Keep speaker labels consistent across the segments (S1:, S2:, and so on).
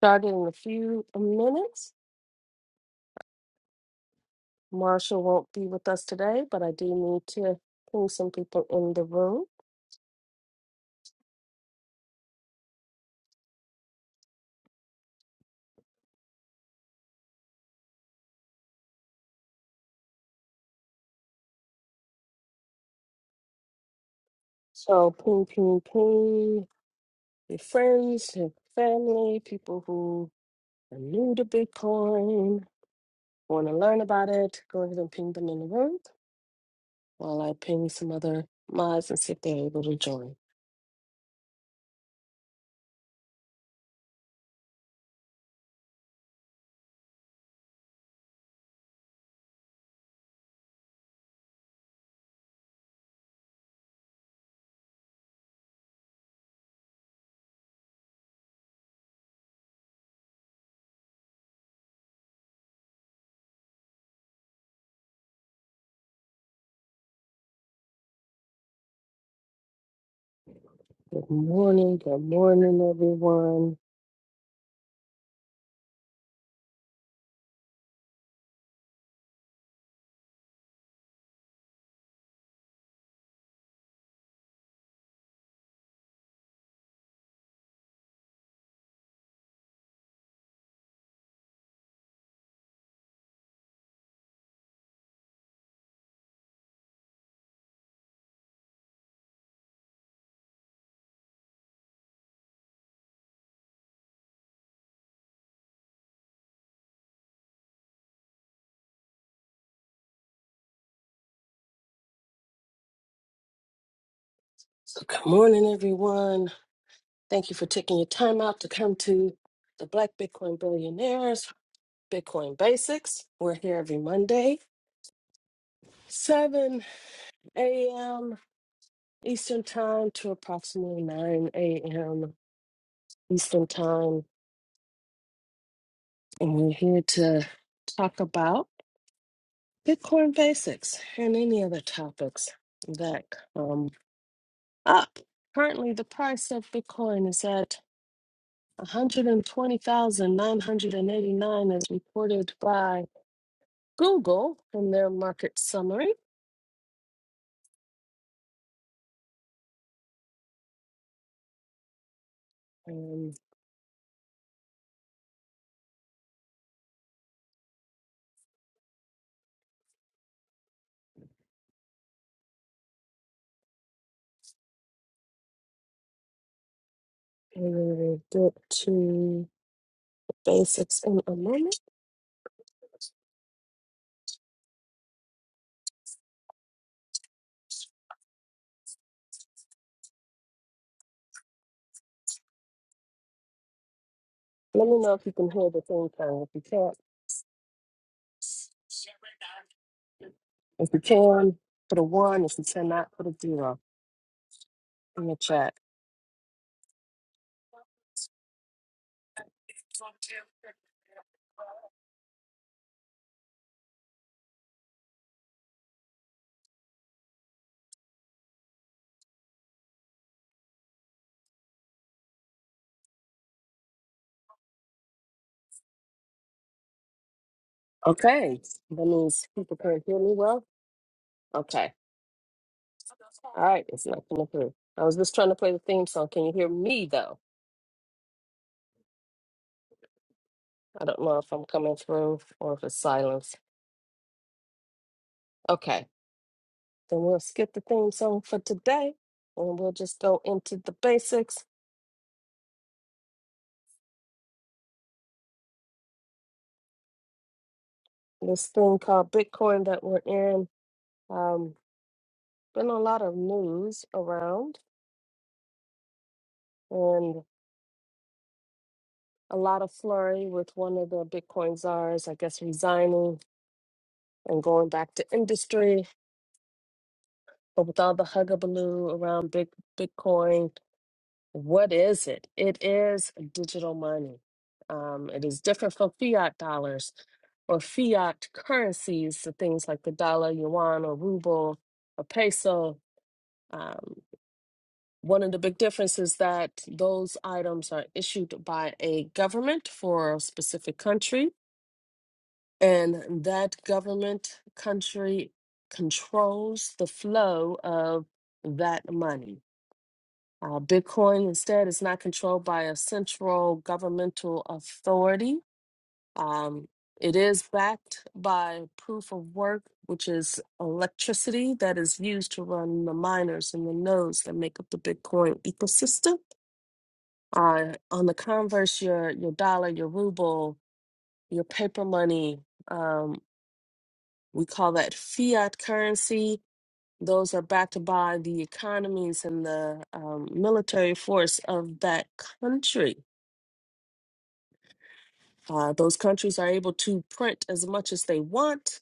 S1: Starting in a few minutes. Marshall won't be with us today, but I do need to ping some people in the room. So ping, ping, ping your friends and family, people who are new to Bitcoin, want to learn about it. Go ahead and ping them in the room while I ping some other mods and see if they're able to join. Good morning, good morning, everyone. So good morning, everyone. Thank you for taking your time out to come to the Black Bitcoin Billionaires Bitcoin Basics. We're here every Monday, 7 a.m. Eastern Time to approximately 9 a.m. Eastern Time. And we're here to talk about Bitcoin Basics and any other topics that come up. Currently, the price of Bitcoin is at 120,989 as reported by Google in their market summary. And we will get to basics in a moment. Let me know if you can hear the thing playing. If you can't, if you can, put a one. If you cannot, put a zero in the chat. Okay, that means people can't hear me well. Okay, all right, it's not coming through. I was just trying to play the theme song. Can you hear me though? I don't know if I'm coming through or if it's silence. Okay. Then we'll skip the theme song for today and we'll just go into the basics. This thing called Bitcoin that we're in. Um, been a lot of news around and a lot of flurry with one of the Bitcoin czars, I guess, resigning and going back to industry. But with all the hugabaloo around big Bitcoin, What is it? It is digital money. Um, it is different from fiat dollars or fiat currencies, so things like the dollar, yuan, or ruble, or peso. Um, one of the big differences is that those items are issued by a government for a specific country, and that government country controls the flow of that money. Uh, Bitcoin instead is not controlled by a central governmental authority. Um, it is backed by proof of work, which is electricity that is used to run the miners and the nodes that make up the Bitcoin ecosystem. Uh, on the converse, your your dollar, your ruble, your paper money, um, we call that fiat currency. Those are backed by the economies and the um, military force of that country Uh, those countries are able to print as much as they want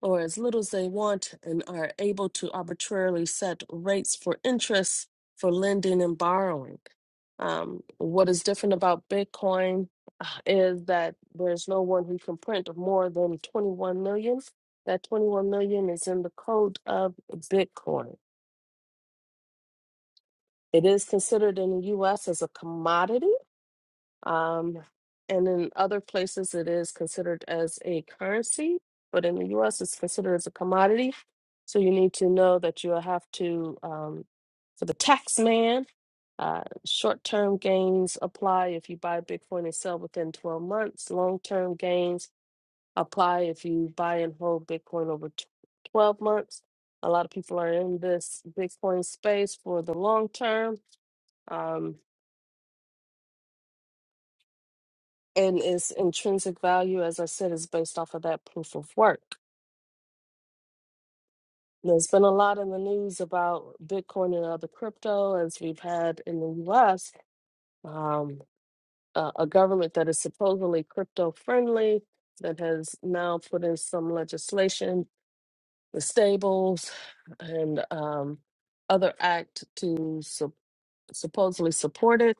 S1: or as little as they want and are able to arbitrarily set rates for interest for lending and borrowing. Um, what is different about Bitcoin uh, is that there's no one who can print more than 21 million. That 21 million is in the code of Bitcoin. It is considered in the US as a commodity Um, and in other places, it is considered as a currency, but in the US, it's considered as a commodity. So you need to know that you'll have to, um, for the tax man, uh, short term gains apply if you buy Bitcoin and sell within 12 months. Long term gains apply if you buy and hold Bitcoin over t- 12 months. A lot of people are in this Bitcoin space for the long term. Um, and its intrinsic value, as I said, is based off of that proof of work. There's been a lot in the news about Bitcoin and other crypto, as we've had in the US, um, a, a government that is supposedly crypto friendly, that has now put in some legislation, the Stables and um, other act to support. supposedly supported,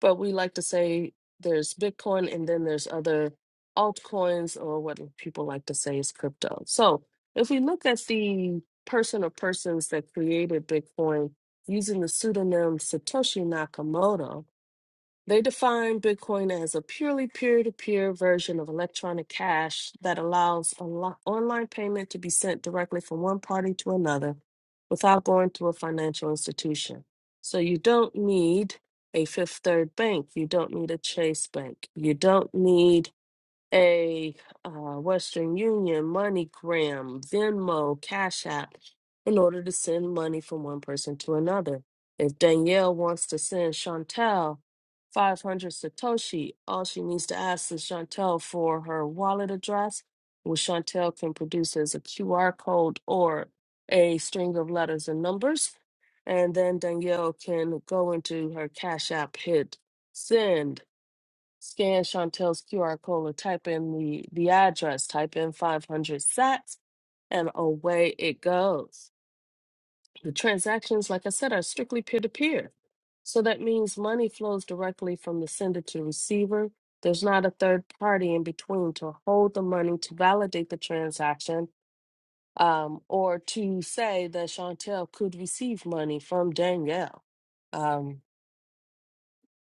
S1: but we like to say there's Bitcoin and then there's other altcoins or what people like to say is crypto. So if we look at the person or persons that created Bitcoin using the pseudonym Satoshi Nakamoto, they define Bitcoin as a purely peer to peer version of electronic cash that allows onli- online payment to be sent directly from one party to another without going to a financial institution. So you don't need a Fifth Third Bank. You don't need a Chase Bank. You don't need a uh, Western Union, MoneyGram, Venmo, Cash App in order to send money from one person to another. If Danielle wants to send Chantel 500 Satoshi, all she needs to ask is Chantel for her wallet address, which Chantel can produce as a QR code or a string of letters and numbers. And then Danielle can go into her Cash App, hit send, Scan Chantel's QR code, or type in the, the address, type in 500 sats, and away it goes. The transactions, like I said, are strictly peer to peer. So that means money flows directly from the sender to receiver. There's not a third party in between to hold the money to validate the transaction um, or to say that Chantel could receive money from Danielle. um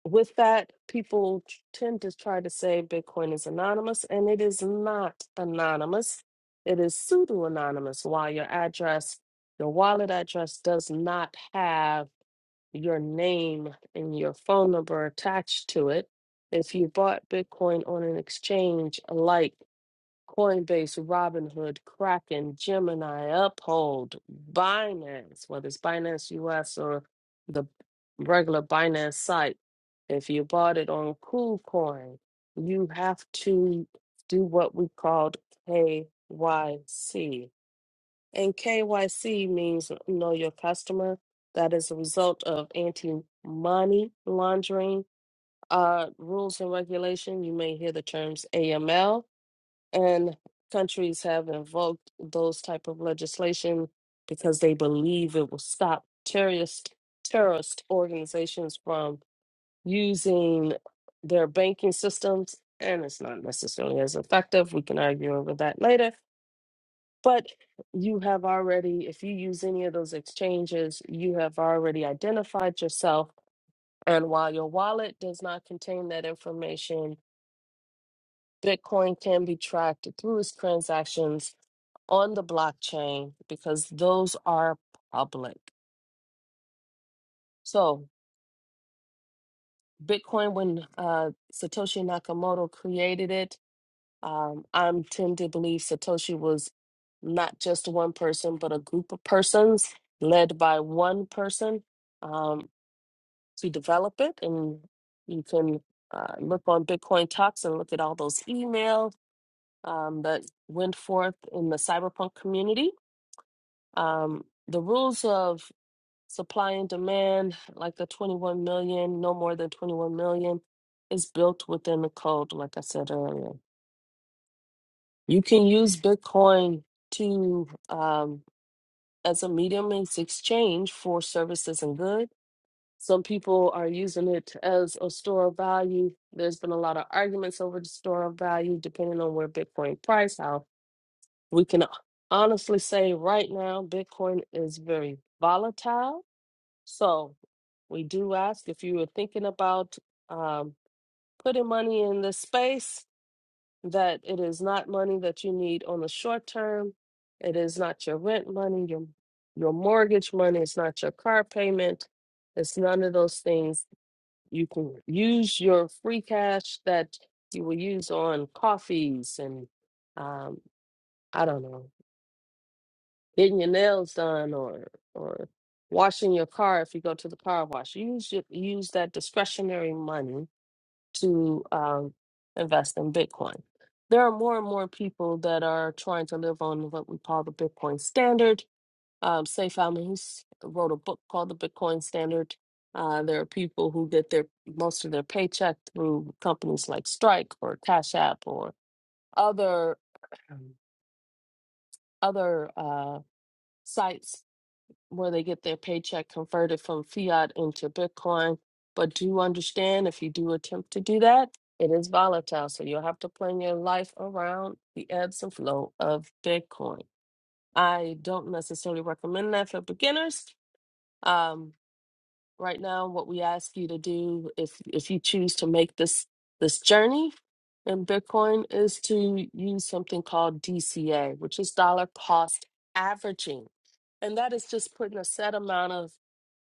S1: with that, people t- tend to try to say Bitcoin is anonymous, and it is not anonymous. It is pseudo anonymous. While your address, your wallet address, does not have your name and your phone number attached to it, if you bought Bitcoin on an exchange like Coinbase, Robinhood, Kraken, Gemini, Uphold, Binance, whether it's Binance US or the regular Binance site. If you bought it on KuCoin, you have to do what we called KYC. And KYC means know your customer. That is a result of anti-money laundering uh, rules and regulation. You may hear the terms AML and countries have invoked those type of legislation because they believe it will stop terrorist terrorist organizations from using their banking systems and it's not necessarily as effective we can argue over that later but you have already if you use any of those exchanges you have already identified yourself and while your wallet does not contain that information bitcoin can be tracked through its transactions on the blockchain because those are public. So, Bitcoin, when uh, Satoshi Nakamoto created it, um, I'm tend to believe Satoshi was not just one person, but a group of persons led by one person um, to develop it. And you can uh, look on Bitcoin Talks and look at all those emails um, that went forth in the cyberpunk community. Um, the rules of Supply and demand, like the 21 million, no more than 21 million, is built within the code, like I said earlier. You can use Bitcoin to um, as a medium in exchange for services and goods. Some people are using it as a store of value. There's been a lot of arguments over the store of value, depending on where Bitcoin price, how we can honestly say right now Bitcoin is very volatile. So We do ask if you are thinking about um, putting money in this space, that it is not money that you need on the short term. It is not your rent money, your your mortgage money. It's not your car payment. It's none of those things. You can use your free cash that you will use on coffees and um, I don't know, getting your nails done or or washing your car if you go to the car wash. Use your, use that discretionary money to um, invest in Bitcoin. There are more and more people that are trying to live on what we call the Bitcoin standard. Um, Saif Al-Mahous wrote a book called The Bitcoin Standard. Uh, there are people who get their most of their paycheck through companies like Strike or Cash App or other other uh, sites where they get their paycheck converted from fiat into Bitcoin. But do understand if you do attempt to do that, it is volatile. So you'll have to plan your life around the ebbs and flow of Bitcoin. I don't necessarily recommend that for beginners. Um, right now, what we ask you to do if if you choose to make this this journey in Bitcoin is to use something called DCA, which is dollar cost averaging and that is just putting a set amount of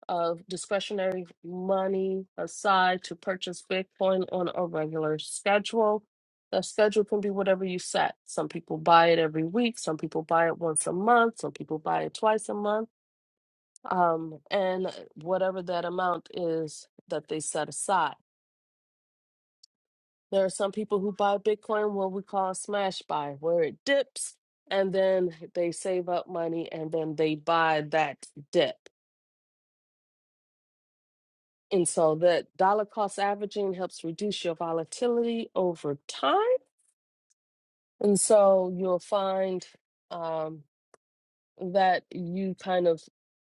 S1: of discretionary money aside to purchase Bitcoin on a regular schedule. That schedule can be whatever you set. Some people buy it every week, some people buy it once a month, some people buy it twice a month, um, and whatever that amount is that they set aside. There are some people who buy Bitcoin what we call a smash buy, where it dips and then they save up money and then they buy that dip. And so that dollar cost averaging helps reduce your volatility over time. And so you'll find um, that you kind of,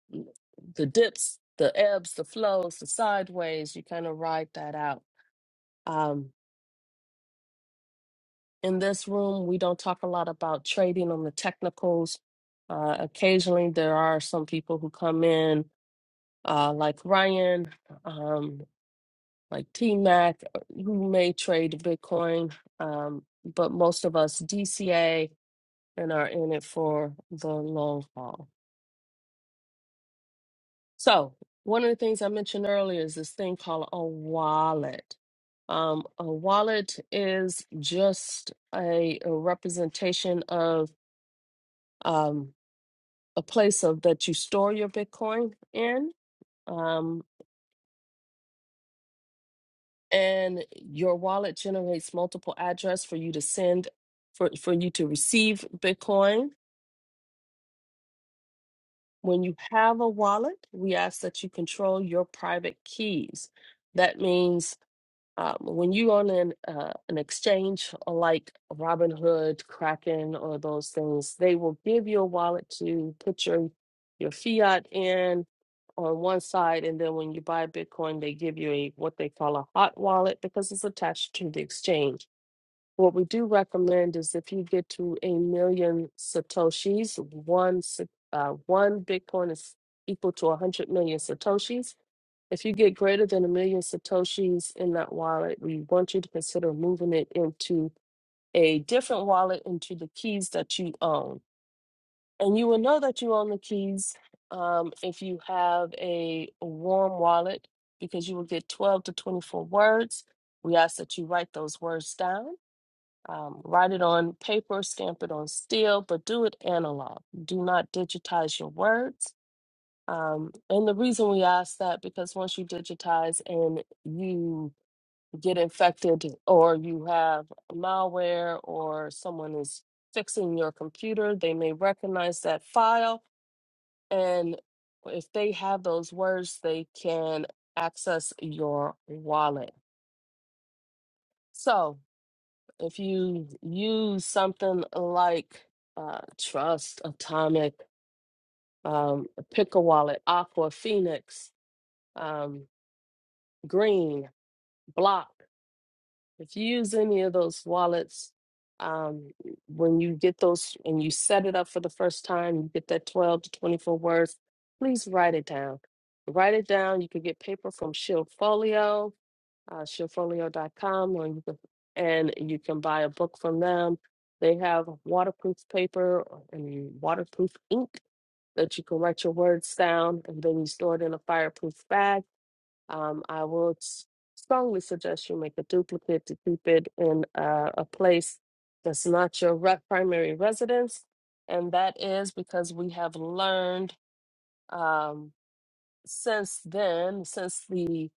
S1: the dips, the ebbs, the flows, the sideways, you kind of ride that out. Um, in this room, we don't talk a lot about trading on the technicals. Uh, occasionally, there are some people who come in, uh, like Ryan. um, like TMAC, uh, who may trade Bitcoin, um, but most of us DCA and are in it for the long haul. So, one of the things I mentioned earlier is this thing called a wallet. Um, a wallet is just a, a representation of um, a place of that you store your Bitcoin in. Um, and your wallet generates multiple address for you to send for, for you to receive bitcoin when you have a wallet we ask that you control your private keys that means um, when you on an, uh, an exchange like robinhood kraken or those things they will give you a wallet to put your your fiat in on one side and then when you buy bitcoin they give you a what they call a hot wallet because it's attached to the exchange What we do recommend is if you get to a million satoshis, one sa- uh, one Bitcoin is equal to 100 million satoshis. If you get greater than a million satoshis in that wallet, we want you to consider moving it into a different wallet into the keys that you own. And you will know that you own the keys um, if you have a warm wallet because you will get 12 to 24 words. We ask that you write those words down um, write it on paper, stamp it on steel, but do it analog. Do not digitize your words. Um, and the reason we ask that because once you digitize and you get infected or you have malware or someone is fixing your computer, they may recognize that file. And if they have those words, they can access your wallet. So, if you use something like uh, Trust, Atomic, um, Pick a Wallet, Aqua, Phoenix, um, Green, Block, if you use any of those wallets, um, when you get those and you set it up for the first time, you get that 12 to 24 words, please write it down. Write it down. You can get paper from Shield Folio uh, Showfolio.com, or you can, and you can buy a book from them. They have waterproof paper and waterproof ink that you can write your words down and then you store it in a fireproof bag. Um, I will s- strongly suggest you make a duplicate to keep it in uh, a place that's not your re- primary residence. And that is because we have learned um, since then, since the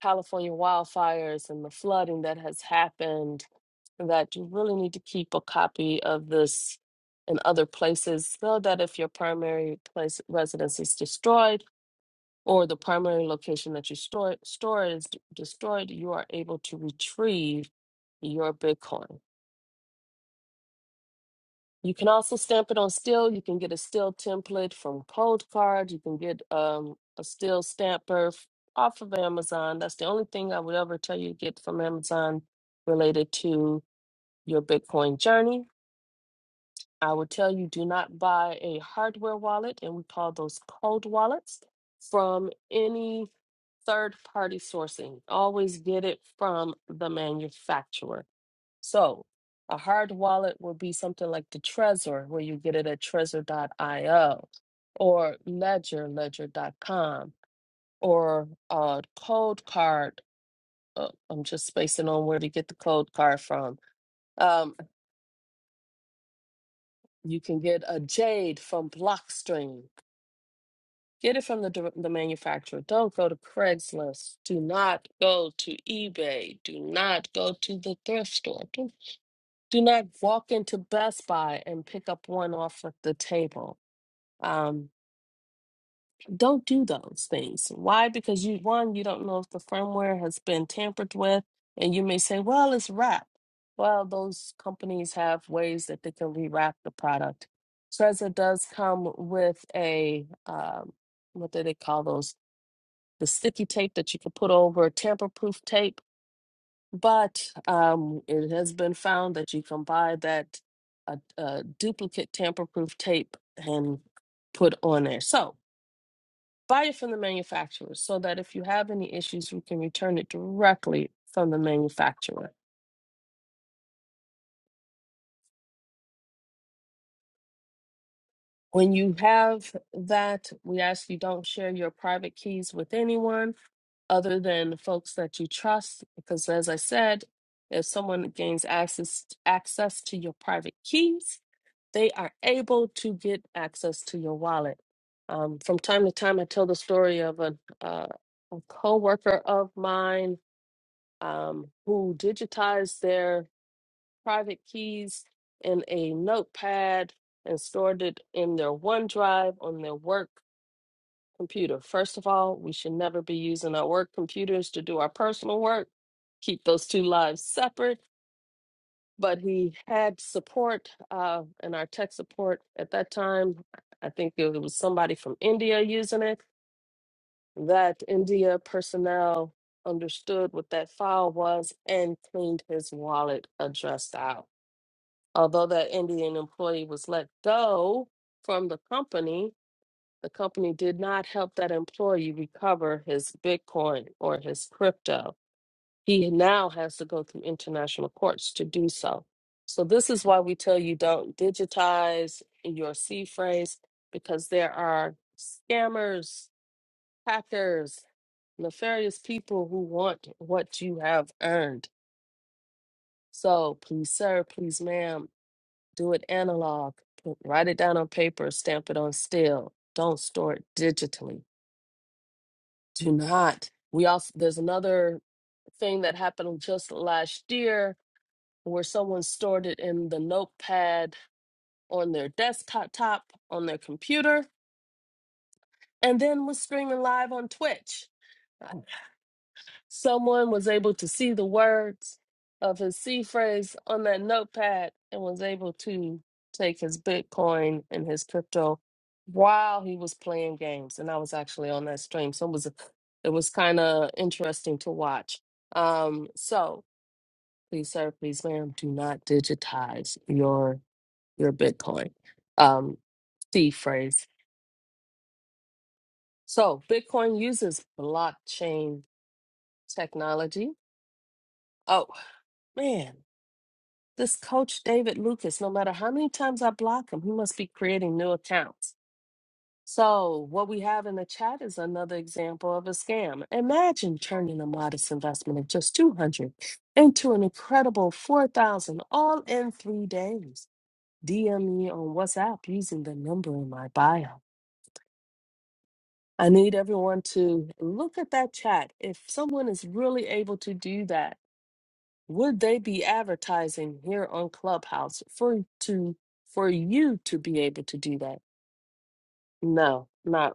S1: California wildfires and the flooding that has happened, that you really need to keep a copy of this in other places so that if your primary place residence is destroyed or the primary location that you store, store is d- destroyed, you are able to retrieve your Bitcoin. You can also stamp it on steel. You can get a steel template from Cold Card. You can get um, a steel stamper f- off of Amazon. That's the only thing I would ever tell you to get from Amazon related to your Bitcoin journey. I would tell you do not buy a hardware wallet, and we call those cold wallets, from any third party sourcing. Always get it from the manufacturer so a hard wallet would be something like the Trezor, where you get it at trezor.io, or Ledger, ledger.com, or uh, Cold Card. Uh, I'm just spacing on where to get the Cold Card from. Um, you can get a Jade from Blockstream. Get it from the, dir- the manufacturer. Don't go to Craigslist. Do not go to eBay. Do not go to the thrift store. do not walk into Best Buy and pick up one off of the table. Um, don't do those things. Why? Because you one, you don't know if the firmware has been tampered with, and you may say, "Well, it's wrapped." Well, those companies have ways that they can rewrap the product. Trezor does come with a um, what do they call those? The sticky tape that you can put over tamper-proof tape but um, it has been found that you can buy that uh, uh, duplicate tamper-proof tape and put on there. So buy it from the manufacturer so that if you have any issues, you can return it directly from the manufacturer. When you have that, we ask you don't share your private keys with anyone other than folks that you trust, because as I said, if someone gains access access to your private keys, they are able to get access to your wallet. Um, from time to time, I tell the story of a, uh, a coworker of mine um, who digitized their private keys in a notepad and stored it in their OneDrive on their work computer. First of all, we should never be using our work computers to do our personal work. Keep those two lives separate but he had support uh, in our tech support at that time. I think it was somebody from India using it. That India personnel understood what that file was and cleaned his wallet address out. Although that Indian employee was let go from the company, the company did not help that employee recover his Bitcoin or his crypto he now has to go through international courts to do so. So this is why we tell you don't digitize your C phrase because there are scammers, hackers, nefarious people who want what you have earned. So please, sir, please, ma'am, do it analog. Put- Write it down on paper, stamp it on steel. Don't store it digitally. Do not. We also there's another thing that happened just last year where someone stored it in the notepad on their desktop top on their computer and then was streaming live on Twitch. Someone was able to see the words of his C phrase on that notepad and was able to take his Bitcoin and his crypto while he was playing games. And I was actually on that stream. So it was it was kind of interesting to watch. Um, so please, sir, please, ma'am, do not digitize your your Bitcoin um, C phrase. So Bitcoin uses blockchain technology. Oh man, this coach David Lucas, no matter how many times I block him, he must be creating new accounts. So what we have in the chat is another example of a scam. Imagine turning a modest investment of just 200 into an incredible 4,000 all in three days. DM me on WhatsApp using the number in my bio. I need everyone to look at that chat. If someone is really able to do that, would they be advertising here on Clubhouse for to for you to be able to do that? No, not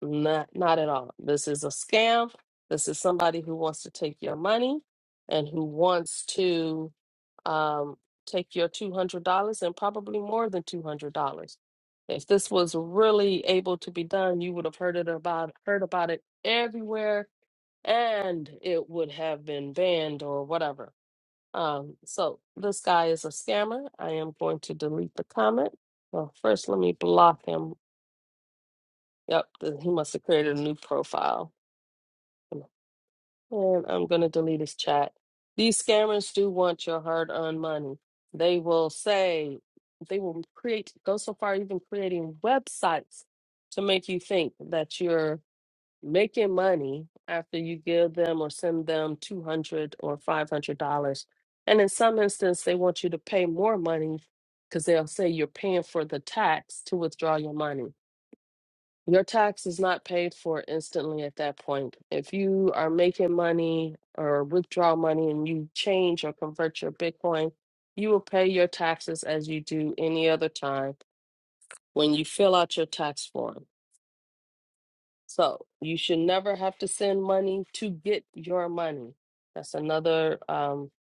S1: not, not at all. This is a scam. This is somebody who wants to take your money and who wants to um, take your $200 and probably more than $200. If this was really able to be done, you would have heard it about heard about it everywhere and it would have been banned or whatever. Um, so this guy is a scammer. I am going to delete the comment. Well, first let me block him. Yep, th- he must have created a new profile. And I'm going to delete his chat. These scammers do want your hard earned money. They will say, they will create, go so far, even creating websites to make you think that you're making money after you give them or send them 200 or $500. And in some instance, they want you to pay more money because they'll say you're paying for the tax to withdraw your money. Your tax is not paid for instantly at that point. If you are making money or withdraw money and you change or convert your Bitcoin, you will pay your taxes as you do any other time when you fill out your tax form. So you should never have to send money to get your money. That's another um,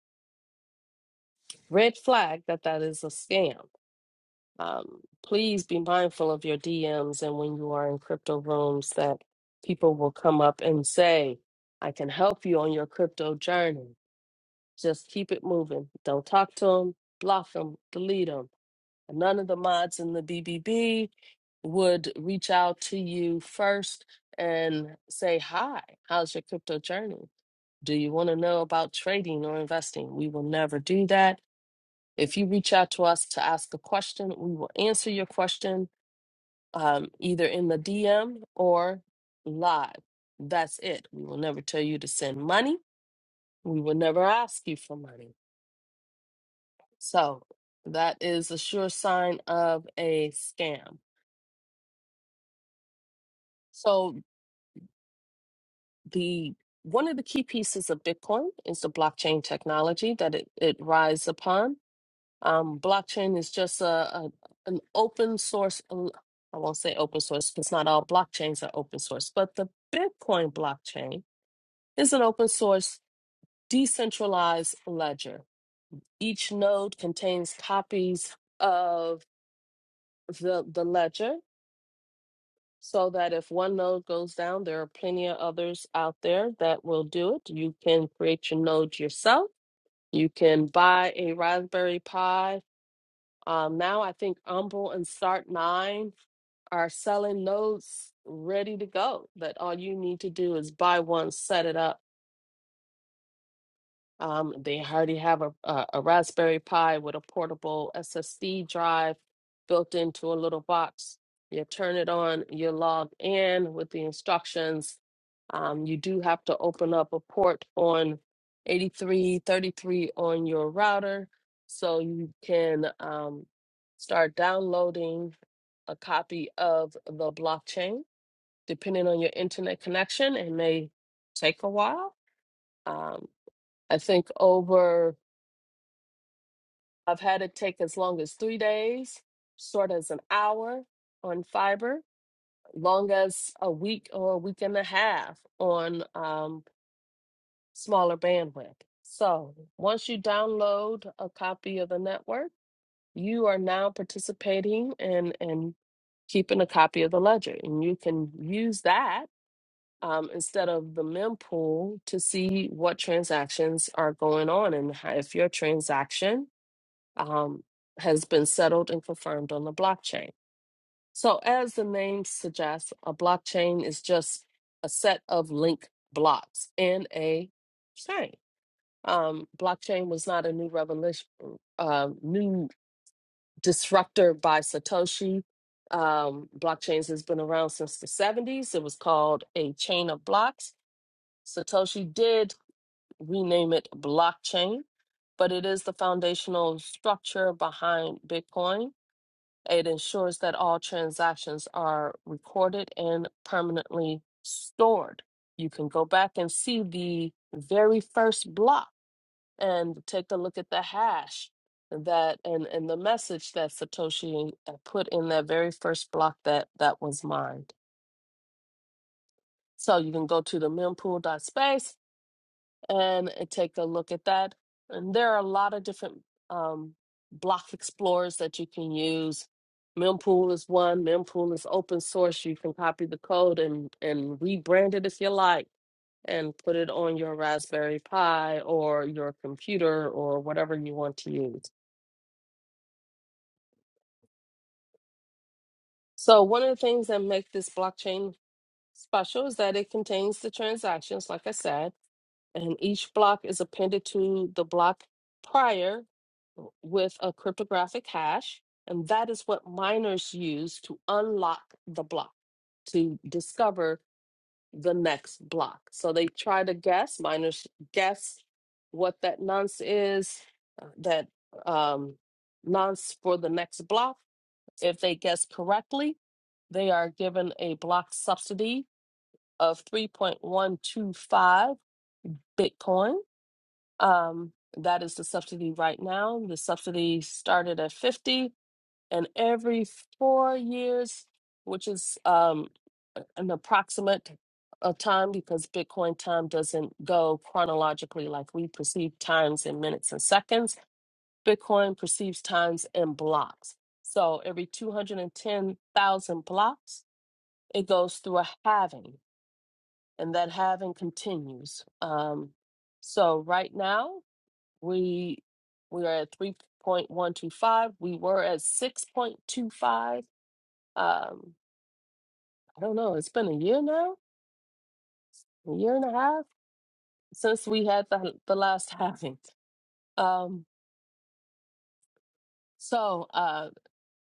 S1: red flag that that is a scam. Um, please be mindful of your DMs and when you are in crypto rooms that people will come up and say, I can help you on your crypto journey. Just keep it moving. Don't talk to them, block them, delete them. None of the mods in the BBB would reach out to you first and say, Hi, how's your crypto journey? Do you want to know about trading or investing? We will never do that. If you reach out to us to ask a question, we will answer your question um, either in the DM or live. That's it. We will never tell you to send money. We will never ask you for money. So that is a sure sign of a scam. So the one of the key pieces of Bitcoin is the blockchain technology that it, it rides upon. Um, blockchain is just a, a an open source. l- I won't say open source because not all blockchains are open source, but the Bitcoin blockchain is an open source Decentralized ledger. Each node contains copies of the, the ledger so that if one node goes down, there are plenty of others out there that will do it. You can create your node yourself. You can buy a Raspberry Pi. Um, now I think Umble and Start9 are selling nodes ready to go that all you need to do is buy one, set it up Um, they already have a, a, a Raspberry Pi with a portable SSD drive built into a little box. You turn it on, you log in with the instructions. Um, you do have to open up a port on 8333 on your router so you can um, start downloading a copy of the blockchain. Depending on your internet connection, it may take a while. Um, I think over. I've had it take as long as three days, short as an hour on fiber, long as a week or a week and a half on um, smaller bandwidth. So once you download a copy of the network, you are now participating and and keeping a copy of the ledger, and you can use that. Um, instead of the mempool to see what transactions are going on and how- if your transaction um, has been settled and confirmed on the blockchain. So, as the name suggests, a blockchain is just a set of link blocks in a chain. Um, blockchain was not a new revolution, um, new disruptor by Satoshi. Um, blockchains has been around since the 70s. It was called a chain of blocks. Satoshi did rename it blockchain, but it is the foundational structure behind Bitcoin It ensures that all transactions are recorded and permanently stored. You can go back and see the very first block and take a look at the hash that and, and the message that Satoshi uh, put in that very first block that that was mined. So you can go to the mempool.space and uh, take a look at that. And there are a lot of different um, block explorers that you can use. Mempool is one. Mempool is open source. You can copy the code and, and rebrand it if you like and put it on your Raspberry Pi or your computer or whatever you want to use. So one of the things that make this blockchain special is that it contains the transactions, like I said and each block is appended to the block prior with a cryptographic hash. And that is what miners use to unlock the block, to discover the next block. So they try to guess, miners guess what that nonce is, uh, that um, nonce for the next block. If they guess correctly, they are given a block subsidy of 3.125 Bitcoin um, that is the subsidy right now. The subsidy started at 50 and every four years, which is um, a- an approximate of time because Bitcoin time doesn't go chronologically like we perceive times in minutes and seconds. Bitcoin perceives times in blocks. So every 210,000 blocks, it goes through a halving, and that halving continues. Um, so right now, we we are at 3.125. We were at 6.25. Um, I don't know. It's been a year now, a year and a half since we had the, the last halving. Um, so uh,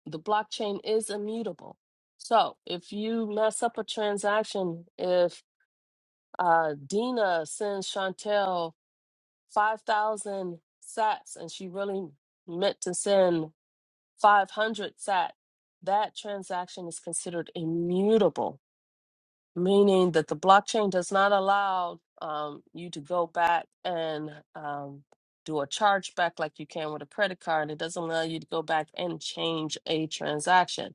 S1: the blockchain is immutable. So if you mess up a transaction, if uh, Dina sends Chantel 5,000 sats and she really meant to send 500 sat, that transaction is considered immutable, meaning that the blockchain does not allow um, you to go back and um, do a chargeback like you can with a credit card. It doesn't allow you to go back and change a transaction.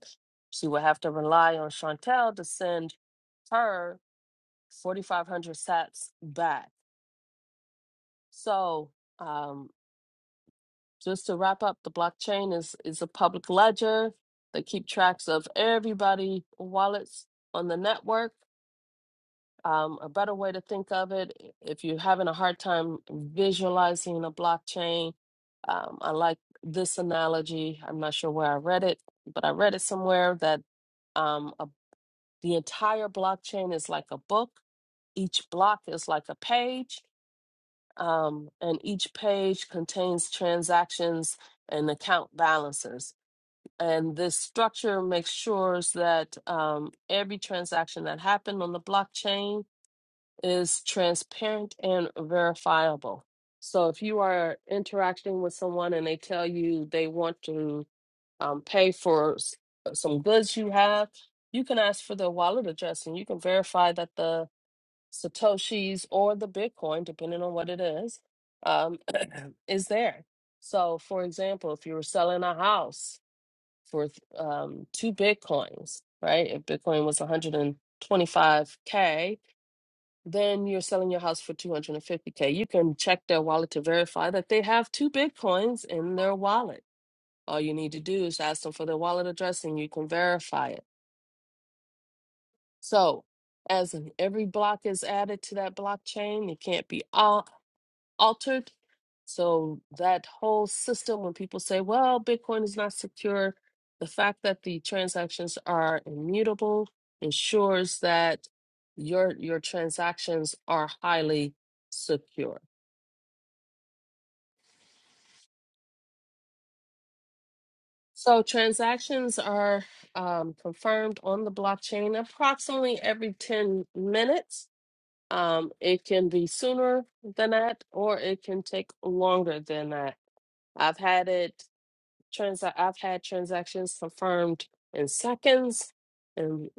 S1: She would have to rely on Chantel to send her 4,500 sats back. So, um, just to wrap up, the blockchain is is a public ledger that keep tracks of everybody wallets on the network. Um, a better way to think of it, if you're having a hard time visualizing a blockchain, um, I like this analogy. I'm not sure where I read it, but I read it somewhere that um, a, the entire blockchain is like a book. Each block is like a page, um, and each page contains transactions and account balances and this structure makes sure that um, every transaction that happened on the blockchain is transparent and verifiable. So if you are interacting with someone and they tell you they want to um, pay for s- uh, some goods you have, you can ask for their wallet address and you can verify that the Satoshis or the Bitcoin, depending on what it is, um, is there. So, for example, if you were selling a house, for um, two Bitcoins, right? If Bitcoin was 125K, then you're selling your house for 250K. You can check their wallet to verify that they have two Bitcoins in their wallet. All you need to do is ask them for their wallet address and you can verify it. So, as in every block is added to that blockchain, it can't be all altered. So that whole system, when people say, well, Bitcoin is not secure, the fact that the transactions are immutable ensures that your your transactions are highly secure. So transactions are um, confirmed on the blockchain approximately every 10 minutes. Um, it can be sooner than that, or it can take longer than that. I've had it Trans- I've had transactions confirmed in seconds and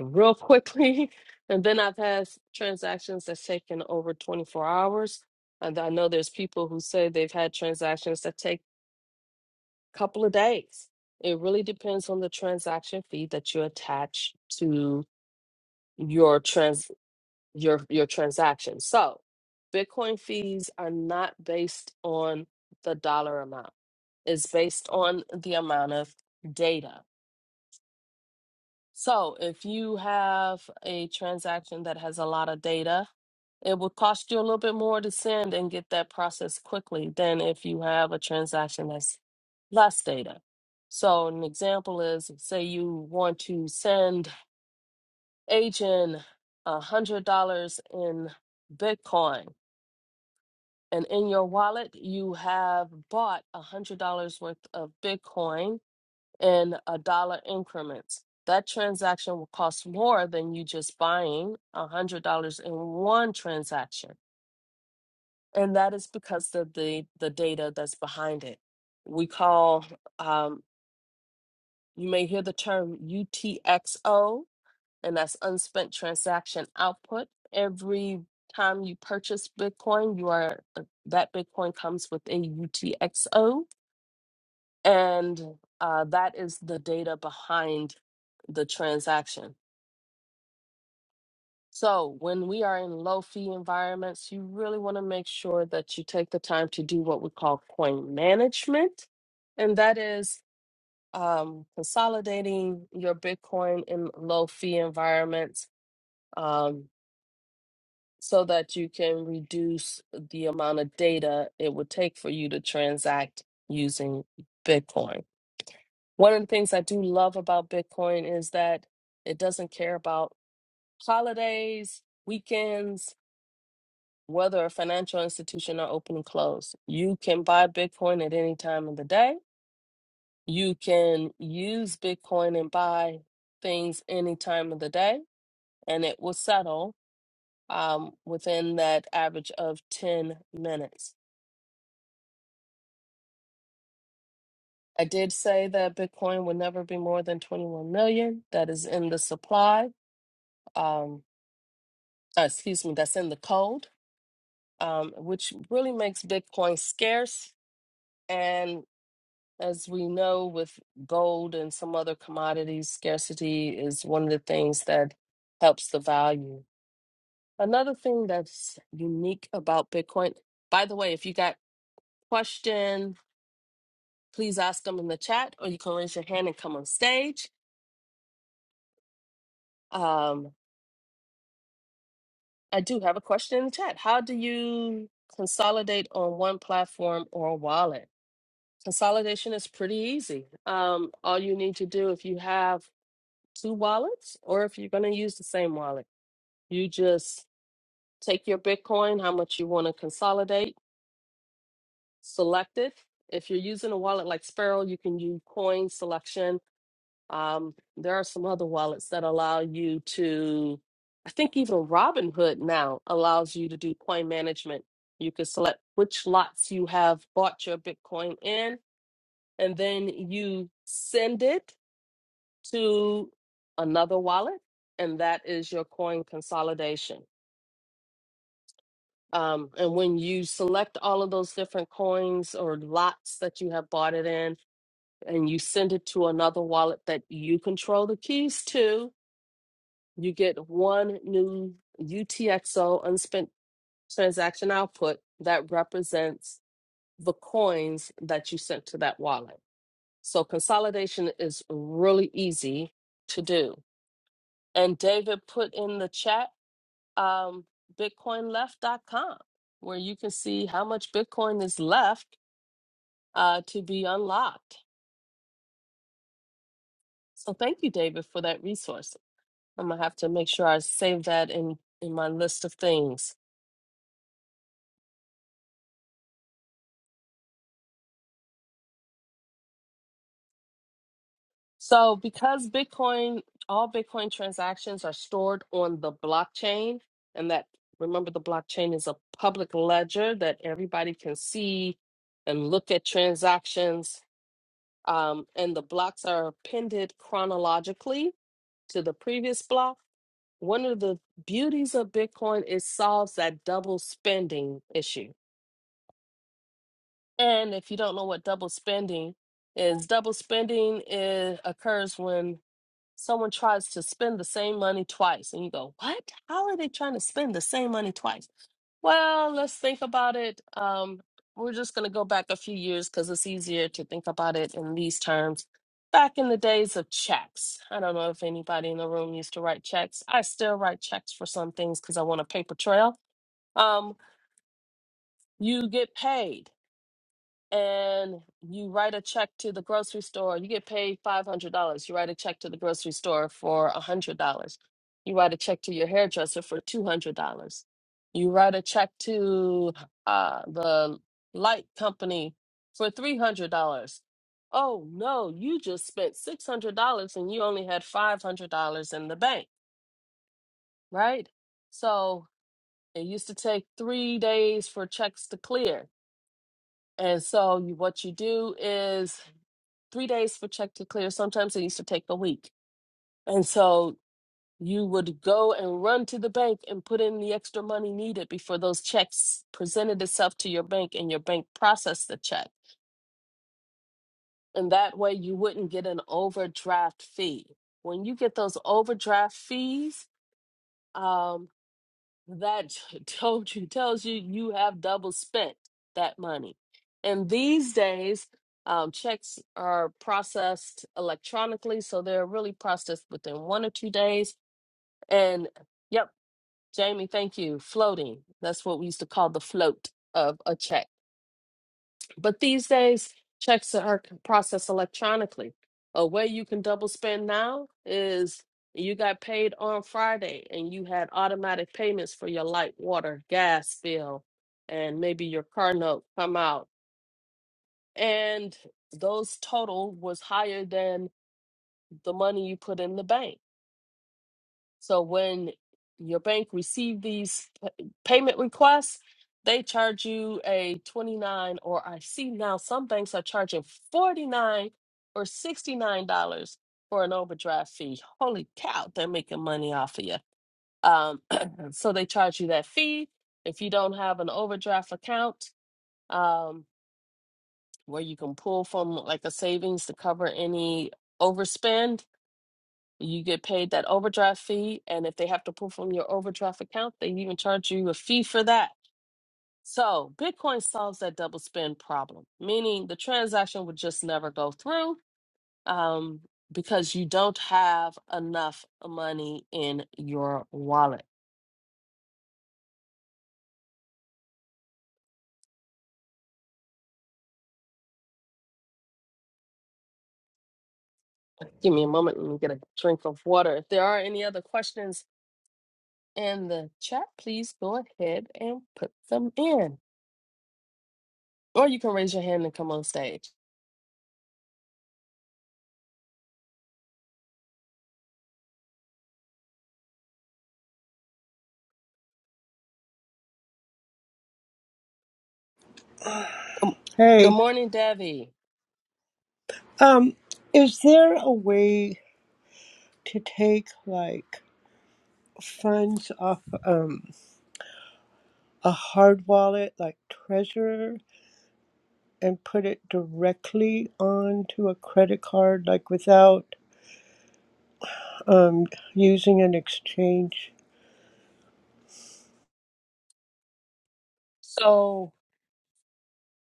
S1: real quickly. And then I've had s- transactions that's taken over 24 hours. And I know there's people who say they've had transactions that take a couple of days. It really depends on the transaction fee that you attach to your transaction your your transaction. So, Bitcoin fees are not based on the dollar amount. It's based on the amount of data. So, if you have a transaction that has a lot of data, it would cost you a little bit more to send and get that processed quickly than if you have a transaction that's less data. So, an example is say you want to send agent $100 in Bitcoin and in your wallet you have bought a hundred dollars worth of bitcoin in a dollar increments that transaction will cost more than you just buying a hundred dollars in one transaction and that is because of the the data that's behind it we call um, you may hear the term utxo and that's unspent transaction output. Every time you purchase Bitcoin, you are uh, that Bitcoin comes with a UTXO, and uh, that is the data behind the transaction. So when we are in low fee environments, you really want to make sure that you take the time to do what we call coin management, and that is um, consolidating your Bitcoin in low fee environments um, so that you can reduce the amount of data it would take for you to transact using Bitcoin. One of the things I do love about Bitcoin is that it doesn't care about holidays, weekends, whether a financial institution are open and closed. You can buy Bitcoin at any time of the day. You can use Bitcoin and buy things any time of the day, and it will settle um, within that average of 10 minutes. I did say that Bitcoin would never be more than 21 million. That is in the supply, um, uh, excuse me, that's in the code, um, which really makes Bitcoin scarce. And as we know, with gold and some other commodities, scarcity is one of the things that helps the value. Another thing that's unique about Bitcoin, by the way, if you got question, please ask them in the chat, or you can raise your hand and come on stage. Um, I do have a question in the chat. How do you consolidate on one platform or wallet? Consolidation is pretty easy. Um, all you need to do if you have two wallets or if you're going to use the same wallet, you just take your Bitcoin, how much you want to consolidate, select it. If you're using a wallet like Sparrow, you can use coin selection Um, there are some other wallets that allow you to, I think even Robinhood now allows you to do coin management. You can select which lots you have bought your Bitcoin in, and then you send it to another wallet, and that is your coin consolidation. Um, and when you select all of those different coins or lots that you have bought it in, and you send it to another wallet that you control the keys to, You get one new UTXO unspent transaction output that represents the coins that you sent to that wallet. So consolidation is really easy to do. And David put in the chat um, bitcoin left dot com, where you can see how much Bitcoin is left uh, to be unlocked. So thank you, David, for that resource. I'm gonna have to make sure I save that in in my list of things. So, because Bitcoin, all Bitcoin transactions are stored on the blockchain, and that remember the blockchain is a public ledger that everybody can see and look at transactions. Um, and the blocks are appended chronologically to the previous block. One of the beauties of Bitcoin is solves that double spending issue. And if you don't know what double spending is, double spending is, occurs when someone tries to spend the same money twice and you go what how are they trying to spend the same money twice well let's think about it um we're just going to go back a few years because it's easier to think about it in these terms back in the days of checks i don't know if anybody in the room used to write checks i still write checks for some things because i want a paper trail um you get paid and you write a check to the grocery store, you get paid $500. You write a check to the grocery store for $100. You write a check to your hairdresser for $200. You write a check to uh, the light company for $300. Oh no, you just spent $600 and you only had $500 in the bank, right? So it used to take three days for checks to clear. And so you, what you do is three days for check to clear. Sometimes it used to take a week. And so you would go and run to the bank and put in the extra money needed before those checks presented itself to your bank and your bank processed the check. And that way you wouldn't get an overdraft fee. When you get those overdraft fees, um. that told you tells you you have double spent that money and these days um, checks are processed electronically so they're really processed within one or two days and yep jamie thank you floating that's what we used to call the float of a check but these days, checks are c- processed electronically. A way you can double spend now is you got paid on Friday and you had automatic payments for your light, water, gas bill, and maybe your car note come out. And those total was higher than the money you put in the bank so when your bank receive these p- payment requests, they charge you a 29 or I see now some banks are charging 49 or $69 for an overdraft fee. Holy cow, they're making money off of you. Um, so they charge you that fee. If you don't have an overdraft account um, where you can pull from like a savings to cover any overspend, you get paid that overdraft fee, and if they have to pull from your overdraft account, they even charge you a fee for that. So Bitcoin solves that double spend problem, meaning the transaction would just never go through um, because you don't have enough money in your wallet. Give me a moment. Let me get a drink of water. If there are any other questions in the chat, please go ahead and put them in, or you can raise your hand and come on stage. Good good
S2: Hey,
S1: morning, Debbie.
S2: um, is there a way to take like funds off um a hard wallet like Treasure and put it directly onto a credit card like without um using an exchange?
S1: So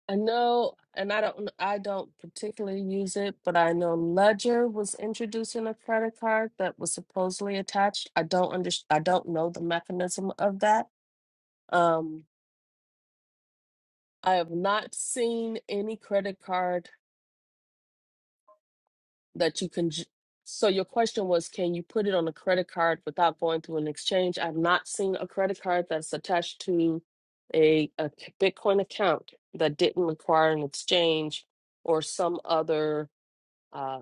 S1: I know, and I don't I don't particularly use it, but I know Ledger was introducing a credit card that was supposedly attached. I don't under I don't know the mechanism of that. Um, I have not seen any credit card that you can j- so your question was, can you put it on a credit card without going through an exchange? I've not seen a credit card that's attached to a, a Bitcoin account that didn't require an exchange or some other uh,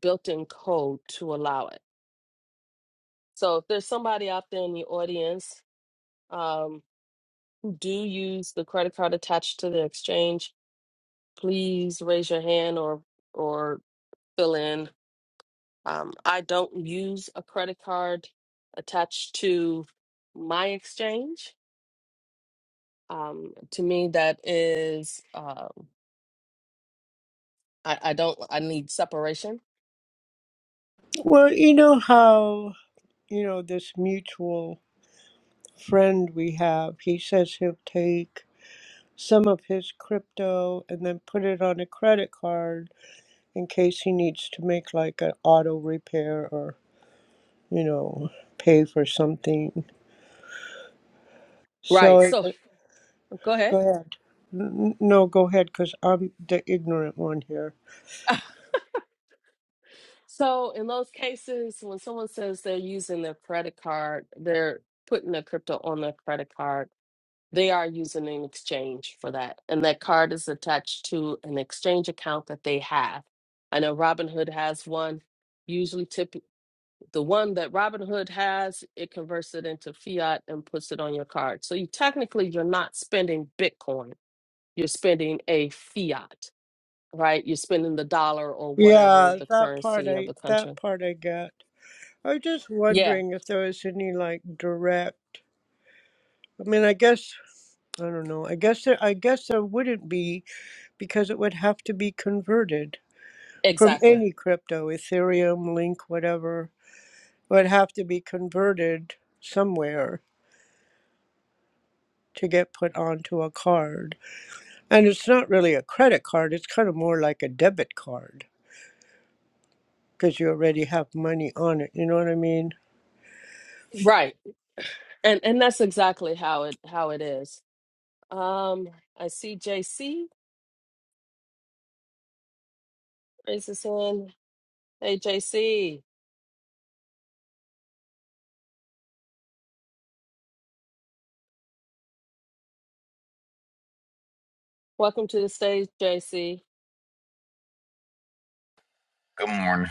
S1: built in code to allow it. So if there's somebody out there in the audience um, who do use the credit card attached to the exchange, please raise your hand or or fill in. Um, I don't use a credit card attached to my exchange. Um, to me, that is uh, I, I don't I need separation.
S2: Well, you know how, you know, this mutual friend we have, he says he'll take some of his crypto and then put it on a credit card in case he needs to make like an auto repair or, you know, pay for something.
S1: Right.
S2: So it,
S1: So
S2: it-
S1: go ahead.
S2: go ahead. N- No, go ahead, because I'm the ignorant one here.
S1: So in those cases, when someone says they're using their credit card, they're putting the crypto on their credit card. They are using an exchange for that, and that card is attached to an exchange account that they have. I know Robinhood has one. Usually, tip the one that Robinhood has, it converts it into fiat and puts it on your card. So you technically you're not spending Bitcoin. You're spending a fiat, right? You're spending the dollar or whatever
S2: Yeah,
S1: the
S2: that part
S1: currency of
S2: I
S1: the
S2: that
S1: country.
S2: part I got. I was just
S1: Yeah,
S2: wondering if there was any like direct. I mean, I guess I don't know. I guess there, I guess there wouldn't be because it would have to be converted from
S1: Exactly.
S2: any crypto, Ethereum, Link, whatever. would have to be converted somewhere to get put onto a card. And it's not really a credit card, it's kind of more like a debit card because you already have money on it. You know what I mean?
S1: Right. And and that's exactly how it how it is. Um, I see JC raise his hand. Hey JC, welcome to the stage, JC.
S3: Good morning.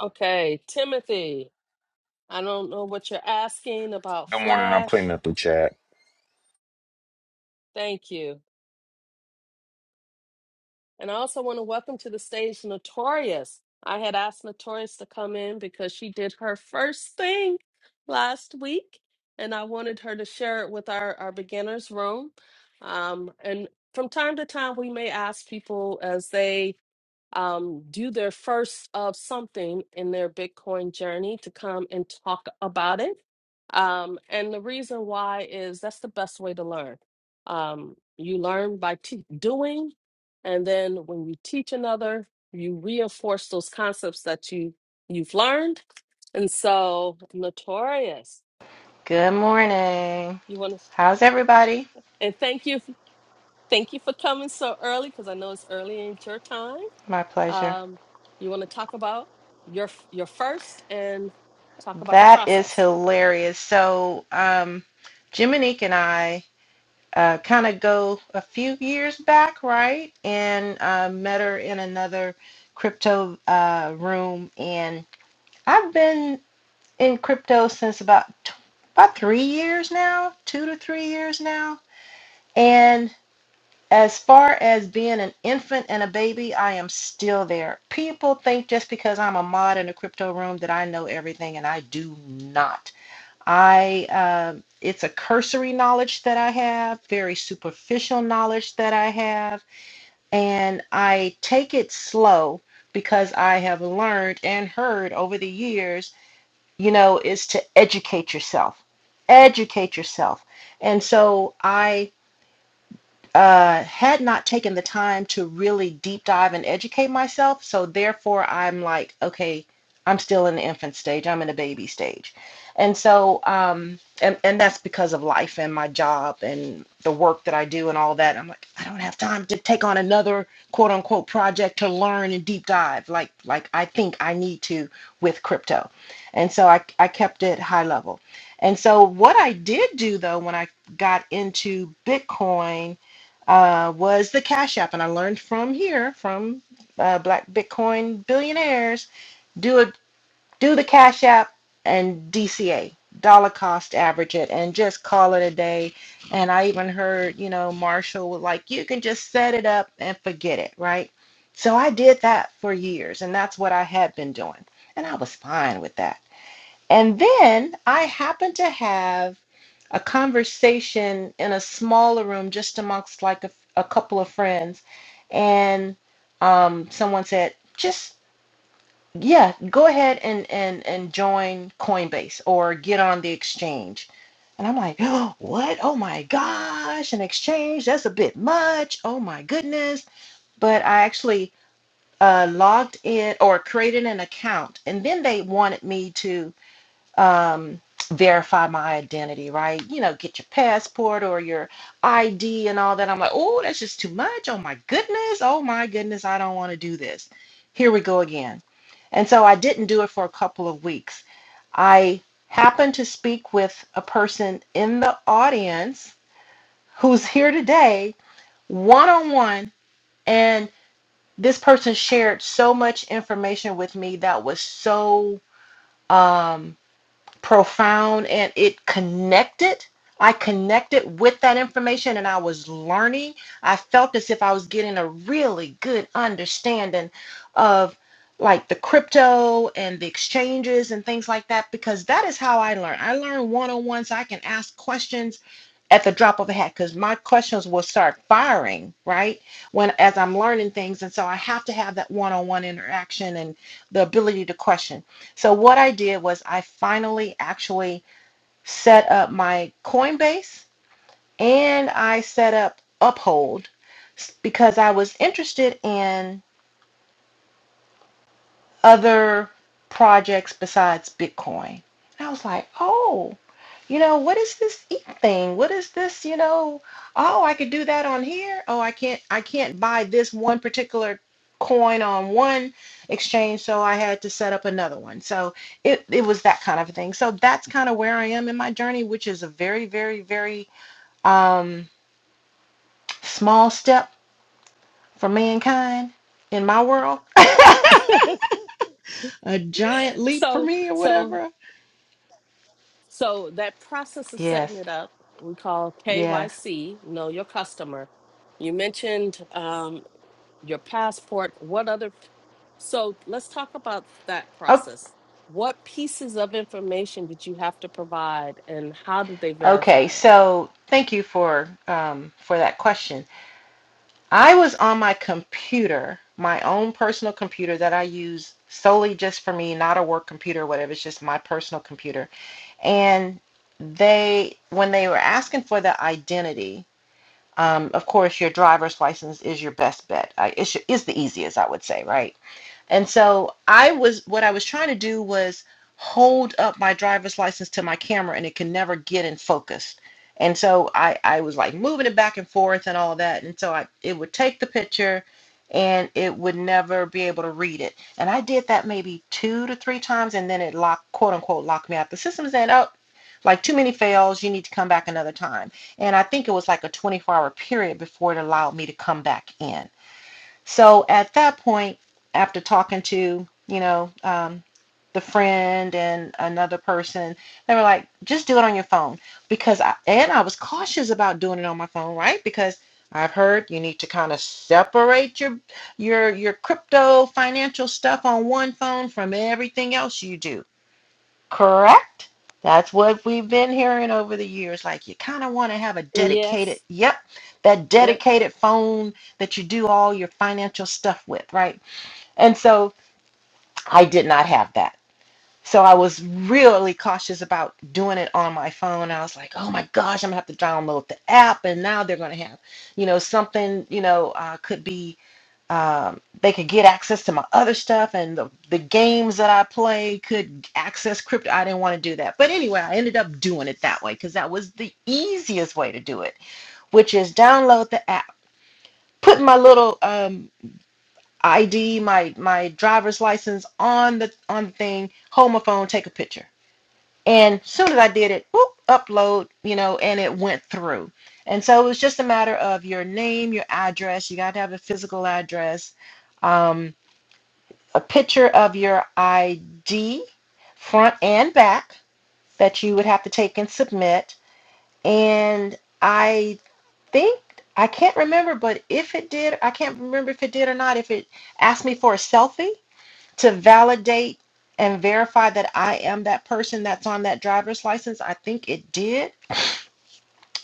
S1: Okay, Timothy. I don't know what you're asking about
S3: Good morning. I'm cleaning
S1: Flash.
S3: up the chat.
S1: Thank you. And I also want to welcome to the stage Notorious. I had asked Notorious to come in because she did her first thing last week, and I wanted her to share it with our, our beginners room. Um, and from time to time, we may ask people as they um, do their first of something in their Bitcoin journey to come and talk about it. Um, and the reason why is that's the best way to learn. Um, you learn by te- doing, and then when you teach another, you reinforce those concepts that you you've learned. And so, notorious.
S4: Good morning.
S1: You want to,
S4: How's everybody?
S1: and thank you, thank you for coming so early because I know it's early in your time.
S4: My pleasure.
S1: um, you want to talk about your your first and talk about the
S4: That is
S1: process.
S4: hilarious. So, um, Jiminique and I uh, kind of go a few years back, right? And uh, met her in another crypto uh, room. And I've been in crypto since about t- about three years now, two to three years now. and. As far as being an infant and a baby, I am still there. People think just because I'm a mod in a crypto room that I know everything, and I do not. I um it's a cursory knowledge that I have, very superficial knowledge that I have, and I take it slow because I have learned and heard over the years, you know, is to educate yourself. Educate yourself. And so I uh, had not taken the time to really deep dive and educate myself. So therefore, I'm like, okay, I'm still in the infant stage. I'm in the baby stage, and so um, and and that's because of life and my job and the work that I do and all that. I'm like, I don't have time to take on another quote unquote project to learn and deep dive like like I think I need to with crypto, and so I I kept it high level. And so what I did do though when I got into Bitcoin uh, was the Cash App. And I learned from here, from uh, Black Bitcoin billionaires, do a, do the Cash App and DCA, dollar cost average it, and just call it a day. And I even heard, you know, Marshall was like, you can just set it up and forget it, right? So I did that for years, and that's what I had been doing. And I was fine with that. And then I happened to have a conversation in a smaller room just amongst like a, a couple of friends. And um, someone said, just, yeah, go ahead and, and, and join Coinbase or get on the exchange. And I'm like, oh, what? Oh my gosh, an exchange? That's a bit much. Oh my goodness. But I actually uh, logged in or created an account. And then they wanted me to um, verify my identity, right? You know, get your passport or your ID and all that. I'm like, oh, that's just too much. Oh my goodness. Oh my goodness. I don't want to do this. Here we go again. And so I didn't do it for a couple of weeks. I happened to speak with a person in the audience who's here today, one on one. And this person shared so much information with me that was so. Um, profound and it connected. I connected with that information and I was learning. I felt as if I was getting a really good understanding of like the crypto and the exchanges and things like that because that is how I learn. I learn one on one so I can ask questions at the drop of a hat because my questions will start firing right when as i'm learning things and so i have to have that one-on-one interaction and the ability to question so what I did was I finally actually set up my Coinbase and I set up Uphold because I was interested in other projects besides Bitcoin. And I was like, oh, you know, what is this e thing? What is this, you know, oh, I could do that on here. Oh, I can't I can't buy this one particular coin on one exchange, so I had to set up another one. So it, it was that kind of thing. So that's kind of where I am in my journey, which is a very, very, very um small step for mankind in my world. a giant leap for
S1: so
S4: me or
S1: so
S4: whatever
S1: so that process of setting
S4: Yes,
S1: it up we call
S4: yes.
S1: KYC, know your customer. You mentioned um, your passport. What other? So let's talk about that
S4: Oh,
S1: process. What pieces of information did you have to provide, and how did they
S4: okay.
S1: verify it?
S4: So thank you for um, for that question. I was on my computer, my own personal computer that I use solely just for me, not a work computer or whatever. It's just my personal computer. And they, when they were asking for the identity, um, of course, your driver's license is your best bet. I, it should, is the easiest, I would say, right? And so I was, what I was trying to do was hold up my driver's license to my camera and it can never get in focus. And so I, I was like moving it back and forth and all that. And so I, it would take the picture and it would never be able to read it. And I did that maybe two to three times and then it locked, quote unquote, locked me out. The system said, oh, like too many fails, you need to come back another time. And I think it was like a 24 hour period before it allowed me to come back in. So at that point, after talking to, you know, um, the friend and another person, they were like, just do it on your phone. Because I, and I was cautious about doing it on my phone, right? Because I've heard you need to kind of separate your your your crypto financial stuff on one phone from everything else you do. Correct? That's what we've been hearing over the years. Like you kind of want to have a dedicated,
S1: Yes.
S4: yep, that
S1: Yep.
S4: dedicated phone that you do all your financial stuff with, right? And so I did not have that. So I was really cautious about doing it on my phone. I was like, oh my gosh, I'm gonna have to download the app, and now they're gonna have, you know, something, you know, uh, could be um, they could get access to my other stuff and the, the games that I play could access crypto. I didn't want to do that. But anyway, I ended up doing it that way because that was the easiest way to do it, which is download the app, put my little um, ID, my my driver's license on the on the thing, hold my phone, take a picture. And as soon as I did it, whoop, upload, you know, and it went through. And so it was just a matter of your name, your address. You got to have a physical address um, a picture of your ID, front and back, that you would have to take and submit. And I think, I can't remember, but if it did, I can't remember if it did or not, if it asked me for a selfie to validate and verify that I am that person that's on that driver's license, I think it did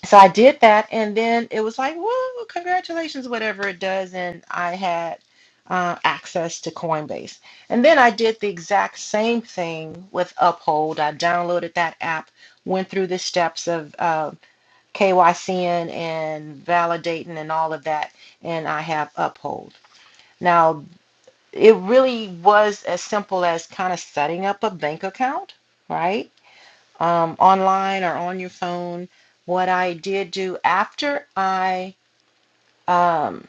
S4: so I did that, and then it was like, whoa, congratulations, whatever it does. And I had uh, access to Coinbase. And then I did the exact same thing with Uphold. I downloaded that app, went through the steps of uh, KYCing and validating and all of that, and I have Uphold. Now, it really was as simple as kind of setting up a bank account, right? um, online or on your phone. What I did do after I um,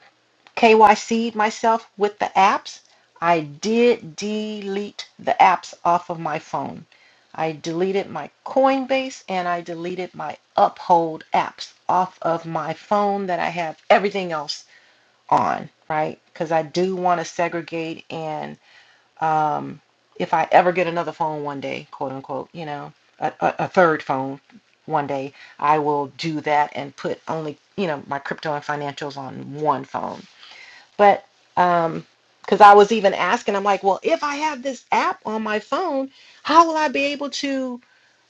S4: KYC'd myself with the apps, I did delete the apps off of my phone. I deleted my Coinbase and I deleted my Uphold apps off of my phone that I have everything else on, right? Because I do want to segregate and um, if I ever get another phone one day, quote unquote, you know, a, a, a third phone one day, I will do that and put only, you know, my crypto and financials on one phone. But um, because I was even asking, I'm like, well, if I have this app on my phone, how will I be able to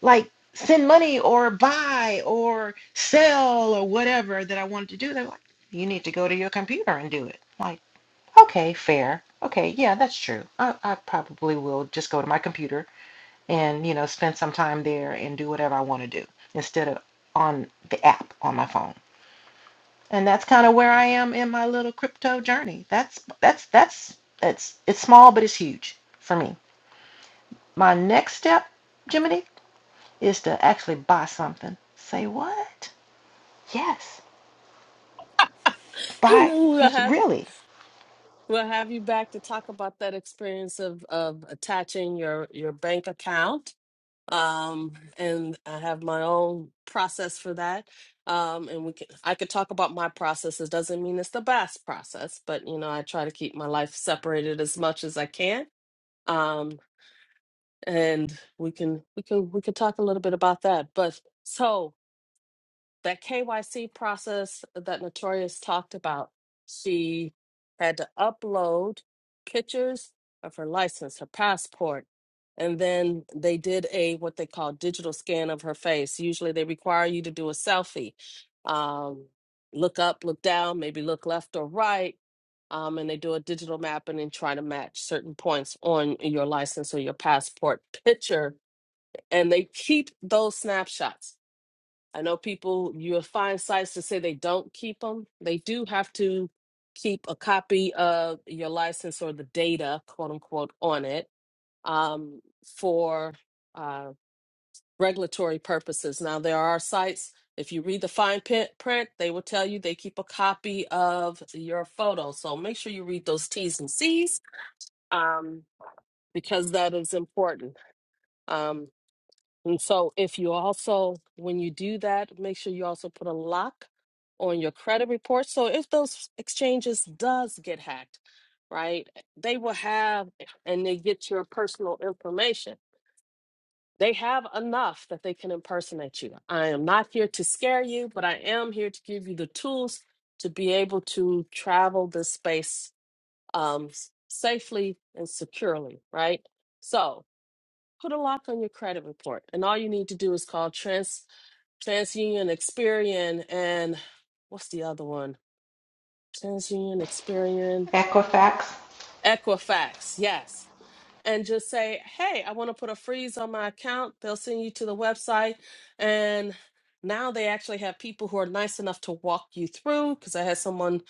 S4: like send money or buy or sell or whatever that I wanted to do? They're like, you need to go to your computer and do it. Like, Okay, fair. Okay, yeah, that's true. I, I probably will just go to my computer and, you know, spend some time there and do whatever I want to do instead of on the app on my phone. And that's kind of where I am in my little crypto journey. That's that's that's it's it's small but it's huge for me. My next step, Jiminy, is to actually buy something. Say what? Yes. Buy
S1: We have.
S4: really
S1: We'll have you back to talk about that experience of of attaching your your bank account. Um, and I have my own process for that. Um, and we can I could talk about my process. It doesn't mean it's the best process, but you know I try to keep my life separated as much as I can. Um, and we can we can we can talk a little bit about that. But so that KYC process that Notorious talked about, she had to upload pictures of her license, her passport, and then they did a what they call digital scan of her face. Usually they require you to do a selfie. Um, look up, look down, maybe look left or right. Um, and they do a digital mapping and then try to match certain points on your license or your passport picture. And they keep those snapshots. I know people, you'll find sites to say they don't keep them. They do have to keep a copy of your license or the data, quote unquote, on it um, for uh, regulatory purposes. Now, there are sites, if you read the fine print, print, they will tell you they keep a copy of your photo. So make sure you read those T's and C's um, because that is important. Um, and so, if you also, when you do that, make sure you also put a lock on your credit report. So, if those exchanges does get hacked, right, they will have and they get your personal information. They have enough that they can impersonate you. I am not here to scare you, but I am here to give you the tools to be able to travel this space um, s- safely and securely, right? So, Put a lock on your credit report, and all you need to do is call Trans TransUnion, Experian, and what's the other one? TransUnion, Experian,
S4: Equifax.
S1: Equifax. Yes. And just say, hey, I want to put a freeze on my account. They'll send you to the website. And now they actually have people who are nice enough to walk you through. Because I had someone,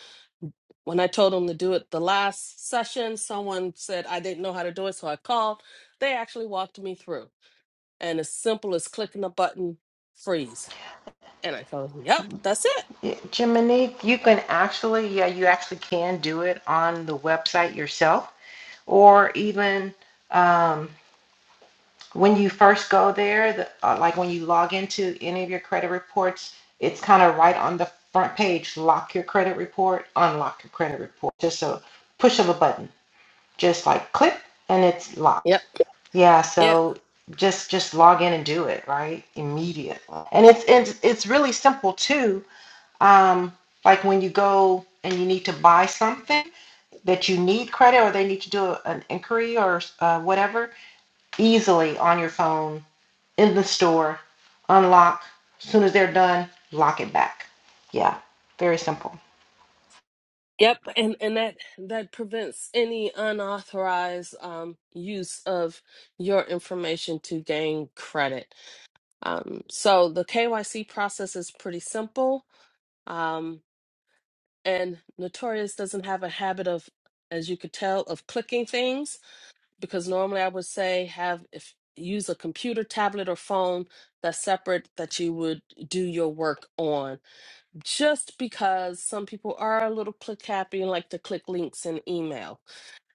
S1: when I told them to do it the last session, someone said I didn't know how to do it. So I called. They actually walked me through. and as simple as clicking a button, freeze. And I go, yep, that's it.
S4: Yeah, Jiminy, you can actually, yeah, you actually can do it on the website yourself, or even um, when you first go there, the, uh, like when you log into any of your credit reports, it's kind of right on the front page, lock your credit report, unlock your credit report. Just a push of a button, just like click, and it's locked.
S1: Yep.
S4: Yeah,
S1: Yep,
S4: so just just log in and do it, right? immediately, And it's it's, it's really simple too um, like when you go and you need to buy something that you need credit or they need to do a, an inquiry or uh, whatever, easily on your phone in the store, unlock. As soon as they're done, lock it back. Yeah, very simple.
S1: yep. And and that that prevents any unauthorized um, use of your information to gain credit. Um, so the KYC process is pretty simple. Um, and Notorious doesn't have a habit of, as you could tell, of clicking things. because normally I would say have if use a computer, tablet, or phone that's separate that you would do your work on. Just because some people are a little click happy and like to click links in email.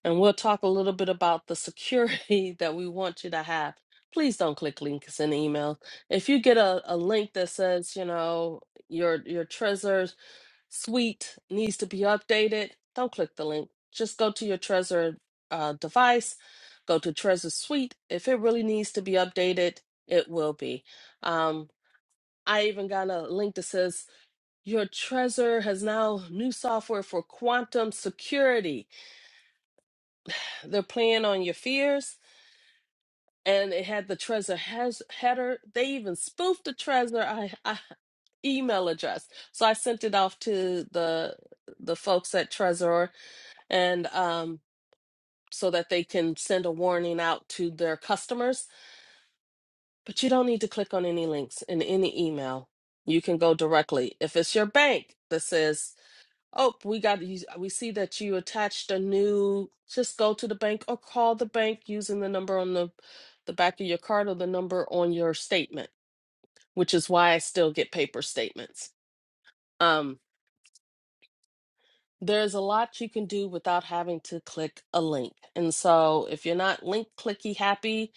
S1: And we'll talk a little bit about the security that we want you to have. Please don't click links in email. If you get a, a link that says, you know, your your treasures suite needs to be updated, don't click the link. Just go to your Trezor uh, device, go to Trezor Suite. If it really needs to be updated, it will be. Um, I even got a link that says your Trezor has now new software for quantum security. They're playing on your fears, and it had the Trezor has header. They even spoofed the Trezor I, I, email address. So I sent it off to the the folks at Trezor and um, so that they can send a warning out to their customers. But you don't need to click on any links in any email. You can go directly. If it's your bank that says, "Oh, we got you, we see that you attached a new," just go to the bank or call the bank using the number on the the back of your card or the number on your statement, which is why I still get paper statements. Um, there's a lot you can do without having to click a link. And so if you're not link clicky happy,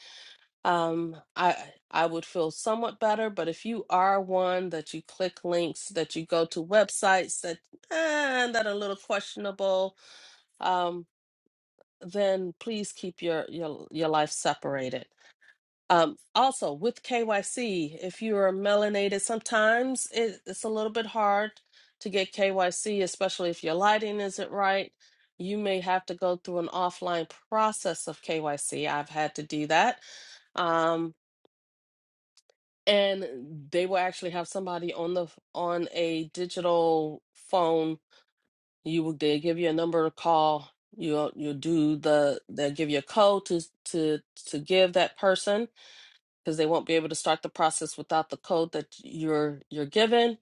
S1: Um, I I would feel somewhat better, but if you are one that you click links, that you go to websites that eh, that are a little questionable, um, then please keep your your your life separated. Um, also with KYC, if you are melanated, sometimes it, it's a little bit hard to get KYC, especially if your lighting isn't right. You may have to go through an offline process of KYC. I've had to do that. Um. and they will actually have somebody on the on a digital phone you will they give you a number to call you'll you'll do the they'll give you a code to to to give that person because they won't be able to start the process without the code that you're you're given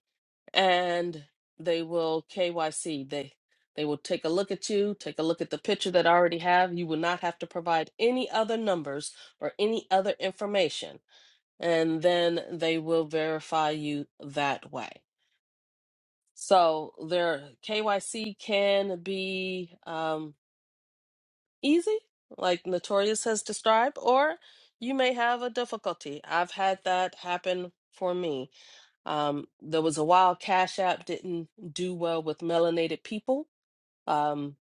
S1: and they will KYC they they will take a look at you take a look at the picture that I already have you will not have to provide any other numbers or any other information and then they will verify you that way. So their KYC can be um, easy, like Notorious has described, or you may have a difficulty. I've had that happen for me. Um, there was a while Cash App didn't do well with melanated people. Um,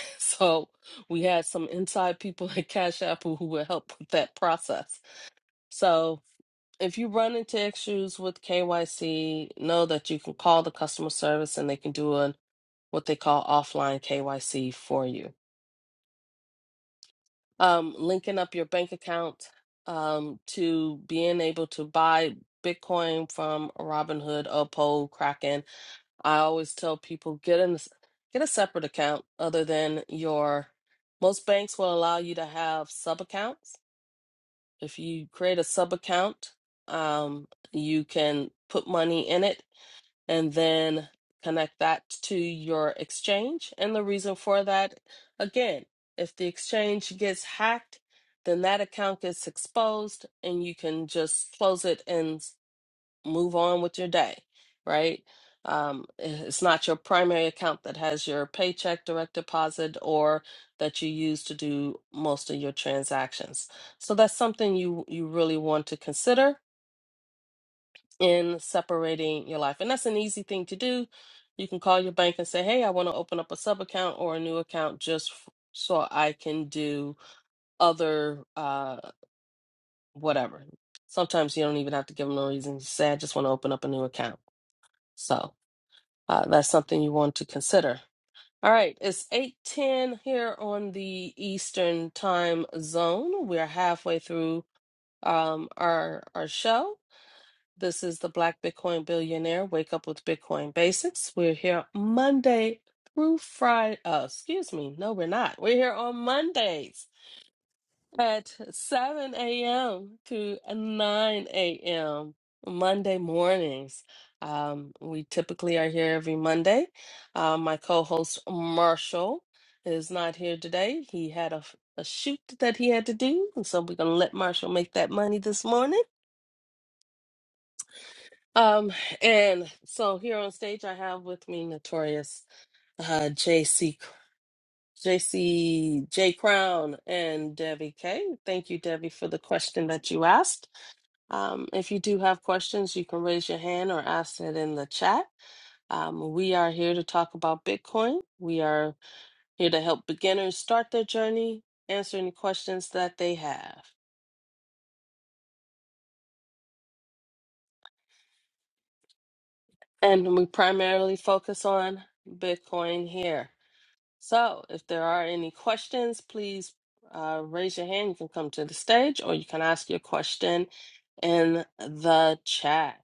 S1: so we had some inside people at Cash App who who would help with that process. So. if you run into issues with KYC, know that you can call the customer service and they can do an what they call offline KYC for you. Um, linking up your bank account um, to being able to buy Bitcoin from Robinhood, Uphold, Kraken. I always tell people get an get a separate account other than your. Most banks will allow you to have sub accounts. If you create a sub account, um, you can put money in it and then connect that to your exchange. And the reason for that, again, if the exchange gets hacked, then that account gets exposed and you can just close it and s- move on with your day, right? Um, i- it's not your primary account that has your paycheck, direct deposit, or that you use to do most of your transactions. So that's something you you really want to consider in separating your life. And that's an easy thing to do. You can call your bank and say, "Hey, I want to open up a sub account or a new account just f- so I can do other uh whatever." Sometimes you don't even have to give them a reason. You say, "I just want to open up a new account." So uh, that's something you want to consider. All right, it's eight ten here on the Eastern Time Zone. We're halfway through um, our our show. This is the Black Bitcoin Billionaire Wake Up with Bitcoin Basics. We're here Monday through Friday. Uh, excuse me. No, we're not. We're here on Mondays at 7 a.m. to 9 a.m. Monday mornings. Um, we typically are here every Monday. Uh, my co host Marshall is not here today. He had a, a shoot that he had to do. And so we're going to let Marshall make that money this morning. Um, and so here on stage, I have with me Notorious uh, JC, Crown, and Debbie K. Thank you, Debbie, for the question that you asked. Um, if you do have questions, you can raise your hand or ask it in the chat. Um, we are here to talk about Bitcoin. We are here to help beginners start their journey, answer any questions that they have. And we primarily focus on Bitcoin here. So, if there are any questions, please uh, raise your hand. You can come to the stage or you can ask your question in the chat.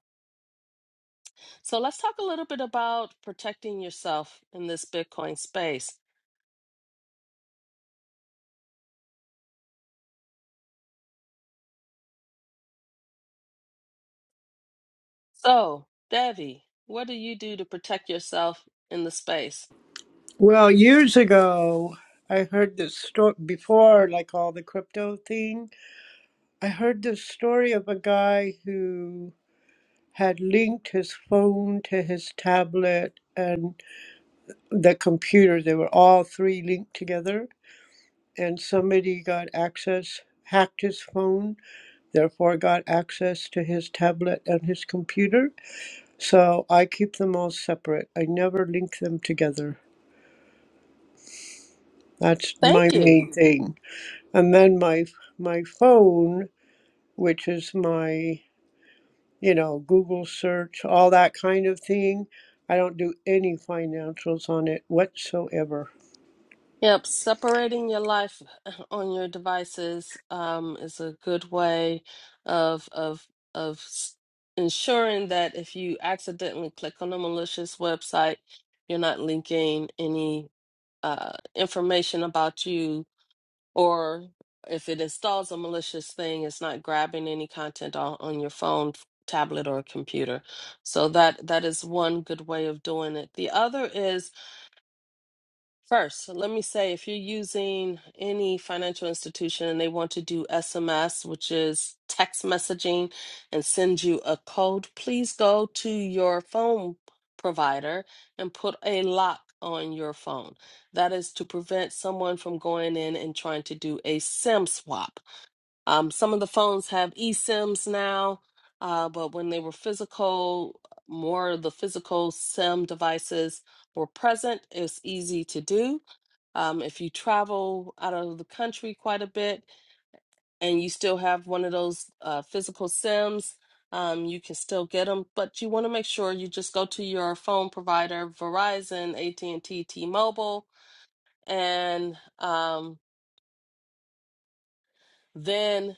S1: So, let's talk a little bit about protecting yourself in this Bitcoin space. So, Devi, what do you do to protect yourself in the space?
S2: Well, years ago, I heard this story before, like all the crypto thing. I heard this story of a guy who had linked his phone to his tablet and the computer. They were all three linked together and somebody got access, hacked his phone, therefore got access to his tablet and his computer. So I keep them all separate. I never link them together. That's
S1: Thank
S2: my
S1: you.
S2: main thing. And then my my phone, which is my you know Google search, all that kind of thing. I don't do any financials on it whatsoever.
S1: Yep, separating your life on your devices um, is a good way of of of s- ensuring that if you accidentally click on a malicious website, you're not linking any uh, information about you, or if it installs a malicious thing, it's not grabbing any content on, on your phone, tablet, or computer. So that that is one good way of doing it. The other is First, let me say if you're using any financial institution and they want to do SMS, which is text messaging, and send you a code, please go to your phone provider and put a lock on your phone. That is to prevent someone from going in and trying to do a SIM swap. Um, some of the phones have eSIMs now, uh, but when they were physical, more of the physical SIM devices were present, it's easy to do um, if you travel out of the country quite a bit and you still have one of those uh, physical SIMs, um, you can still get them, but you want to make sure you just go to your phone provider, Verizon, AT&T, T-Mobile, and um, then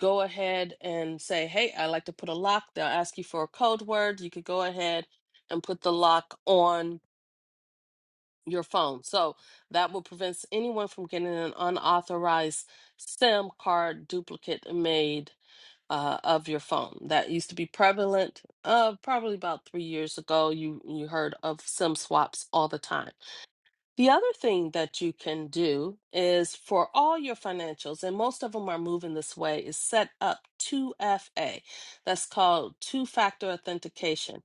S1: go ahead and say, "Hey, I like to put a lock." They'll ask you for a code word. You could go ahead and put the lock on your phone. So that will prevent anyone from getting an unauthorized SIM card duplicate made uh, of your phone. That used to be prevalent uh, probably about three years ago. You you heard of SIM swaps all the time. The other thing that you can do is for all your financials, and most of them are moving this way, is set up 2FA. That's called two factor authentication.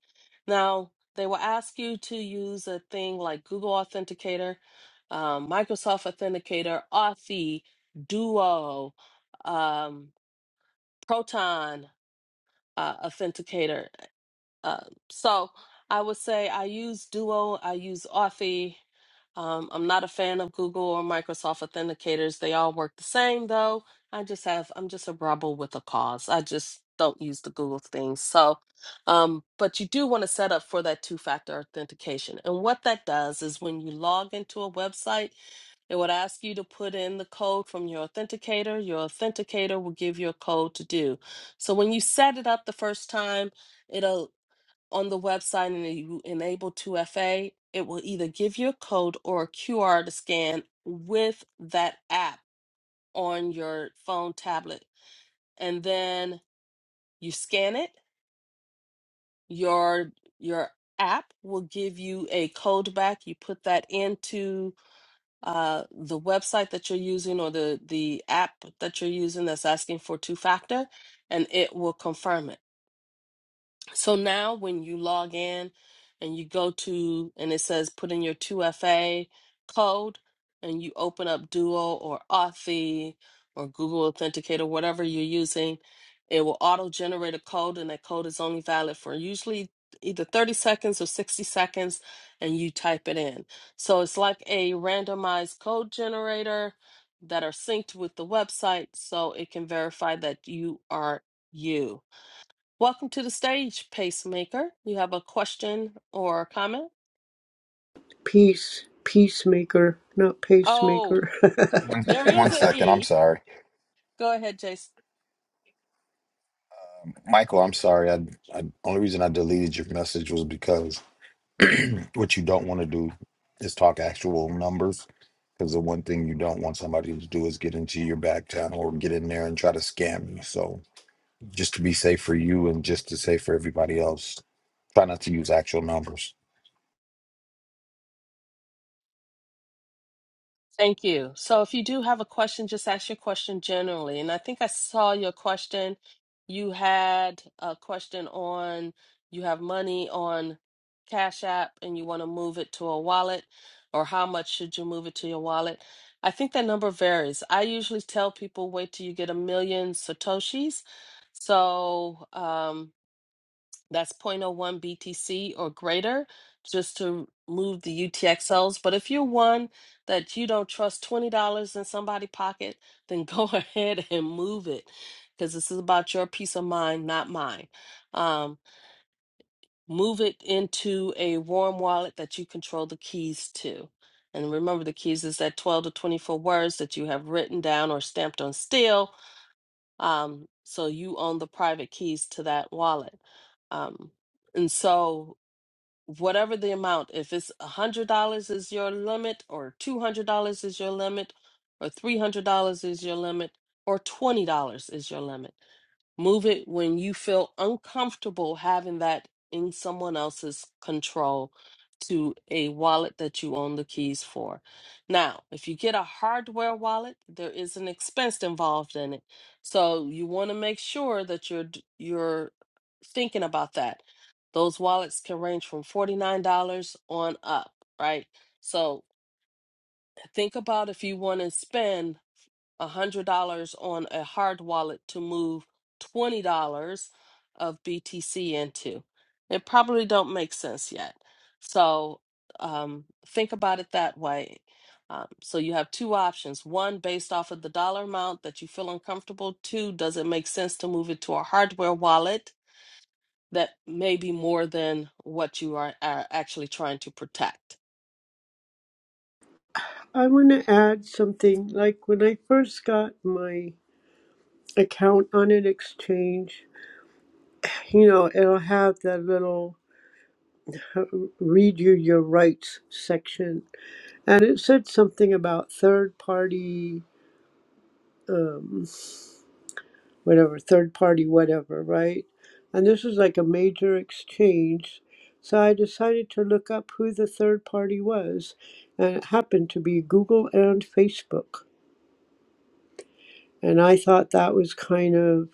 S1: Now, they will ask you to use a thing like Google Authenticator, um, Microsoft Authenticator, Authy, Duo, um, Proton uh, Authenticator. Uh, so I would say I use Duo, I use Authy. Um, I'm not a fan of Google or Microsoft authenticators. They all work the same though. I just have I'm just a rebel with a cause. I just don't use the Google things. So, um, but you do want to set up for that two-factor authentication. And what that does is when you log into a website, it would ask you to put in the code from your authenticator. Your authenticator will give you a code to do. So when you set it up the first time, it'll on the website and you enable 2FA, it will either give you a code or a QR to scan with that app on your phone tablet. And then you scan it, your your app will give you a code back. You put that into uh, the website that you're using or the, the app that you're using that's asking for two factor, and it will confirm it. So now when you log in and you go to, and it says put in your 2FA code and you open up Duo or Authy or Google Authenticator, whatever you're using, it will auto generate a code and that code is only valid for usually either 30 seconds or 60 seconds and you type it in. So it's like a randomized code generator that are synced with the website so it can verify that you are you. Welcome to the stage, Pacemaker. You have a question or a comment?
S2: Peace, peacemaker, not
S1: Oh,
S2: pacemaker.
S3: One
S1: there is
S3: one
S1: an
S3: second. I'm
S1: E.
S3: sorry,
S1: Go ahead, Jason.
S3: Michael. I'm sorry. I, I only reason I deleted your message was because what you don't want to do is talk actual numbers. Because the one thing you don't want somebody to do is get into your back channel or get in there and try to scam you. So just to be safe for you and just to say for everybody else, try not to use actual numbers.
S1: Thank you. So if you do have a question, just ask your question generally. And I think I saw your question. You had a question on you have money on Cash App and you want to move it to a wallet, or how much should you move it to your wallet? I think that number varies. I usually tell people wait till you get a million Satoshis. So, um, that's zero point zero 0.01 BTC or greater just to move the UTXOs. But if you're one that you don't trust $20 in somebody's pocket, then go ahead and move it because this is about your peace of mind, not mine. Um, move it into a warm wallet that you control the keys to. And remember, the keys is that 12 to 24 words that you have written down or stamped on steel. Um, so you own the private keys to that wallet. Um, and so whatever the amount, if it's $100 is your limit, or $200 is your limit, or $300 is your limit, or $20 is your limit. Move it when you feel uncomfortable having that in someone else's control to a wallet that you own the keys for. Now, if you get a hardware wallet, there is an expense involved in it. So you want to make sure that you're d- you're thinking about that. Those wallets can range from $49 on up, right? So Think about if you want to spend a $100 on a hard wallet to move $20 of BTC into. It probably don't make sense yet. So um, think about it that way. Um, so you have two options. One, based off of the dollar amount that you feel uncomfortable. Two, does it make sense to move it to a hardware wallet that may be more than what you are, are actually trying to protect?
S2: I want to add something. Like when I first got my account on an exchange, you know, it'll have that little uh, read you your rights section. And it said something about third party, um, whatever, third party, whatever, right? And this was like a major exchange. So I decided to look up who the third party was. And it happened to be Google and Facebook. And I thought that was kind of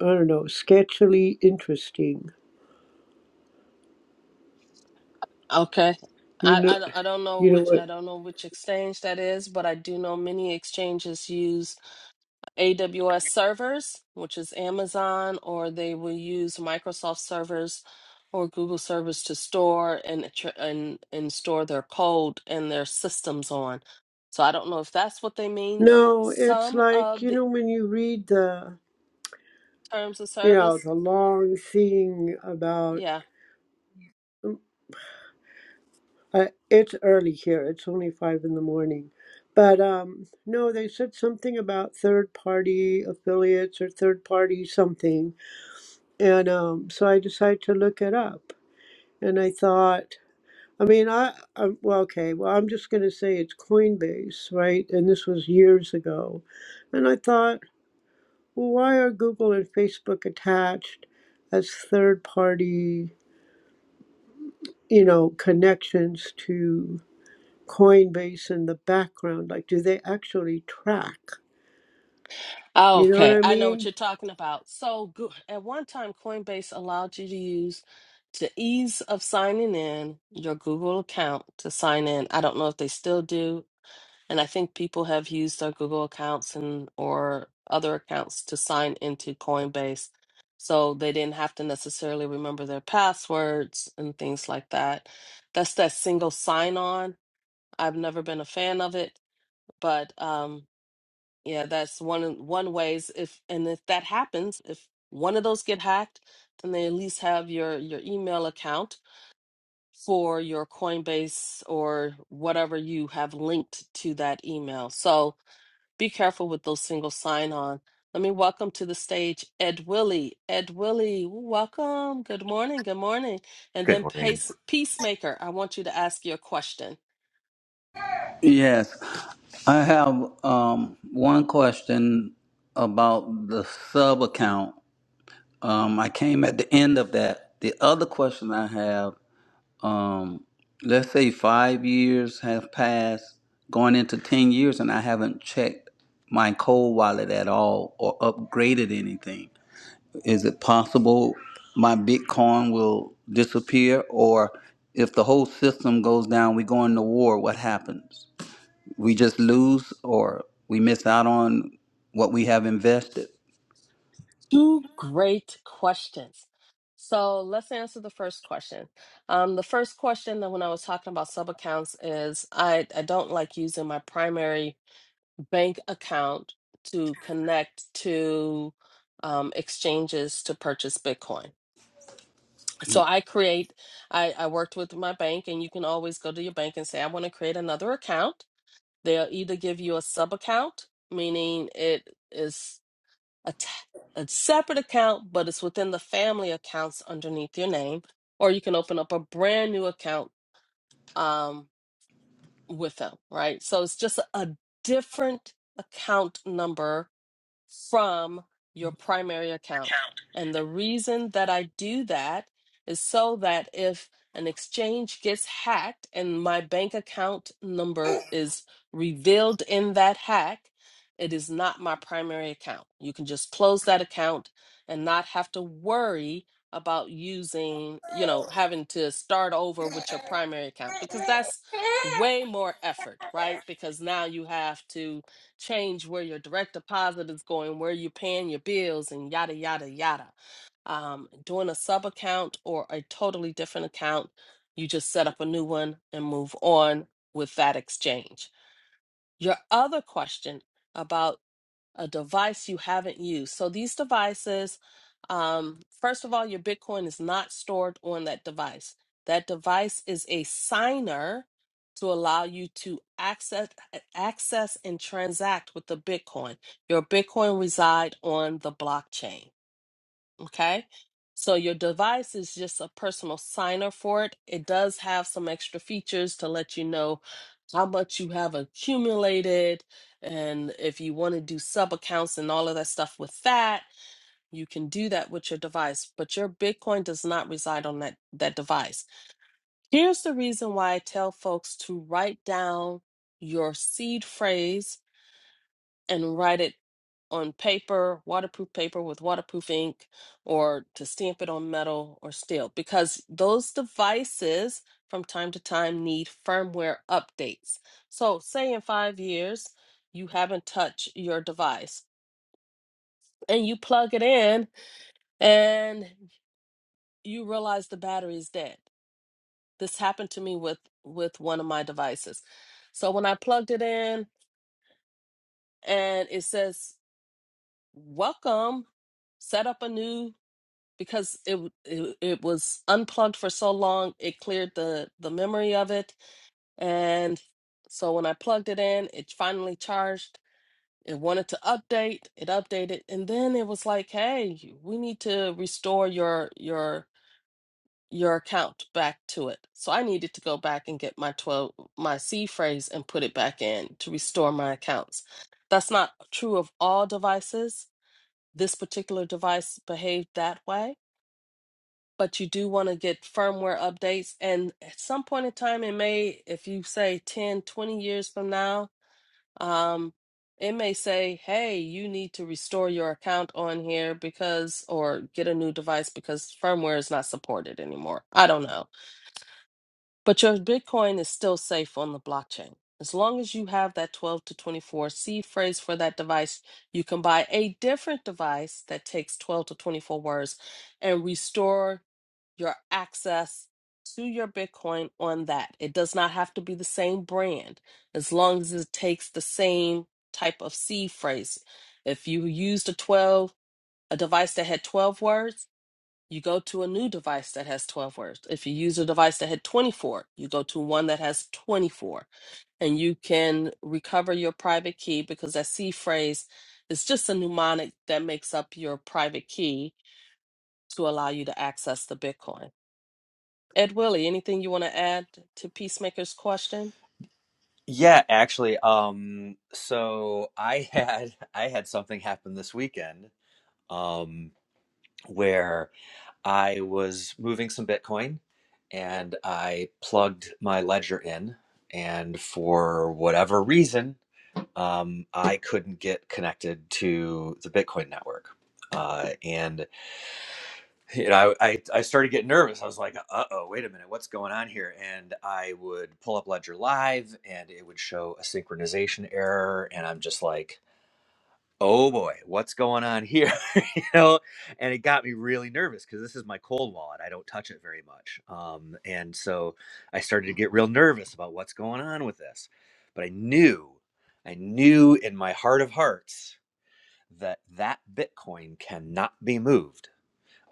S2: I don't know, sketchily interesting.
S1: Okay.
S2: You
S1: I,
S2: know,
S1: I, don't- I don't know
S2: you know
S1: which I
S2: what?
S1: don't know which exchange that is, but I do know many exchanges use AWS servers, which is Amazon, or they will use Microsoft servers or Google servers to store and tr- and and store their code and their systems on. So I don't know if that's what they mean.
S2: No, it's
S1: Some
S2: like
S1: of
S2: you
S1: the
S2: know when you read the,
S1: terms of
S2: you know,
S1: service,
S2: the long thing about.
S1: yeah.
S2: Uh, it's early here. It's only five in the morning, but um, no, they said something about third party affiliates or third party something, and um, so I decided to look it up, and I thought. I mean, I, I well, okay. Well, I'm just going to say it's Coinbase, right? And this was years ago, and I thought, well, why are Google and Facebook attached as third-party, you know, connections to Coinbase in the background? Like, do they actually track? You know what
S1: Okay,
S2: I
S1: I know what
S2: mean?
S1: you're talking about. So, go- at one time, Coinbase allowed you to use the ease of signing in your Google account to sign in. I don't know if they still do, and I think people have used their Google accounts and or other accounts to sign into Coinbase, so they didn't have to necessarily remember their passwords and things like that. That's that single sign-on. I've never been a fan of it, but um. Yeah, that's one of- one ways if and if that happens, if one of those get hacked, then they at least have your your email account for your Coinbase or whatever you have linked to that email. So be careful with those single sign on. Let me welcome to the stage Ed Willie. Ed Willie, welcome. Good morning. Good morning. And
S5: Good
S1: then
S5: morning.
S1: Pace, Peacemaker, I want you to ask your question.
S6: Yes, I have um, one question about the sub account. Um, I came at the end of that. The other question I have, um, let's say five years have passed, going into ten years, and I haven't checked my cold wallet at all or upgraded anything. Is it possible my Bitcoin will disappear, or if the whole system goes down, we go into war? What happens? we just lose or we miss out on what we have invested.
S1: Two great questions. So let's answer the first question. Um, the first question that when I was talking about sub accounts is I, I don't like using my primary bank account to connect to um, exchanges to purchase Bitcoin. So I create, I, I worked with my bank, and you can always go to your bank and say, I want to create another account. They'll either give you a sub account, meaning it is a, t- a separate account, but it's within the family accounts underneath your name, or you can open up a brand new account um, with them, right? So it's just a a different account number from your primary account. And the reason that I do that is so that if an exchange gets hacked and my bank account number is revealed in that hack, it is not my primary account. You can just close that account and not have to worry about using, you know, having to start over with your primary account because that's way more effort, right? Because now you have to change where your direct deposit is going, where you're paying your bills, and yada, yada, yada. Um, doing a sub account or a totally different account, you just set up a new one and move on with that exchange. Your other question about a device you haven't used. So these devices, um, first of all, your Bitcoin is not stored on that device. That device is a signer to allow you to access access and transact with the Bitcoin. Your Bitcoin reside on the blockchain. Okay. So your device is just a personal signer for it. It does have some extra features to let you know how much you have accumulated. And if you want to do sub accounts and all of that stuff with that, you can do that with your device. But your Bitcoin does not reside on that, that device. Here's the reason why I tell folks to write down your seed phrase and write it on paper, waterproof paper with waterproof ink, or to stamp it on metal or steel, because those devices from time to time need firmware updates. So, say in five years, you haven't touched your device and you plug it in and you realize the battery is dead. This happened to me with, with one of my devices. So, when I plugged it in and it says, Welcome, set up a new because it w- it, it was unplugged for so long it cleared the the memory of it and so when i plugged it in it finally charged it wanted to update it updated and then it was like hey you- we need to restore your your your account back to it so i needed to go back and get my 12 my c phrase and put it back in to restore my accounts that's not true of all devices this particular device behaved that way but you do want to get firmware updates. And at some point in time, it may, if you say 10, 20 years from now, um, it may say, hey, you need to restore your account on here because, or get a new device because firmware is not supported anymore. I don't know. But your Bitcoin is still safe on the blockchain. As long as you have that 12 to 24 seed phrase for that device, you can buy a different device that takes 12 to 24 words and restore your access to your Bitcoin on that. It does not have to be the same brand as long as it takes the same type of seed phrase. If you used a 12, a device that had 12 words, you go to a new device that has 12 words. If you use a device that had 24, you go to one that has 24 and you can recover your private key because that seed phrase is just a mnemonic that makes up your private key to allow you to access the Bitcoin. Ed Willie, anything you want to add to Peacemaker's question?
S5: Yeah, actually, um, so I had I had something happen this weekend, um, where I was moving some Bitcoin and I plugged my ledger in, and for whatever reason, um, I couldn't get connected to the Bitcoin network. Uh, and you know, I, I, I started getting nervous. I was like, uh oh, wait a minute, what's going on here? And I would pull up Ledger Live and it would show a synchronization error. And I'm just like, oh boy, what's going on here? you know, and it got me really nervous because this is my cold wallet. I don't touch it very much. Um, and so I started to get real nervous about what's going on with this. But I knew, I knew in my heart of hearts that that Bitcoin cannot be moved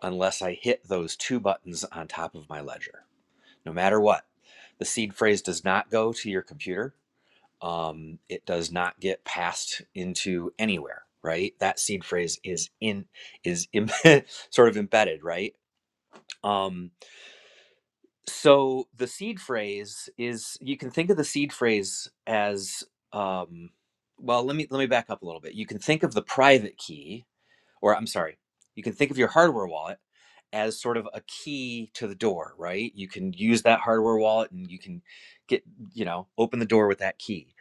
S5: unless I hit those two buttons on top of my ledger, no matter what. The seed phrase does not go to your computer. Um, it does not get passed into anywhere, right? That seed phrase is in is em- sort of embedded, right? Um, so the seed phrase is you can think of the seed phrase as um, well. Let me let me back up a little bit. You can think of the private key or I'm sorry, you can think of your hardware wallet as sort of a key to the door, right? You can use that hardware wallet and you can get, you know, open the door with that key.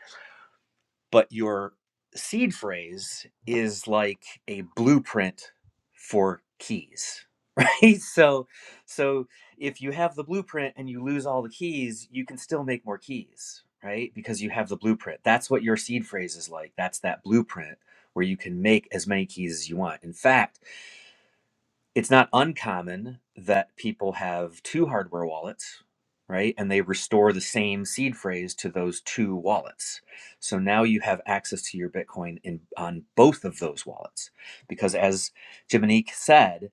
S5: But your seed phrase is like a blueprint for keys. Right? So so if you have the blueprint and you lose all the keys, you can still make more keys, right? Because you have the blueprint. That's what your seed phrase is like. That's that blueprint where you can make as many keys as you want. In fact, it's not uncommon that people have two hardware wallets, right? And they restore the same seed phrase to those two wallets. So now you have access to your Bitcoin in on both of those wallets. Because as Jiminique said,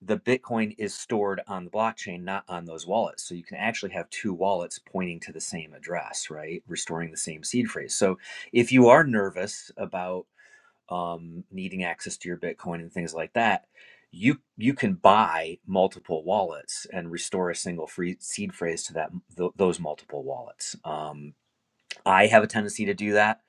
S5: the Bitcoin is stored on the blockchain, not on those wallets. So you can actually have two wallets pointing to the same address, right? Restoring the same seed phrase. So if you are nervous about um, needing access to your Bitcoin and things like that, you you can buy multiple wallets and restore a single free seed phrase to that th- those multiple wallets. Um, I have a tendency to do that.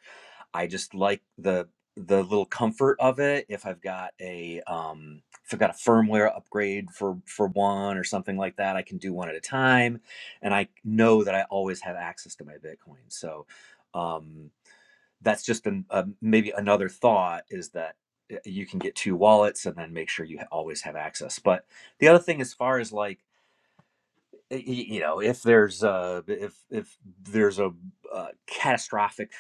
S5: I just like the the little comfort of it. If I've got a um, if I've got a firmware upgrade for for one or something like that, I can do one at a time, and I know that I always have access to my Bitcoin. So. Um, that's just an, uh, maybe another thought is that uh, you can get two wallets and then make sure you always have access but the other thing as far as like you know if there's a if if there's a, uh catastrophic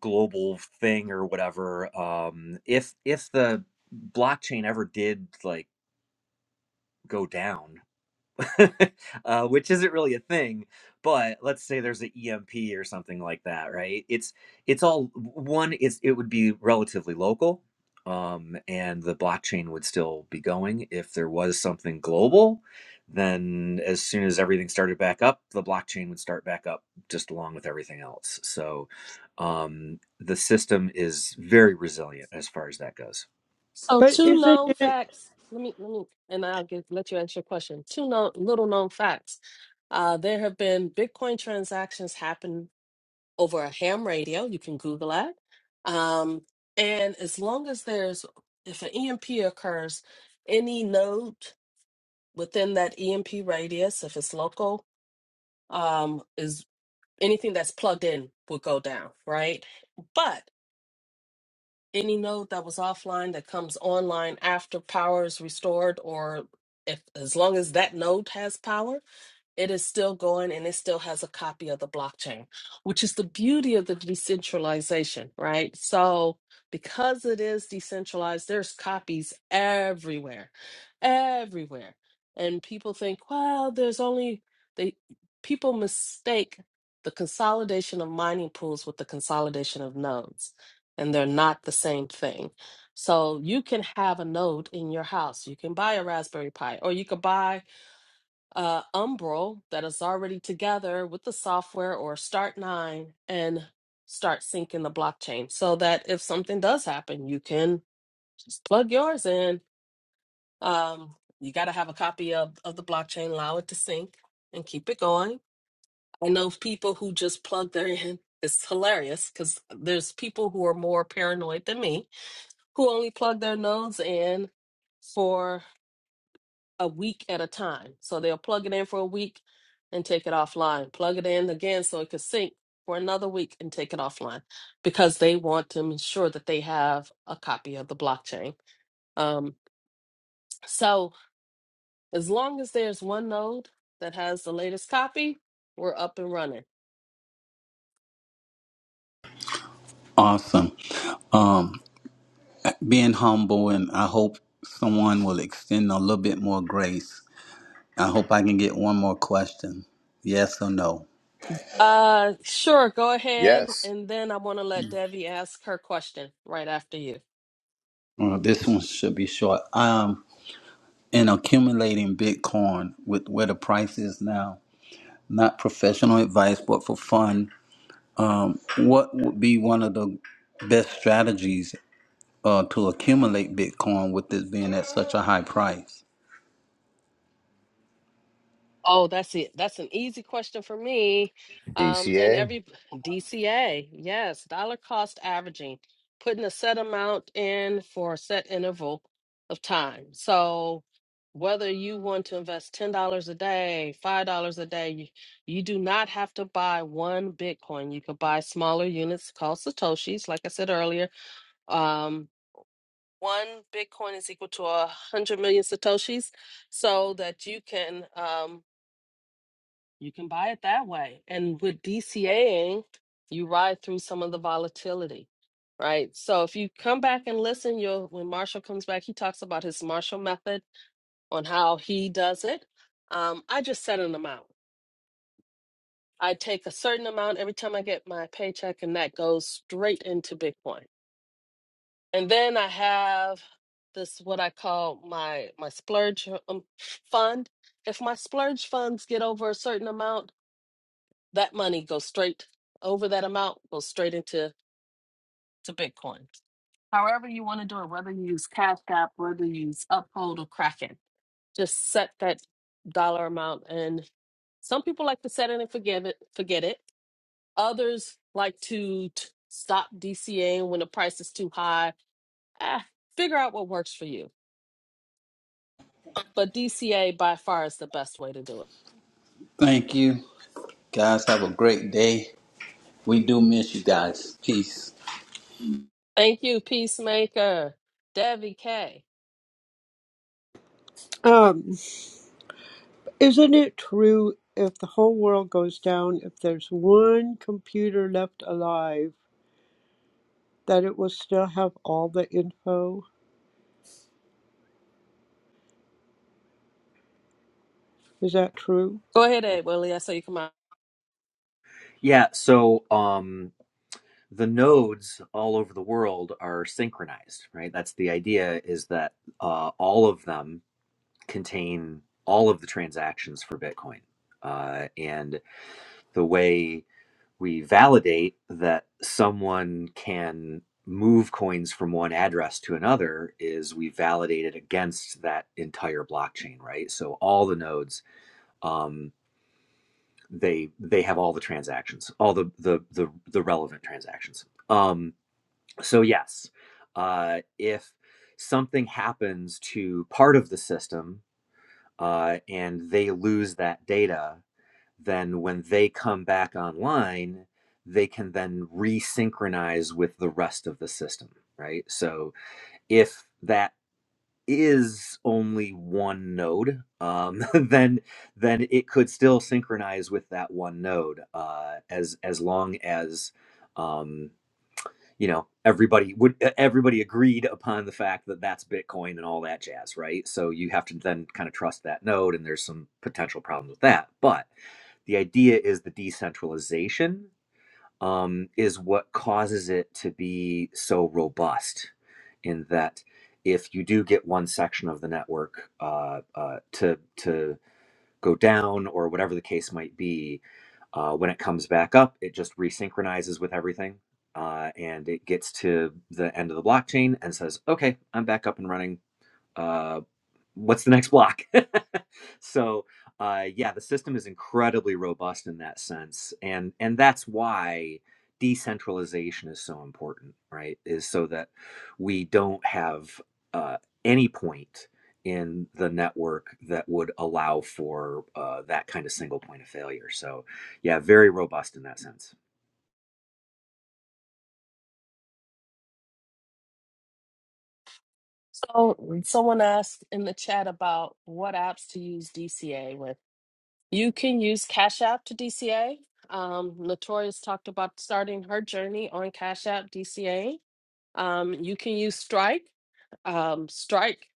S5: global thing or whatever um if if the blockchain ever did like go down uh, which isn't really a thing. But let's say there's an EMP or something like that, right? It's it's all one. It's it would be relatively local, um, and the blockchain would still be going. If there was something global, then as soon as everything started back up, the blockchain would start back up just along with everything else. So um, the system is very resilient as far as that goes.
S1: So
S2: But
S1: two
S2: isn't
S1: known
S2: it
S1: facts. Let me let me and I'll get let you answer your question. Two known little known facts. Uh, there have been Bitcoin transactions happen over a ham radio. You can Google that. Um, and as long as there's if an EMP occurs, any node within that EMP radius, if it's local, um, is anything that's plugged in will go down, right? But any node that was offline that comes online after power is restored or if as long as that node has power it is still going and it still has a copy of the blockchain, which is the beauty of the decentralization, right? So, because it is decentralized, there's copies everywhere, everywhere. And people think, well, there's only they people mistake the consolidation of mining pools with the consolidation of nodes, and they're not the same thing. So, you can have a node in your house. You can buy a Raspberry Pi or you could buy uh, Umbral that is already together with the software or Start9 and start syncing the blockchain so that if something does happen, you can just plug yours in. Um, you got to have a copy of, of the blockchain, allow it to sync and keep it going. I know people who just plug their in. It's hilarious because there's people who are more paranoid than me who only plug their nodes in for a week at a time. So they'll plug it in for a week and take it offline, plug it in again so it could sync for another week and take it offline because they want to ensure that they have a copy of the blockchain. Um, so as long as there's one node that has the latest copy, we're up and running.
S6: Awesome. Um, being humble, and I hope someone will extend a little bit more grace. I hope I can get one more question yes or no.
S1: Uh, sure, go ahead.
S3: Yes,
S1: And then I want to let Devi ask her question right after you.
S6: Uh, this one should be short. Um, in accumulating Bitcoin with where the price is now, not professional advice, but for fun, um, what would be one of the best strategies uh, to accumulate Bitcoin with this being at such a high price.
S1: Oh, that's it. That's an easy question for me. Um, and
S3: DCA.
S1: every DCA, yes, dollar cost averaging, putting a set amount in for a set interval of time. So whether you want to invest $10 a day, $5 a day, you, you do not have to buy one Bitcoin. You could buy smaller units called Satoshis, like I said earlier. Um, one Bitcoin is equal to a 100 million Satoshis so that you can. Um, you can buy it that way. And with DCAing, you ride through some of the volatility, right? So if you come back and listen, you'll when Marshall comes back, he talks about his Marshall method on how he does it. Um, I just set an amount. I take a certain amount every time I get my paycheck, and that goes straight into Bitcoin. And then I have this what I call my my splurge um, fund. If my splurge funds get over a certain amount, that money goes straight over that amount goes straight into to bitcoin however you want to do it whether you use cash app whether you use uphold or kraken just set that dollar amount and some people like to set it and forgive it forget it others like to t- stop dcaing when the price is too high ah, figure out what works for you but dca by far is the best way to do it
S6: Thank you. Guys, have a great day. We do miss you guys. Peace.
S1: thank you peacemaker debbie k
S2: um, isn't it true if the whole world goes down, if there's one computer left alive? that it will still have all the info. Is that true?
S1: go ahead ed willie i saw you come out
S5: Yeah. So. Um, the nodes all over the world are synchronized, right? That's the idea is that uh, all of them contain all of the transactions for Bitcoin. Uh, and the way we validate that someone can move coins from one address to another is we validate it against that entire blockchain, right? So all the nodes, um, they they have all the transactions, all the the the, the relevant transactions. Um, so, yes, uh, if something happens to part of the system uh, and they lose that data, then when they come back online, they can then resynchronize with the rest of the system, right? So, if that is only one node, um, then then it could still synchronize with that one node uh, as as long as um, you know everybody would e, everybody agreed upon the fact that that's bitcoin and all that jazz right so you have to then kind of trust that node and there's some potential problems with that but the idea is the decentralization um, is what causes it to be so robust in that if you do get one section of the network uh, uh, to to go down or whatever the case might be uh, when it comes back up it just resynchronizes with everything uh, and it gets to the end of the blockchain and says okay i'm back up and running uh, what's the next block so, uh, yeah, the system is incredibly robust in that sense, and and that's why decentralization is so important, right? Is so that we don't have uh, any point in the network that would allow for uh, that kind of single point of failure. So, yeah, very robust in that sense.
S1: So someone asked in the chat about what apps to use DCA with. You can use Cash App to DCA. Um, Notorious talked about starting her journey on Cash App DCA. Um, you can use Strike. Um, Strike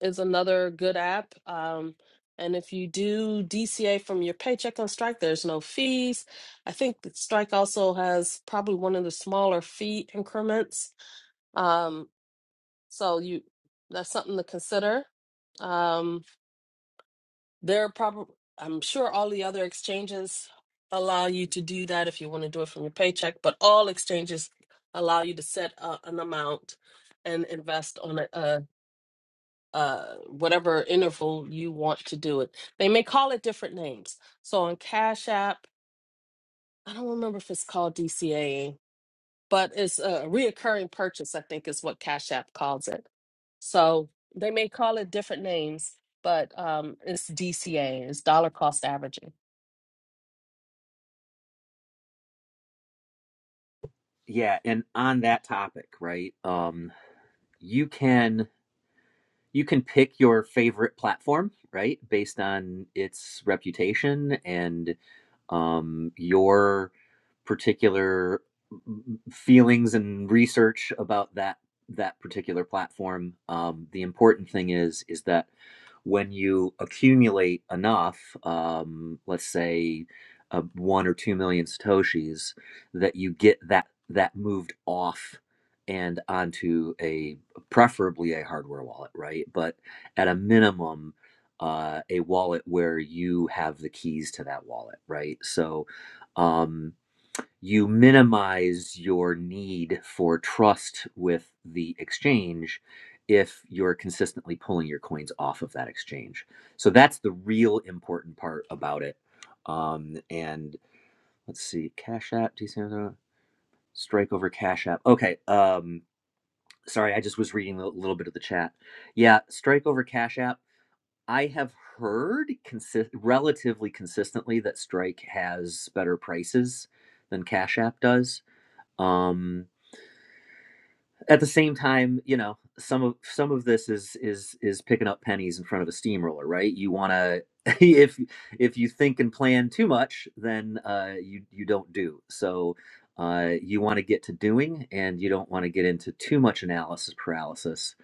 S1: is another good app. Um, and if you do DCA from your paycheck on Strike, there's no fees. I think that Strike also has probably one of the smaller fee increments. Um, so you that's something to consider. Um, there are probably I'm sure all the other exchanges allow you to do that if you want to do it from your paycheck, but all exchanges allow you to set a, an amount and invest on a, a, a whatever interval you want to do it. They may call it different names. So on Cash App, I don't remember if it's called DCA, but it's a reoccurring purchase. I think is what Cash App calls it So they may call it different names, but um, it's DCA, it's dollar cost averaging.
S5: Yeah, and on that topic, right? Um, you can you can pick your favorite platform, right, based on its reputation and um, your particular mm, feelings and research about that that particular platform. Um, the important thing is is that when you accumulate enough, um, let's say uh, one or two million satoshis, that you get that that moved off and onto a preferably a hardware wallet, right? But at a minimum, uh, a wallet where you have the keys to that wallet, right? So um, you minimize your need for trust with the exchange if you're consistently pulling your coins off of that exchange. So that's the real important part about it. Um, and let's see, Cash App, do you see another one? Strike over Cash App. Okay. Um, Sorry, I just was reading a little bit of the chat. Yeah, Strike over Cash App. I have heard consi- relatively consistently that Strike has better prices than Cash App does. Um, at the same time, you know, some of some of this is is is picking up pennies in front of a steamroller, right? You want to if if you think and plan too much, then uh, you you don't do. So uh, you want to get to doing, and you don't want to get into too much analysis paralysis.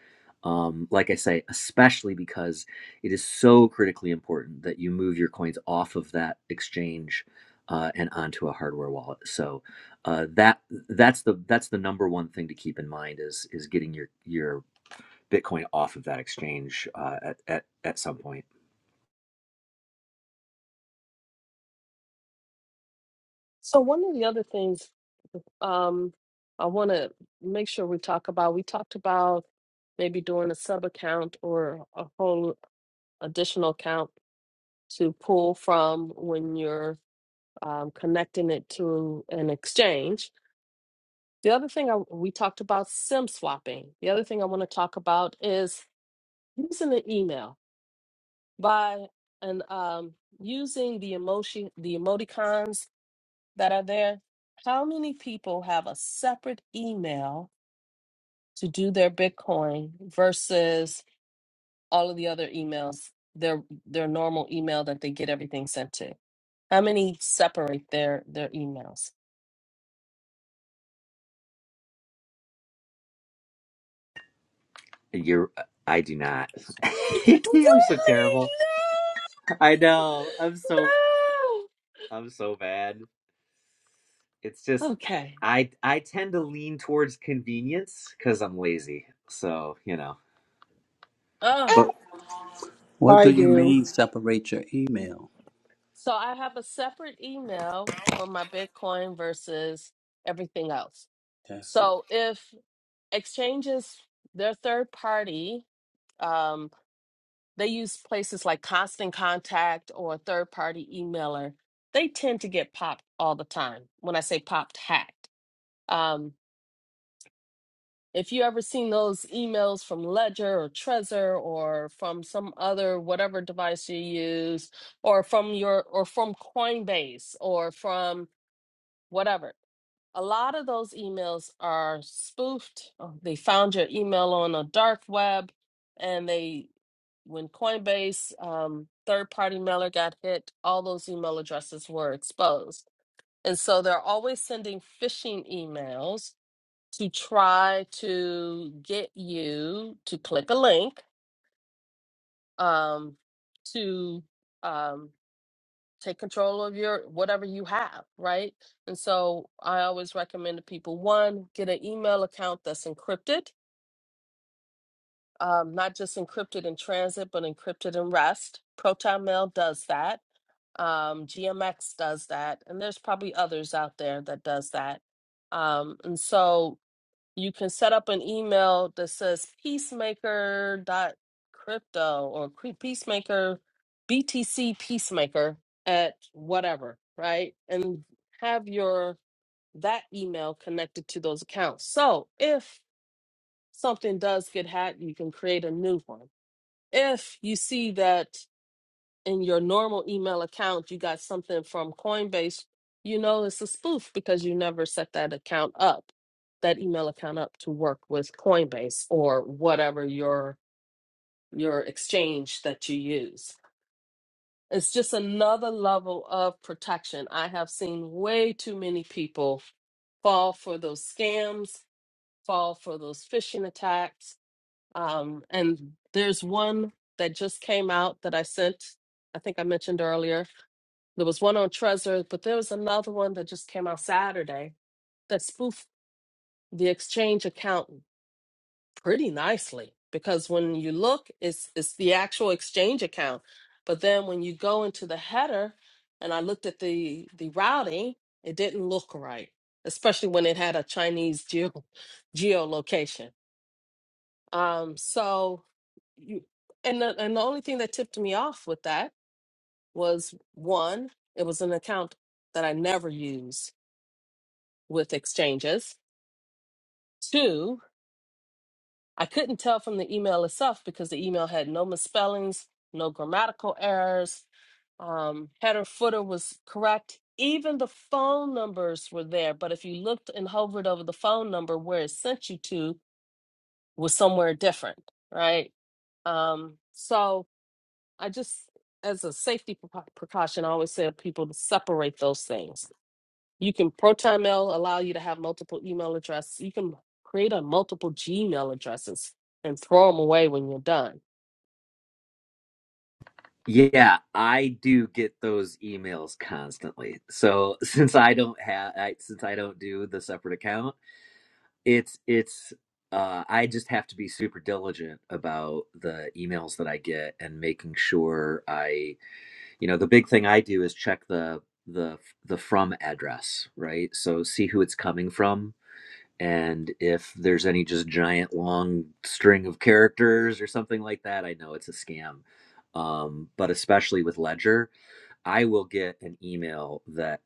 S5: Um, like I say, especially because it is so critically important that you move your coins off of that exchange uh, and onto a hardware wallet. So uh, that that's the that's the number one thing to keep in mind is is getting your your Bitcoin off of that exchange uh, at at at some point.
S1: So one of the other things um, I want to make sure we talk about, we talked about maybe doing a sub account or a whole additional account to pull from when you're um, connecting it to an exchange. The other thing I, we talked about SIM swapping. The other thing I want to talk about is using an email by and um, using the emotion the emoticons that are there how many people have a separate email to do their bitcoin versus all of the other emails their their normal email that they get everything sent to how many separate their their emails
S5: You're I do not.
S1: It
S5: I'm so terrible.
S1: really
S5: I know. I'm so
S1: no
S5: I'm so bad. It's
S1: no
S5: just
S1: okay
S5: I I tend to lean towards convenience because I'm lazy. So you know,
S1: oh
S5: but.
S6: What do
S2: I
S6: you
S2: do.
S6: mean separate your email?
S1: So I have a separate email for my Bitcoin versus everything else.
S6: That's it.
S1: So if exchanges, they're third party, um, they use places like Constant Contact or a third party emailer. They tend to get popped all the time. When I say popped, hacked. Um, if you ever seen those emails from Ledger or Trezor or from some other whatever device you use, or from your or from Coinbase or from whatever. A lot of those emails are spoofed. Oh, They found your email on the dark web, and they, when Coinbase um, third-party mailer got hit, all those email addresses were exposed. And so they're always sending phishing emails to try to get you to click a link um, to. um take control of your whatever you have, right? And so I always recommend to people one, get an email account that's encrypted, um, not just encrypted in transit, but encrypted in rest. Proton Mail does that. Um, GMX does that, and there's probably others out there that does that. Um, and so you can set up an email that says peacemaker dot crypto or cre- peacemaker btc peacemaker at whatever right and have your that email connected to those accounts so if something does get hacked you can create a new one if you see that in your normal email account you got something from Coinbase, you know it's a spoof because you never set that account up, that email account up to work with Coinbase or whatever your your exchange that you use. It's just another level of protection. I have seen way too many people fall for those scams, fall for those phishing attacks. Um, and there's one that just came out that I sent, I think I mentioned earlier, there was one on Trezor, but there was another one that just came out Saturday that spoofed the exchange account pretty nicely. Because when you look, it's it's the actual exchange account. But then when you go into the header and I looked at the the routing, it didn't look right, especially when it had a Chinese geo geolocation. Um, so you and the, and the only thing that tipped me off with that was one, it was an account that I never use with exchanges. Two, I couldn't tell from the email itself because the email had no misspellings, no grammatical errors. Um, header footer was correct. Even the phone numbers were there, but if you looked and hovered over the phone number where it sent you to was somewhere different, right? Um, so I just, as a safety precau- precaution, I always say to people to separate those things You can ProtonMail allow you to have multiple email addresses. You can create a multiple Gmail addresses and throw them away when you're done.
S5: Yeah, I do get those emails constantly. So since I don't have, I, since I don't do the separate account, it's it's uh, I just have to be super diligent about the emails that I get and making sure I, you know, the big thing I do is check the the the from address, right? So see who it's coming from and if there's any just giant long string of characters or something like that, I know it's a scam. Um, but especially with Ledger, I will get an email that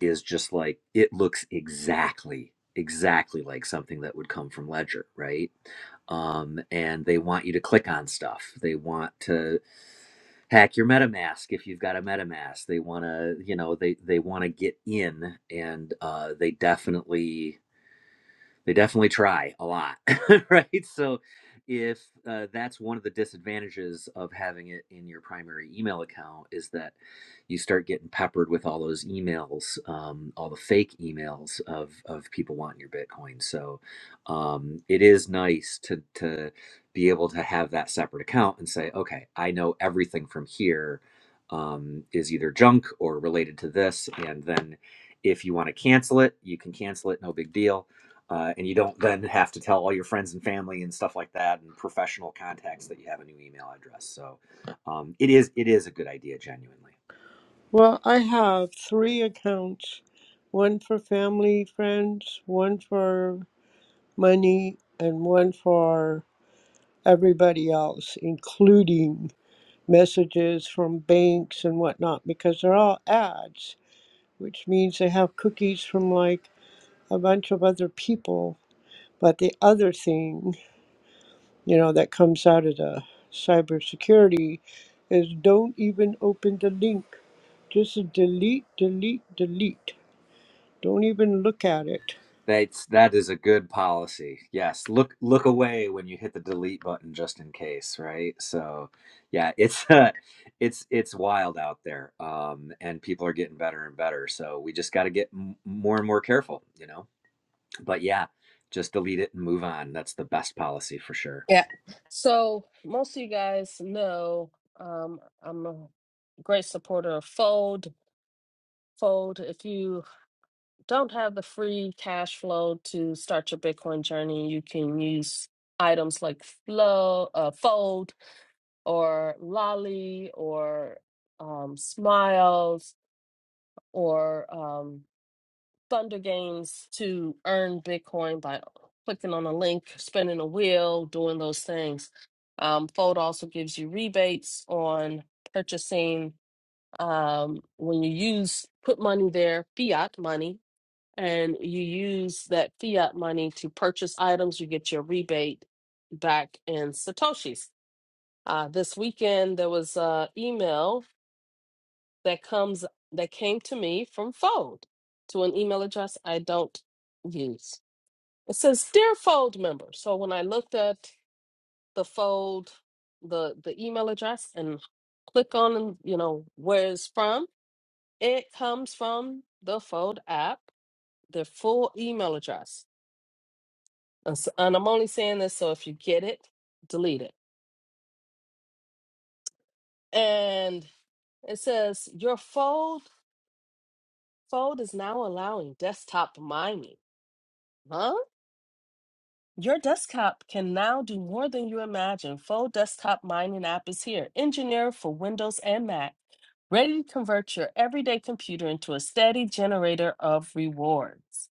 S5: is just like it looks exactly exactly like something that would come from ledger right um, and they want you to click on stuff they want to hack your metamask if you've got a metamask they want to you know they they want to get in and uh, they definitely they definitely try a lot, right? So if uh, that's one of the disadvantages of having it in your primary email account is that you start getting peppered with all those emails, um, all the fake emails of of people wanting your Bitcoin. So um, it is nice to to be able to have that separate account and say, okay, I know everything from here um, is either junk or related to this, and then if you want to cancel it, you can cancel it, no big deal uh, and you don't then have to tell all your friends and family and stuff like that and professional contacts that you have a new email address. So um, it is it is a good idea, genuinely.
S2: Well, I have three accounts one for family, friends, one for money, and one for everybody else, including messages from banks and whatnot, because they're all ads, which means they have cookies from like a bunch of other people. But the other thing you know, that comes out of the cybersecurity is don't even open the link. Just delete, delete, delete. Don't even look at it.
S5: That's that is a good policy. Yes, look look away when you hit the delete button, just in case, right? So yeah, it's uh, it's it's wild out there, um, and people are getting better and better. So we just got to get m- more and more careful, you know. But yeah, just delete it and move on. That's the best policy for sure.
S1: Yeah. So most of you guys know um, I'm a great supporter of Fold. Fold, if you don't have the free cash flow to start your Bitcoin journey, you can use items like Flow, uh, Fold, or Lolly, or um, Smiles, or um, Thunder Games to earn Bitcoin by clicking on a link, spinning a wheel, doing those things. Um, Fold also gives you rebates on purchasing um, when you use put money there, fiat money, and you use that fiat money to purchase items. You get your rebate back in satoshis. Uh, this weekend there was an email that comes that came to me from Fold to an email address I don't use. It says dear Fold member. So when I looked at the Fold, the the email address and click on you know where it's from, it comes from the Fold app, their full email address. And, s- and I'm only saying this so if you get it, delete it. And it says your Fold Fold is now allowing desktop miming. Huh? Your desktop can now do more than you imagine. Full desktop mining app is here, engineered for Windows and Mac, ready to convert your everyday computer into a steady generator of rewards.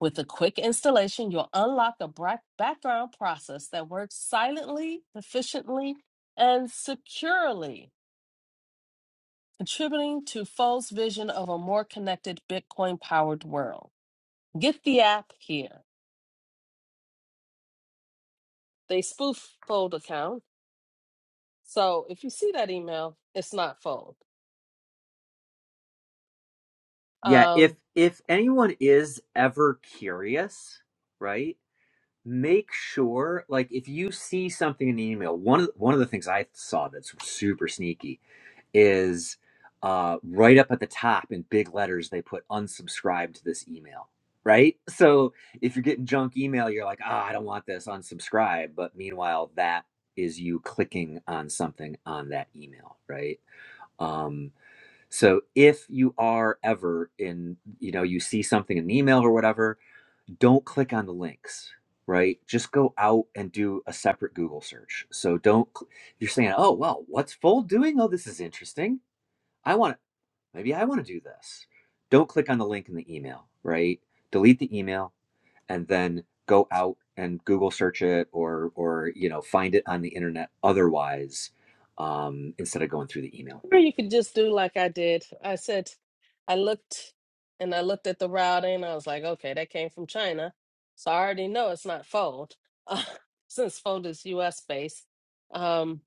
S1: With a quick installation, you'll unlock a bra- background process that works silently, efficiently, and securely, contributing to Fold's vision of a more connected Bitcoin powered world. Get the app here. They spoof Fold account So if you see that email, it's not fold.
S5: Yeah, if
S1: Um,
S5: if anyone is ever curious, right? Make sure like if you see something in the email, one of one of the things I saw that's super sneaky is uh right up at the top in big letters they put unsubscribe to this email, right? So if you're getting junk email, you're like, "Ah, I don't want this, unsubscribe." But meanwhile, that is you clicking on something on that email, right? Um, so if you are ever in, you know, you see something in an email or whatever, don't click on the links, right? Just go out and do a separate Google search. So don't, cl- you're saying, oh, well, what's Fold doing? Oh, this is interesting. I want, maybe I want to do this. Don't click on the link in the email, right? Delete the email and then go out and Google search it or, or, you know, find it on the internet otherwise um, instead of going through the email.
S1: or you could just do like I did. I said, I looked and I looked at the routing. and I was like, okay, that came from China. So I already know it's not fold since fold is US based. Um,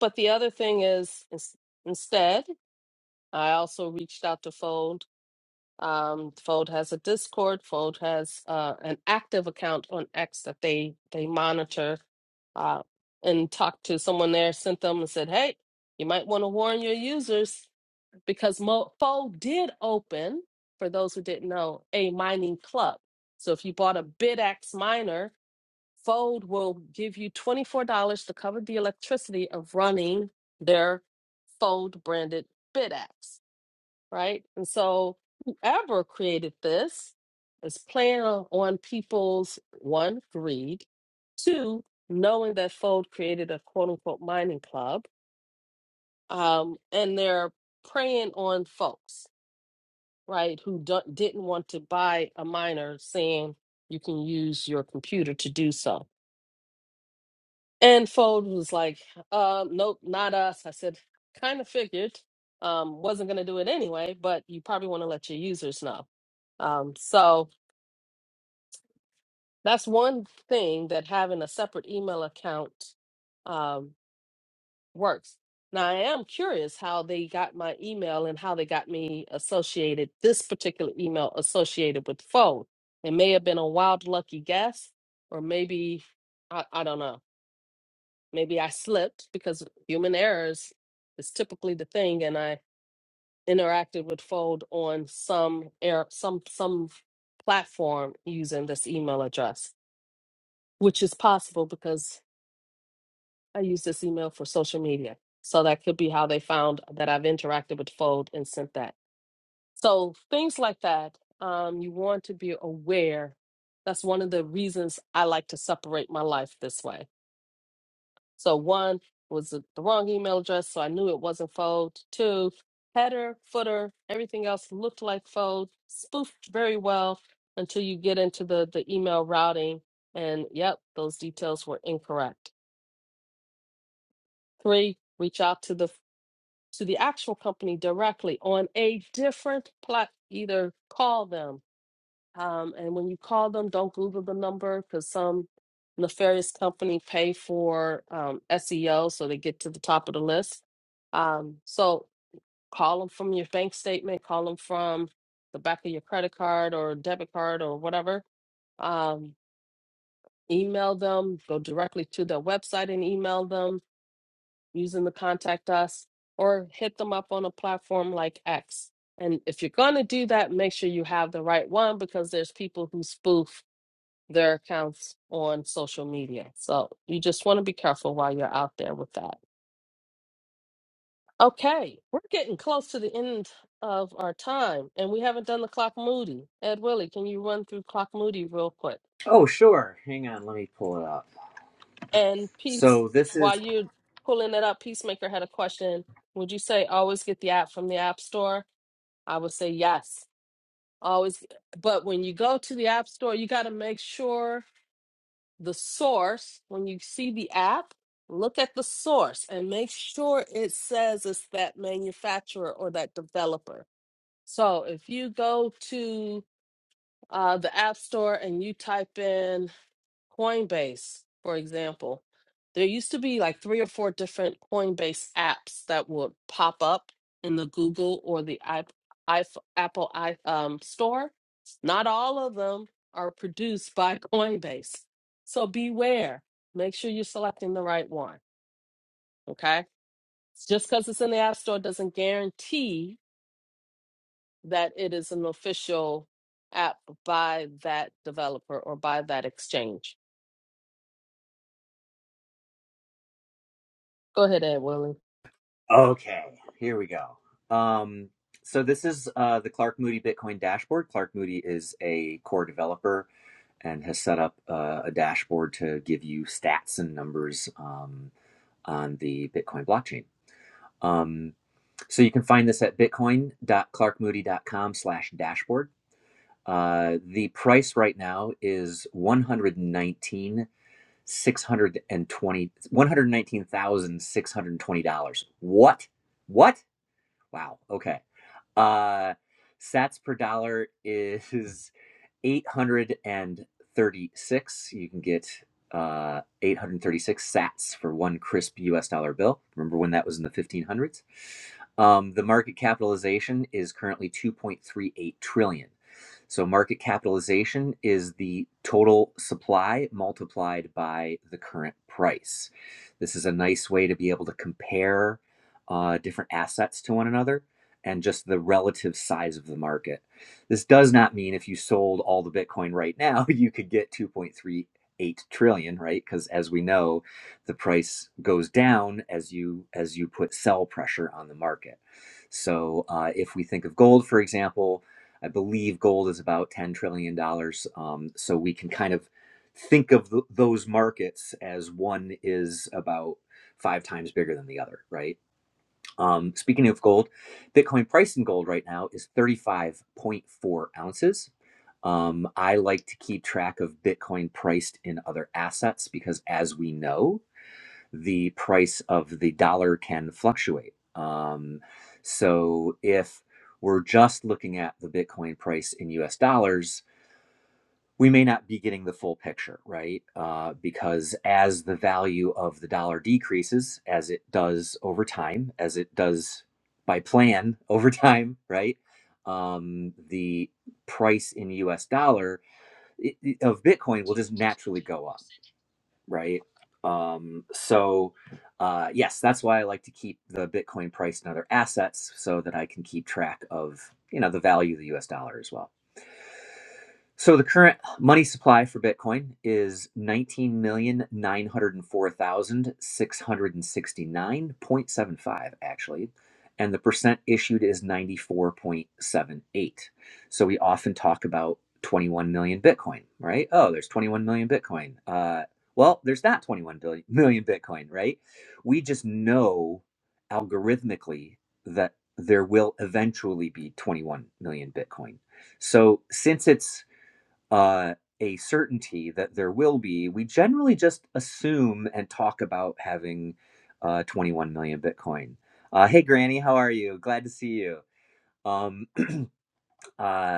S1: but the other thing is, ins- instead, I also reached out to fold Um, Fold has a Discord. Fold has uh, an active account on X that they they monitor uh, and talked to someone there, sent them and said, "Hey, you might want to warn your users because Mo- Fold did open, for those who didn't know, a mining club. So if you bought a BitX miner, Fold will give you twenty four dollars to cover the electricity of running their Fold branded BitX." right? And so whoever created this is playing on on people's one, greed, two, knowing that Fold created a quote unquote mining club, um, and they're preying on folks, right, who don't, didn't want to buy a miner saying you can use your computer to do so And Fold was like, uh, nope, not us. I said, kind of figured. Um, wasn't going to do it anyway, but you probably want to let your users know. Um, so that's one thing that having a separate email account um, works. Now, I am curious how they got my email and how they got me associated, this particular email associated with Fold. It may have been a wild, lucky guess, or maybe I, I don't know Maybe I slipped because human errors is typically the thing, and I interacted with Fold on some air some some platform using this email address, which is possible because I use this email for social media. So that could be how they found that I've interacted with Fold and sent that. So things like that, um, you want to be aware. That's one of the reasons I like to separate my life this way So one was the the wrong email address, so I knew it wasn't fold. Two, header, footer, everything else looked like fold, spoofed very well until you get into the the email routing, and yep, those details were incorrect. Three, reach out to the to the actual company directly on a different plat, either call them um, and when you call them, don't Google the number because some nefarious company pay for um, SEO so they get to the top of the list. Um, so call them from your bank statement, call them from the back of your credit card or debit card or whatever. Um, email them, go directly to their website and email them using the contact us or hit them up on a platform like X. And if you're going to do that, make sure you have the right one because there's people who spoof their accounts on social media. So you just want to be careful while you're out there with that. Okay, we're getting close to the end of our time, and we haven't done the clock moody. Ed Willie, can you run through clock moody real quick?
S5: Oh, sure. Hang on. Let me pull it up.
S1: And peace,
S5: So this is
S1: while you're pulling it up, Peacemaker had a question. Would you say always get the app from the app store? I would say yes. Always, but when you go to the app store, you got to make sure the source, when you see the app, look at the source and make sure it says it's that manufacturer or that developer. So if you go to uh, the App Store and you type in Coinbase, for example, there used to be like three or four different Coinbase apps that would pop up in the Google or the I, I, Apple i um, store. Not all of them are produced by Coinbase. So beware. Make sure you're selecting the right one. Okay. Just because it's in the App Store doesn't guarantee that it is an official app by that developer or by that exchange. Go ahead, Ed Willie.
S5: okay. Here we go. Um, so this is uh, the Clark Moody Bitcoin dashboard. Clark Moody is a core developer and has set up uh, a dashboard to give you stats and numbers um, on the Bitcoin blockchain. Um, so you can find this at bitcoin.clarkmoody.com slash dashboard. Uh, the price right now is 119 dollars Six hundred and twenty, one hundred nineteen thousand six hundred and twenty dollars What? What? Wow. Okay. Uh sats per dollar is 836. You can get uh, 836 sats for one crisp US dollar bill. Remember when that was in the 1500s? Um, the market capitalization is currently 2.38 trillion. So market capitalization is the total supply multiplied by the current price. This is a nice way to be able to compare uh, different assets to one another and just the relative size of the market. This does not mean if you sold all the Bitcoin right now, you could get 2.38 trillion, right? Because as we know, the price goes down as you as you put sell pressure on the market. So uh, if we think of gold, for example, I believe gold is about 10 trillion dollars. Um, so we can kind of think of th- those markets as one is about five times bigger than the other, right? Um, speaking of gold, Bitcoin price in gold right now is 35.4 ounces. Um, I like to keep track of Bitcoin priced in other assets because, as we know, the price of the dollar can fluctuate. Um, so, if we're just looking at the Bitcoin price in US dollars, we may not be getting the full picture, right? Uh, because as the value of the dollar decreases, as it does over time, as it does by plan over time, right? Um, the price in US dollar i- i- of Bitcoin will just naturally go up, right? Um, so, uh, yes, that's why I like to keep the Bitcoin price and other assets so that I can keep track of, you know, the value of the US dollar as well. So the current money supply for Bitcoin is 19,904,669.75 actually, and the percent issued is 94.78. So we often talk about 21 million Bitcoin, right? Oh, there's 21 million Bitcoin. Uh, well, there's not 21 billion, million Bitcoin, right? We just know algorithmically that there will eventually be 21 million Bitcoin. So since it's uh, a certainty that there will be, we generally just assume and talk about having uh, 21 million Bitcoin. Uh, hey, Granny, how are you? Glad to see you. Um, uh,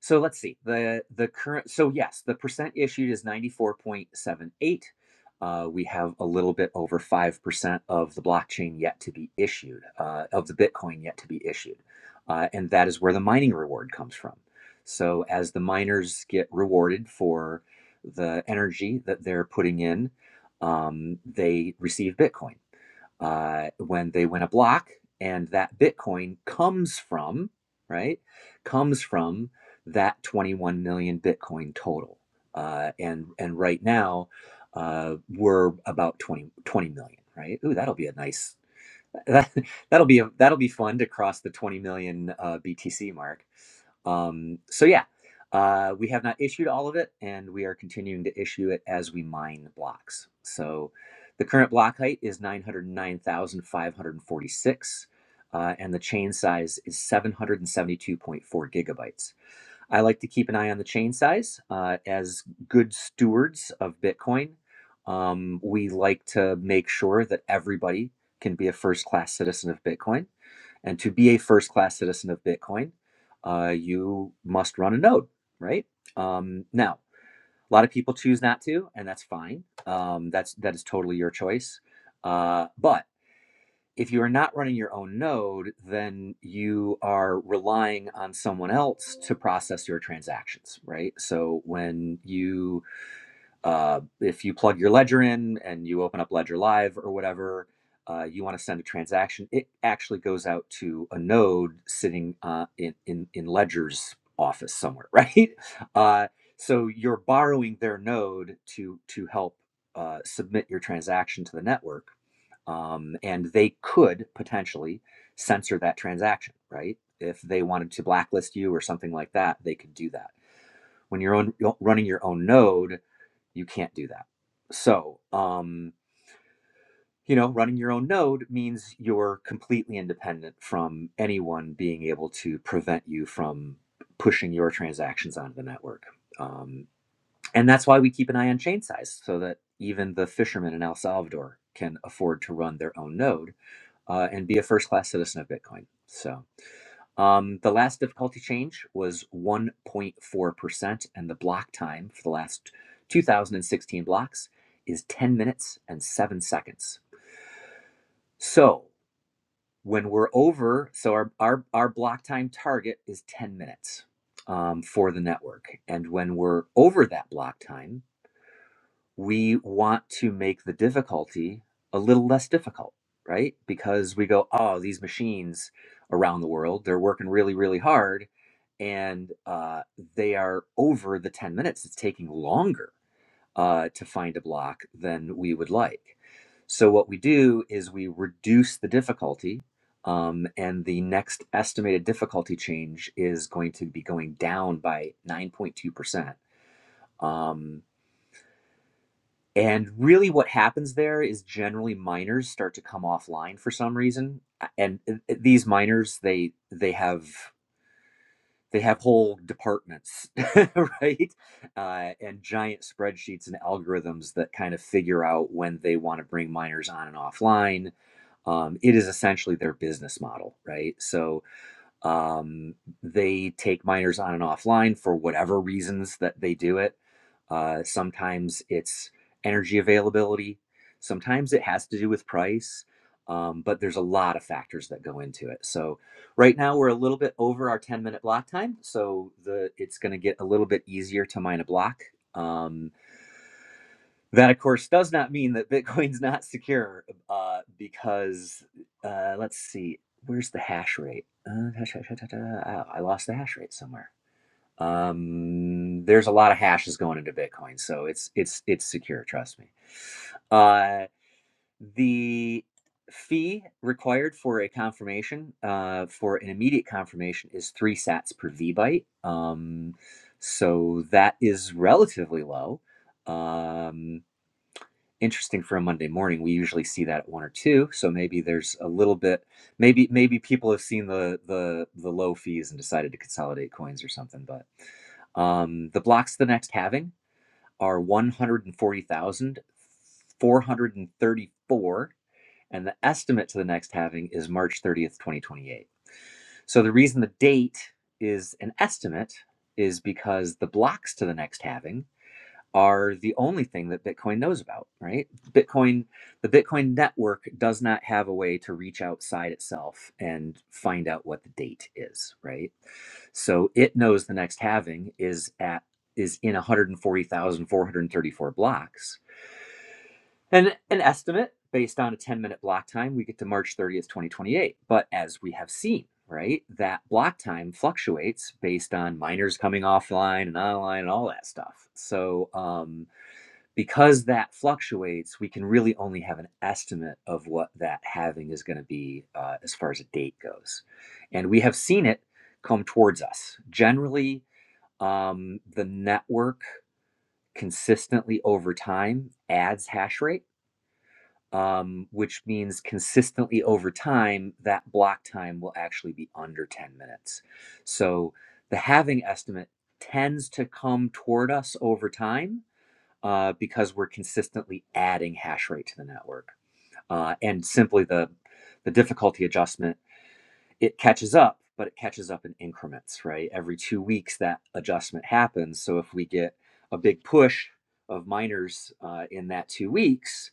S5: so let's see the the current. So yes, the percent issued is ninety four point seven eight. Uh, we have a little bit over five percent of the blockchain yet to be issued, uh, of the Bitcoin yet to be issued, uh, and that is where the mining reward comes from. So as the miners get rewarded for the energy that they're putting in, um, they receive Bitcoin uh, when they win a block and that bitcoin comes from right comes from that 21 million bitcoin total uh, and and right now uh, we're about 20 20 million right ooh that'll be a nice that, that'll be a, that'll be fun to cross the 20 million uh, btc mark um, so yeah, uh, we have not issued all of it, and we are continuing to issue it as we mine the blocks. So the current block height is 909,546, uh, and the chain size is 772.4 gigabytes. I like to keep an eye on the chain size uh, as good stewards of Bitcoin. Um, we like to make sure that everybody can be a first class citizen of Bitcoin. And to be a first class citizen of Bitcoin, uh, you must run a node, right? Um, now, a lot of people choose not to, and that's fine. Um, that's that is totally your choice. Uh, but if you are not running your own node, then you are relying on someone else to process your transactions, right? So when you uh, if you plug your ledger in and you open up Ledger Live or whatever, uh, you want to send a transaction, it actually goes out to a node sitting uh, in, in, in Ledger's office somewhere, right? Uh, so you're borrowing their node to, to help uh, submit your transaction to the network. Um, and they could potentially censor that transaction, right? If they wanted to blacklist you or something like that, they could do that. When you're on, running your own node, you can't do that. So, um, you know, running your own node means you're completely independent from anyone being able to prevent you from pushing your transactions onto the network. Um, and that's why we keep an eye on chain size so that even the fishermen in El Salvador can afford to run their own node uh, and be a first class citizen of Bitcoin. So, um, the last difficulty change was 1.4%, and the block time for the last 2016 blocks is 10 minutes and 7 seconds. So when we're over, so our, our, our block time target is 10 minutes um, for the network. And when we're over that block time, we want to make the difficulty a little less difficult, right? Because we go, oh, these machines around the world, they're working really, really hard and uh, they are over the 10 minutes. It's taking longer uh, to find a block than we would like. So, what we do is we reduce the difficulty. Um, and the next estimated difficulty change is going to be going down by 9.2%. Um, and really, what happens there is generally miners start to come offline for some reason, and uh, uh, these miners they they have they have whole departments, right? Uh, and giant spreadsheets and algorithms that kind of figure out when they want to bring miners on and offline. Um, it is essentially their business model, right? So um, they take miners on and offline for whatever reasons that they do it. Uh, sometimes it's energy availability, sometimes it has to do with price, um, but there's a lot of factors that go into it. So right now we're a little bit over our 10 minute block time, so the it's going to get a little bit easier to mine a block. Um, that, of course, does not mean that Bitcoin's not secure uh, because, uh, let's see, where's the hash rate? Uh, hash, hash, hash, hash, hash, ah, I lost the hash rate somewhere. Um, there's a lot of hashes going into Bitcoin, so it's it's it's secure. Trust me. Uh, the fee required for a confirmation, uh, for an immediate confirmation, is three sats per V byte. Um, so that is relatively low. Um, interesting for a Monday morning. We usually see that at one or two, so maybe there's a little bit. Maybe maybe people have seen the the the low fees and decided to consolidate coins or something. But um, the blocks the next halving are one hundred and forty thousand four hundred and thirty four, and the estimate to the next halving is March thirtieth, twenty twenty eight. So the reason the date is an estimate is because the blocks to the next halving are the only thing that Bitcoin knows about, right? Bitcoin, the Bitcoin network does not have a way to reach outside itself and find out what the date is, right? So it knows the next halving is at is in 140,434 blocks. And an estimate based on a 10-minute block time, we get to March 30th, 2028. But as we have seen, right, that block time fluctuates based on miners coming offline and online and all that stuff. So um because that fluctuates, we can really only have an estimate of what that halving is going to be uh, as far as a date goes. And we have seen it come towards us. Generally, um, the network consistently over time adds hash rate, um, which means consistently over time, that block time will actually be under 10 minutes. So the halving estimate tends to come toward us over time uh, because we're consistently adding hash rate to the network. Uh, and simply the, the difficulty adjustment, it catches up, but it catches up in increments, right? Every two weeks that adjustment happens. So if we get a big push of miners uh, in that two weeks,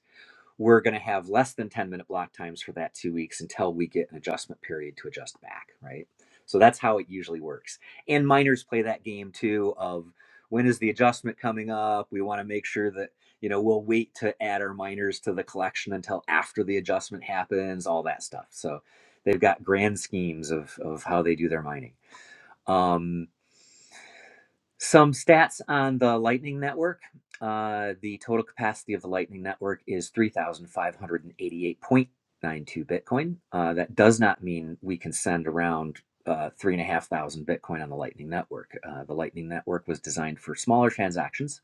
S5: we're going to have less than 10 minute block times for that two weeks until we get an adjustment period to adjust back, right? So that's how it usually works. And minors play that game too of when is the adjustment coming up? We want to make sure that, you know, we'll wait to add our minors to the collection until after the adjustment happens, all that stuff. So they've got grand schemes of, of how they do their mining. Um, some stats on the Lightning Network. Uh, the total capacity of the Lightning Network is 3,588.92 Bitcoin. Uh, that does not mean we can send around uh, 3,500 Bitcoin on the Lightning Network. Uh, the Lightning Network was designed for smaller transactions.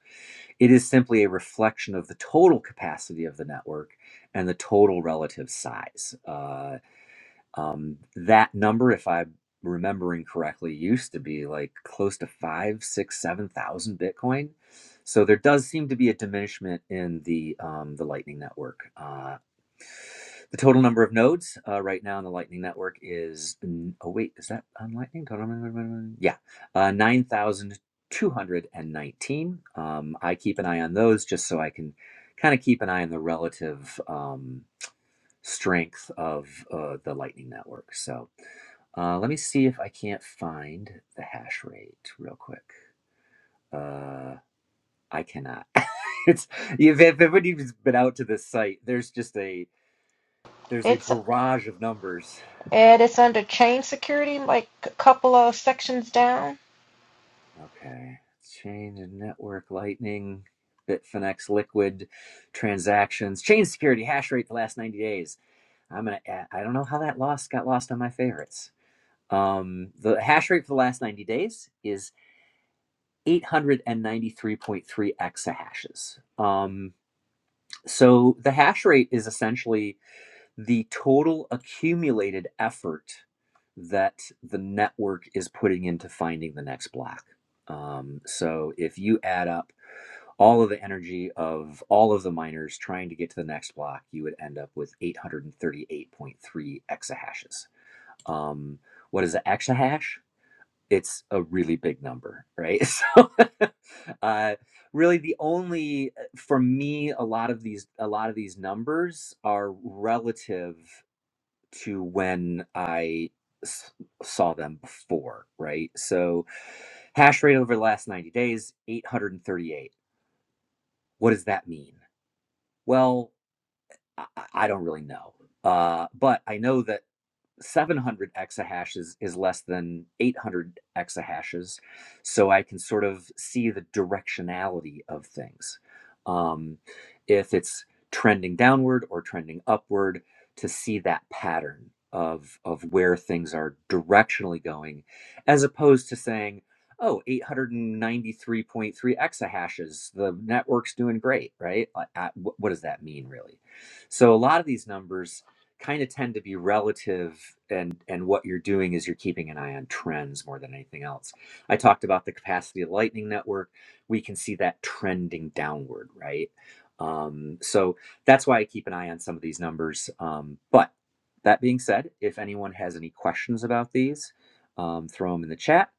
S5: It is simply a reflection of the total capacity of the network and the total relative size. Uh, um, that number, if I'm remembering correctly, used to be like close to five, six, seven thousand Bitcoin. So there does seem to be a diminishment in the um, the Lightning Network. Uh, the total number of nodes uh, right now in the Lightning Network is oh wait, is that on Lightning? Yeah, uh, nine thousand two hundred and nineteen. Um, I keep an eye on those just so I can kind of keep an eye on the relative. Um, strength of uh, the Lightning Network. So uh, let me see if I can't find the hash rate real quick. Uh, I cannot. it's if if everybody's been out to this site, there's just a there's a
S4: It's
S5: barrage of numbers.
S4: and it's under chain security, like a couple of sections down.
S5: Okay, change in network Lightning. Bitfinex liquid transactions, chain security hash rate the last 90 days. I'm gonna, I don't know how that lost got lost on my favorites. Um, the hash rate for the last 90 days is 893.3 exahashes. Um, so the hash rate is essentially the total accumulated effort that the network is putting into finding the next block. Um, so if you add up all of the energy of all of the miners trying to get to the next block, you would end up with 838.3 exahashes. Um, what is an exahash? it's a really big number, right? So, uh, really, the only uh, for me, a lot of these, a lot of these numbers are relative to when I s- saw them before, right? So, hash rate over the last ninety days, eight hundred and thirty-eight. What does that mean? Well, I, I I don't really know, uh, but I know that 700 exahashes is less than 800 exahashes. So I can sort of see the directionality of things. Um, if it's trending downward or trending upward, to see that pattern of, of where things are directionally going, as opposed to saying, oh, 893.3 exahashes, the network's doing great, right? Like, uh, What does that mean, really? So a lot of these numbers kind of tend to be relative and and what you're doing is you're keeping an eye on trends more than anything else i talked about the capacity of lightning network we can see that trending downward right um, so that's why i keep an eye on some of these numbers um, but that being said if anyone has any questions about these um, throw them in the chat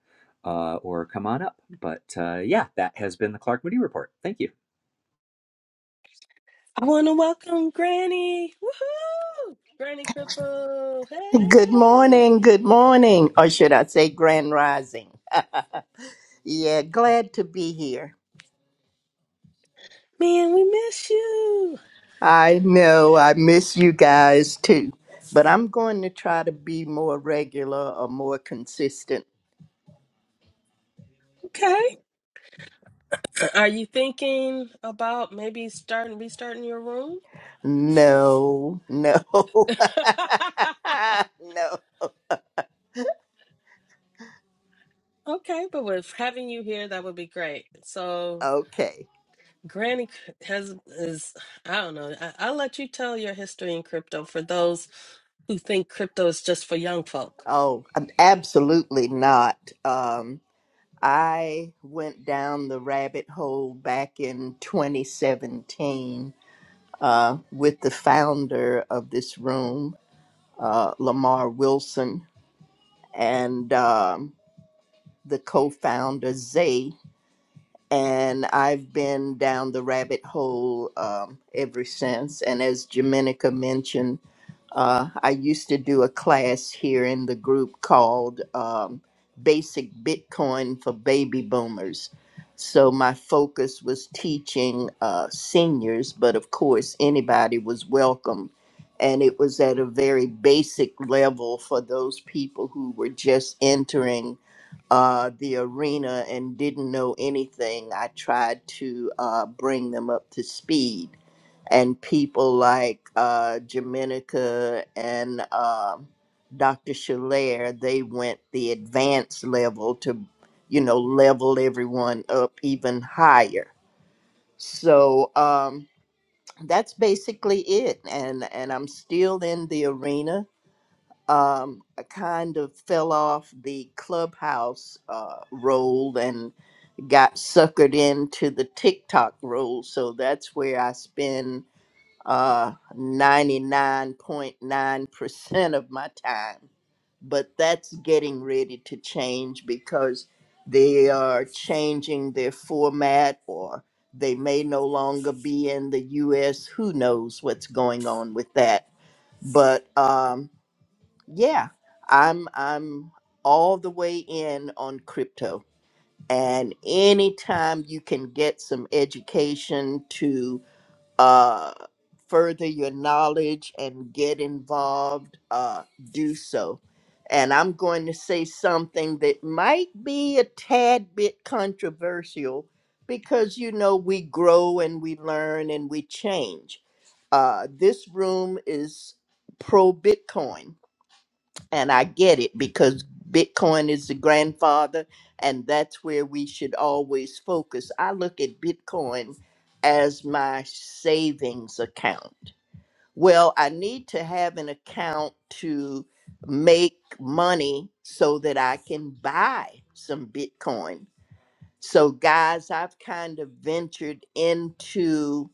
S5: uh, or come on up but uh, yeah that has been the clark moody report thank you
S1: I want to welcome Granny. Woohoo! Granny Cripple.
S7: Good
S1: Hey!
S7: morning, good morning, or should I say grand rising. Yeah, glad to be here.
S1: Man, we miss you.
S7: I know I miss you guys too, but I'm going to try to be more regular or more consistent.
S1: Okay. Are you thinking about maybe starting, restarting your room?
S7: No, no, no.
S1: okay, but with having you here, that would be great. So,
S7: Okay.
S1: Granny has, is, I don't know, I, I'll let you tell your history in crypto for those who think crypto is just for young folk.
S7: Oh, i absolutely not. Um, I went down the rabbit hole back in 2017 uh, with the founder of this room, uh, Lamar Wilson, and um, the co founder, Zay and I've been down the rabbit hole um, ever since. And as Jamenica mentioned, uh, I used to do a class here in the group called um, Basic Bitcoin for Baby Boomers. So my focus was teaching uh, seniors, but of course, anybody was welcome. And it was at a very basic level for those people who were just entering uh, the arena and didn't know anything, I tried to uh, bring them up to speed. And people like uh, Jamenica and um Dr. Shalair, they went the advanced level to, you know, level everyone up even higher. So um, that's basically it. And, and I'm still in the arena um, I kind of fell off the clubhouse uh, role and got suckered into the TikTok role. So that's where I spend uh, 99.9% of my time. But that's getting ready to change because they are changing their format or they may no longer be in the US. Who knows what's going on with that? But um, yeah, I'm I'm all the way in on crypto. And anytime you can get some education to uh, further your knowledge and get involved, uh, do so. And I'm going to say something that might be a tad bit controversial because, you know, we grow and we learn and we change. Uh, this room is pro Bitcoin and I get it because Bitcoin is the grandfather, and that's where we should always focus. I look at Bitcoin as my savings account. Well, I need to have an account to make money so that I can buy some Bitcoin. So, guys, I've kind of ventured into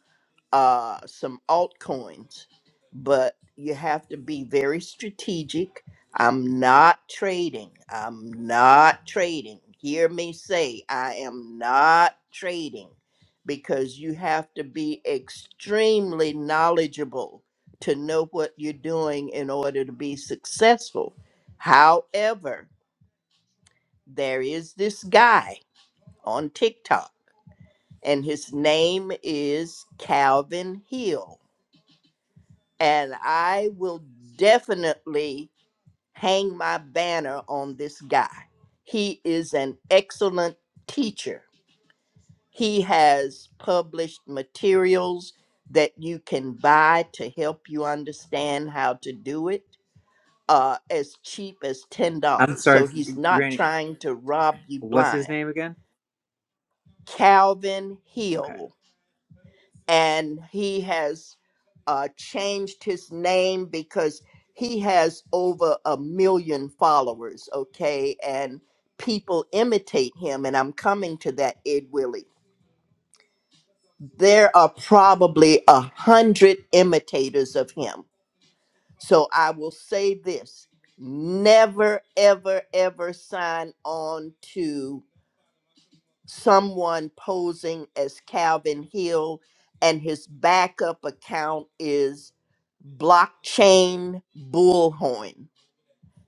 S7: uh, some altcoins, but you have to be very strategic. I'm not trading. I'm not trading. Hear me say, I am not trading because you have to be extremely knowledgeable to know what you're doing in order to be successful. However, there is this guy on TikTok, and his name is Calvin Hill and I will definitely hang my banner on this guy. He is an excellent teacher. He has published materials that you can buy to help you understand how to do it uh, as cheap as $10.
S5: i'm
S7: So
S5: sorry
S7: he's not
S5: granny
S7: trying to rob you
S5: what's his
S7: blind.
S5: name again
S7: Calvin
S5: okay
S7: Hill and he has uh, changed his name because he has over a million followers, okay? And people imitate him, and I'm coming to that, Ed Willie. There are probably a hundred imitators of him. So I will say this never, ever, ever sign on to someone posing as Calvin Hill, and his backup account is Blockchain Bullhorn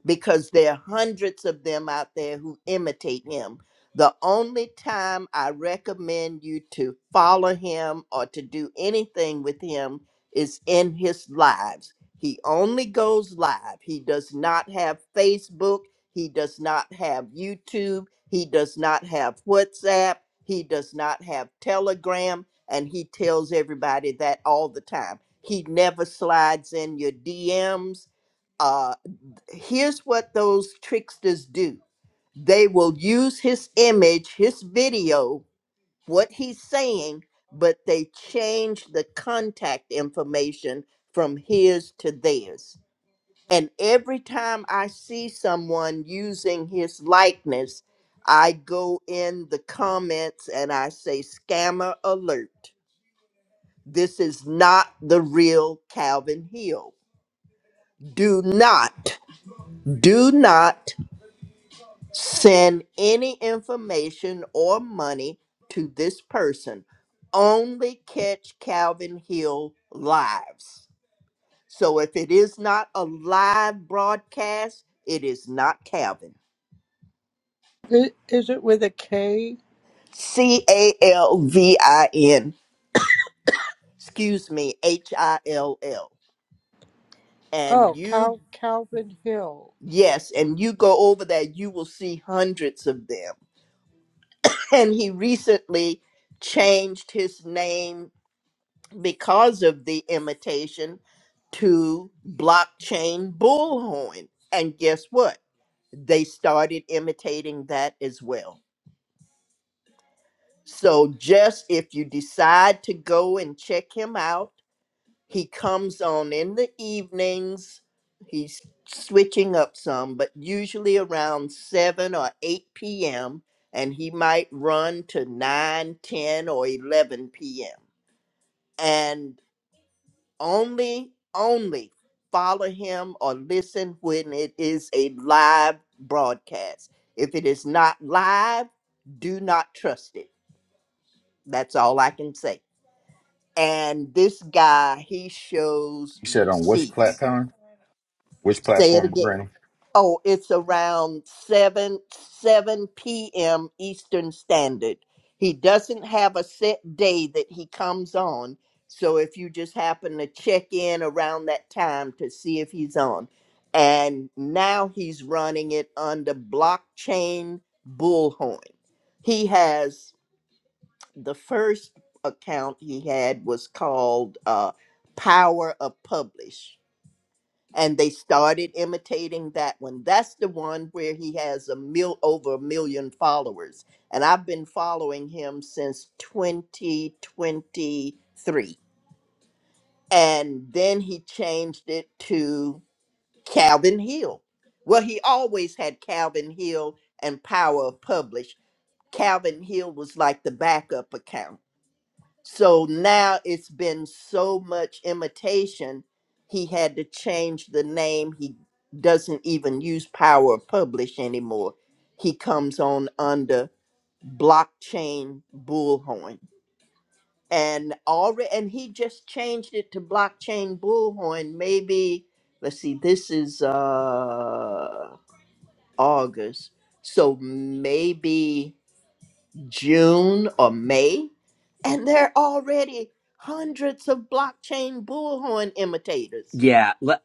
S7: because there are hundreds of them out there who imitate him. The only time I recommend you to follow him or to do anything with him is in his lives. He only goes live. He does not have Facebook. He does not have YouTube. He does not have WhatsApp. He does not have Telegram. And he tells everybody that all the time. He never slides in your DMs here's what those tricksters do they will use his image, his video, what he's saying, but they change the contact information from his to theirs. And every time I see someone using his likeness, I go in the comments and I say, Scammer alert. This is not the real Calvin Hill. Do not, do not send any information or money to this person. Only catch Calvin Hill lives. So if it is not a live broadcast, it is not Calvin.
S2: I- Is it with a K?
S7: C A L V I N, excuse me, H I L L. And
S2: Oh,
S7: you,
S2: Cal Calvin Hill.
S7: yes, and you go over there, you will see hundreds of them. And he recently changed his name because of the imitation to blockchain bullhorn. And guess what? They started imitating that as well. So just if you decide to go and check him out, he comes on in the evenings. He's switching up some, but usually around 7 or 8 p.m. And he might run to 9, 10, or 11 p.m. And only only follow him or listen when it is a live broadcast if it is not live do not trust it that's all i can say and this guy he shows
S3: You said on which
S7: receipts
S3: platform? Which
S7: say it
S3: platform,
S7: again
S3: Graham?
S7: Oh, it's around 7 7 p.m. Eastern Standard. He doesn't have a set day that he comes on. So if you just happen to check in around that time to see if he's on. And now he's running it under blockchain bullhorn. He has the first account he had was called uh, Power of Publish and they started imitating that one. That's the one where he has a mil over a million followers, and I've been following him since 2023. And then he changed it to Calvin Hill. Well, he always had Calvin Hill and Power of Publish. Calvin Hill was like the backup account so now it's been so much imitation, he had to change the name. He doesn't even use Power of Publish anymore. He comes on under Blockchain Bullhorn. And already, and he just changed it to Blockchain Bullhorn. Maybe, let's see, this is uh August. So maybe June or May, and there are already hundreds of blockchain bullhorn imitators.
S5: yeah let,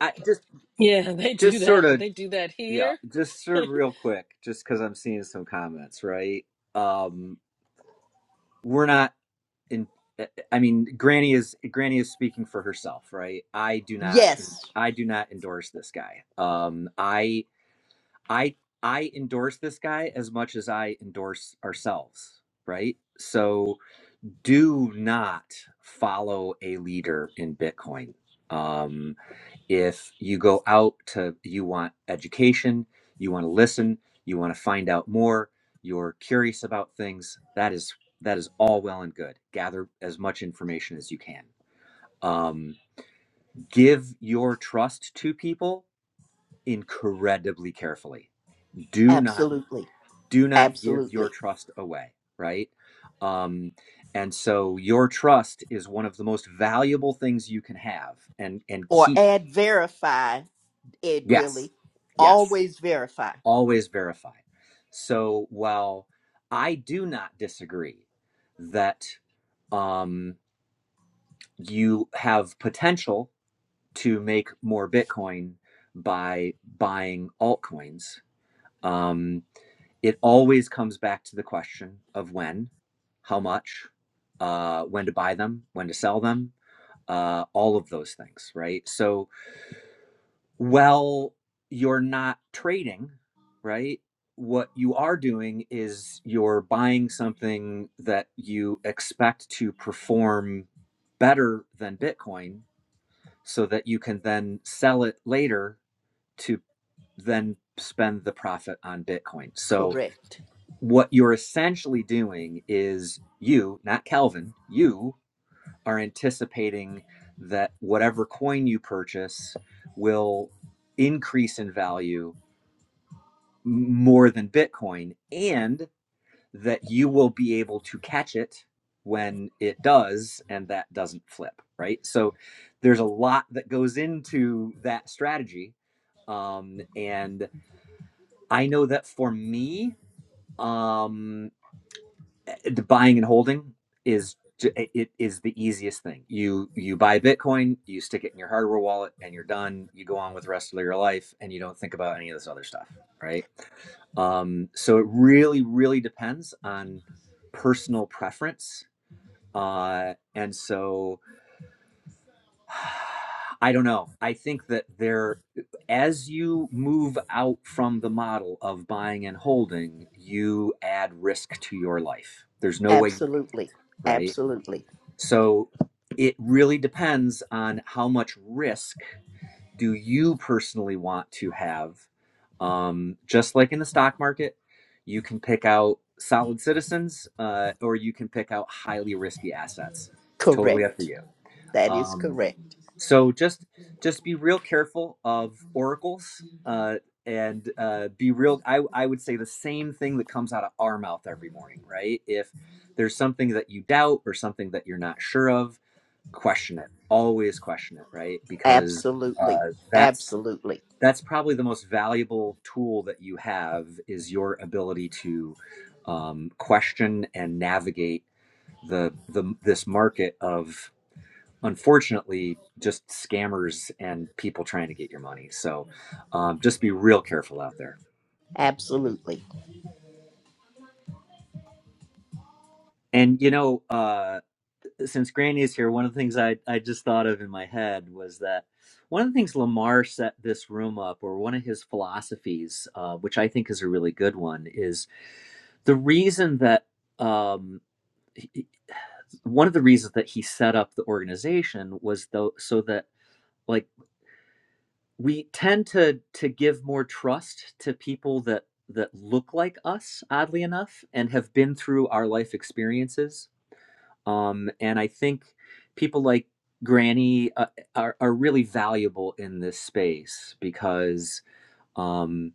S5: I just
S1: Yeah, they do
S5: just sort
S1: that.
S5: of
S1: They do that
S5: yeah
S1: here.
S5: just sort of real quick just because i'm seeing some comments right um we're not in eh, eh, i mean granny is granny is speaking for herself right i do not
S7: Yes,
S5: i do not endorse this guy um i i i endorse this guy as much as i endorse ourselves right so do not follow a leader in bitcoin Um, if you go out to you want education you want to listen you want to find out more you're curious about things that is that is all well and good gather as much information as you can um, give your trust to people incredibly carefully do not
S7: absolutely.
S5: do not give your
S7: Absolutely.
S5: trust away right um, and so your trust is one of the most valuable things you can have and and
S7: Or
S5: keep
S7: add verify, Ed
S5: yes
S7: Willie.
S5: yes
S7: Always verify.
S5: always verify. So while I do not disagree that um, you have potential to make more Bitcoin by buying altcoins, um, it always comes back to the question of when, how much, uh, when to buy them, when to sell them, uh, all of those things, right? So Well, you're not trading, right? What you are doing is you're buying something that you expect to perform better than Bitcoin so that you can then sell it later to then spend the profit on Bitcoin. So,
S7: Correct.
S5: what you're essentially doing is you, not Calvin, you are anticipating that whatever coin you purchase will increase in value more than Bitcoin and that you will be able to catch it when it does and that doesn't flip, right? So there's a lot that goes into that strategy. Um, and I know that for me, um, the buying and holding is it is the easiest thing. You you buy Bitcoin, you stick it in your hardware wallet, and you're done. You go on with the rest of your life, and you don't think about any of this other stuff, right? Um, so it really really depends on personal preference, uh, and so. I don't know. I think that there, as you move out from the model of buying and holding, you add risk to your life. There's no way,
S7: Absolutely.
S5: right?
S7: Absolutely.
S5: So it really depends on how much risk do you personally want to have. Um, just like in the stock market, you can pick out solid citizens uh, or you can pick out highly risky assets. It's totally up to
S7: Correct.
S5: you.
S7: That is
S5: Um,
S7: correct.
S5: so just just be real careful of oracles uh, and uh, be real. I, I would say the same thing that comes out of our mouth every morning, right? If there's something that you doubt or something that you're not sure of, question it always question it right because
S7: Absolutely.
S5: uh, that's
S7: Absolutely.
S5: that's probably the most valuable tool that you have is your ability to um, question and navigate the the this market of unfortunately just scammers and people trying to get your money so um, just be real careful out there
S7: Absolutely.
S5: and you know uh, since Granny is here, one of the things I, I just thought of in my head was that one of the things Lamar set this room up, or one of his philosophies, uh, which I think is a really good one, is the reason that um, he- one of the reasons that he set up the organization was though so that like we tend to to give more trust to people that that look like us, oddly enough, and have been through our life experiences Um, and I think people like Granny uh, are, are really valuable in this space because um,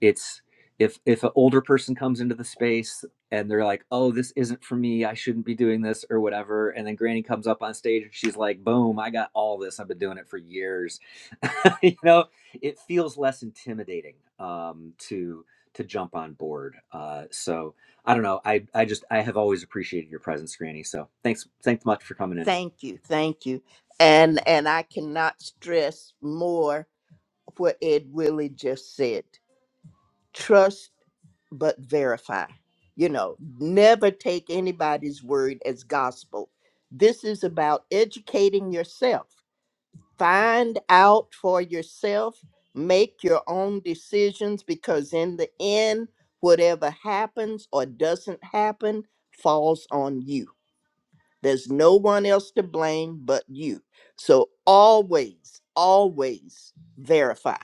S5: it's if if an older person comes into the space and they're like oh this isn't for me i shouldn't be doing this or whatever and then granny comes up on stage and she's like boom i got all this i've been doing it for years you know it feels less intimidating um, to to jump on board uh, so i don't know i i just i have always appreciated your presence granny so thanks thanks much for coming in
S7: Thank you. Thank you. And and I cannot stress more what Ed Willie just said. Trust but verify. You know, never take anybody's word as gospel. This is about educating yourself. Find out for yourself, make your own decisions because, in the end, whatever happens or doesn't happen falls on you. There's no one else to blame but you. So always, always verify.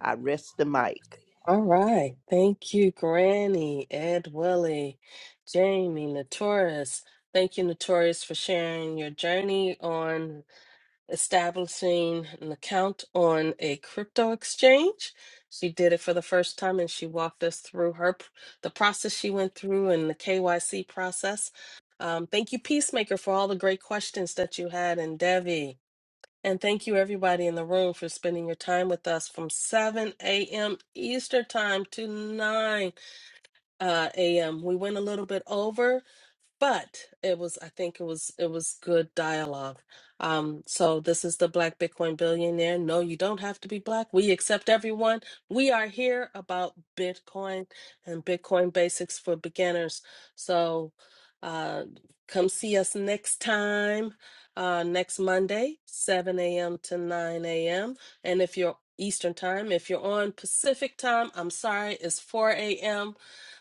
S7: I rest the mic.
S1: All right. Thank you, Granny, Ed Willie, Jamie, Notorious. Thank you, Notorious, for sharing your journey on establishing an account on a crypto exchange. She did it for the first time and she walked us through her p- the process she went through and the KYC process. Um, thank you, Peacemaker, for all the great questions that you had and Devi. And thank you, everybody in the room, for spending your time with us from 7 a.m. Eastern Time to 9 uh, a.m. We went a little bit over but it was i think it was it was good dialogue um so this is the black bitcoin billionaire no you don't have to be black we accept everyone we are here about bitcoin and bitcoin basics for beginners so uh come see us next time uh next monday 7 a.m to 9 a.m and if you're eastern time if you're on pacific time i'm sorry it's 4 a.m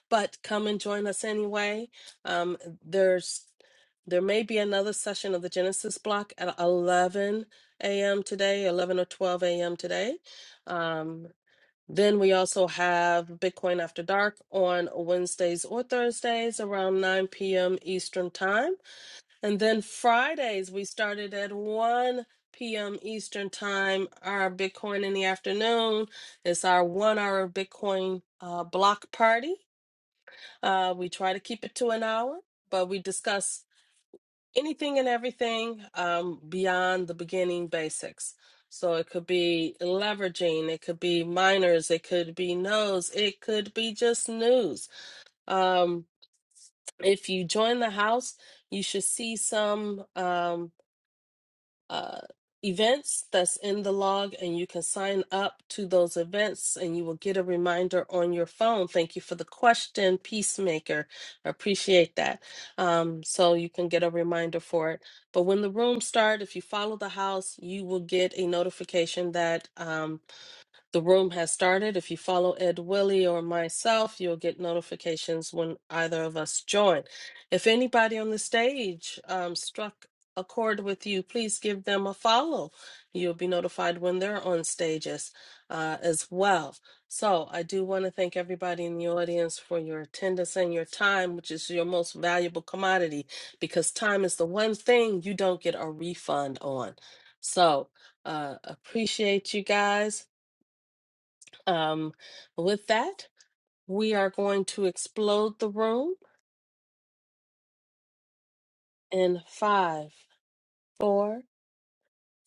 S1: but come and join us anyway. Um, there's there may be another session of the Genesis block at 11 a.m. today, 11 or 12 a.m. today. Um, then we also have Bitcoin After Dark on Wednesdays or Thursdays around 9 p.m. Eastern Time. And then Fridays, we started at 1 p.m. Eastern Time, our Bitcoin in the afternoon. It's our one hour Bitcoin uh, block party uh, we try to keep it to an hour, but we discuss anything and everything um, beyond the beginning basics. So it could be leveraging, it could be minors, it could be nos, it could be just news. Um, if you join the house, you should see some. Um, uh, events that's in the log, and you can sign up to those events and you will get a reminder on your phone. Thank you for the question, Peacemaker. I appreciate that. Um, so you can get a reminder for it. But when the rooms start, if you follow the house, you will get a notification that. um, the room has started. If you follow Ed Willie or myself, you'll get notifications when either of us join. If anybody on the stage um, struck a chord with you, please give them a follow. You'll be notified when they're on stages uh, as well. So I do want to thank everybody in the audience for your attendance and your time, which is your most valuable commodity, because time is the one thing you don't get a refund on. So uh, appreciate you guys. Um, with that, we are going to explode the room in five, four,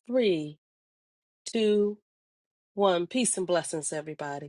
S1: three, two, one. Peace and blessings, everybody.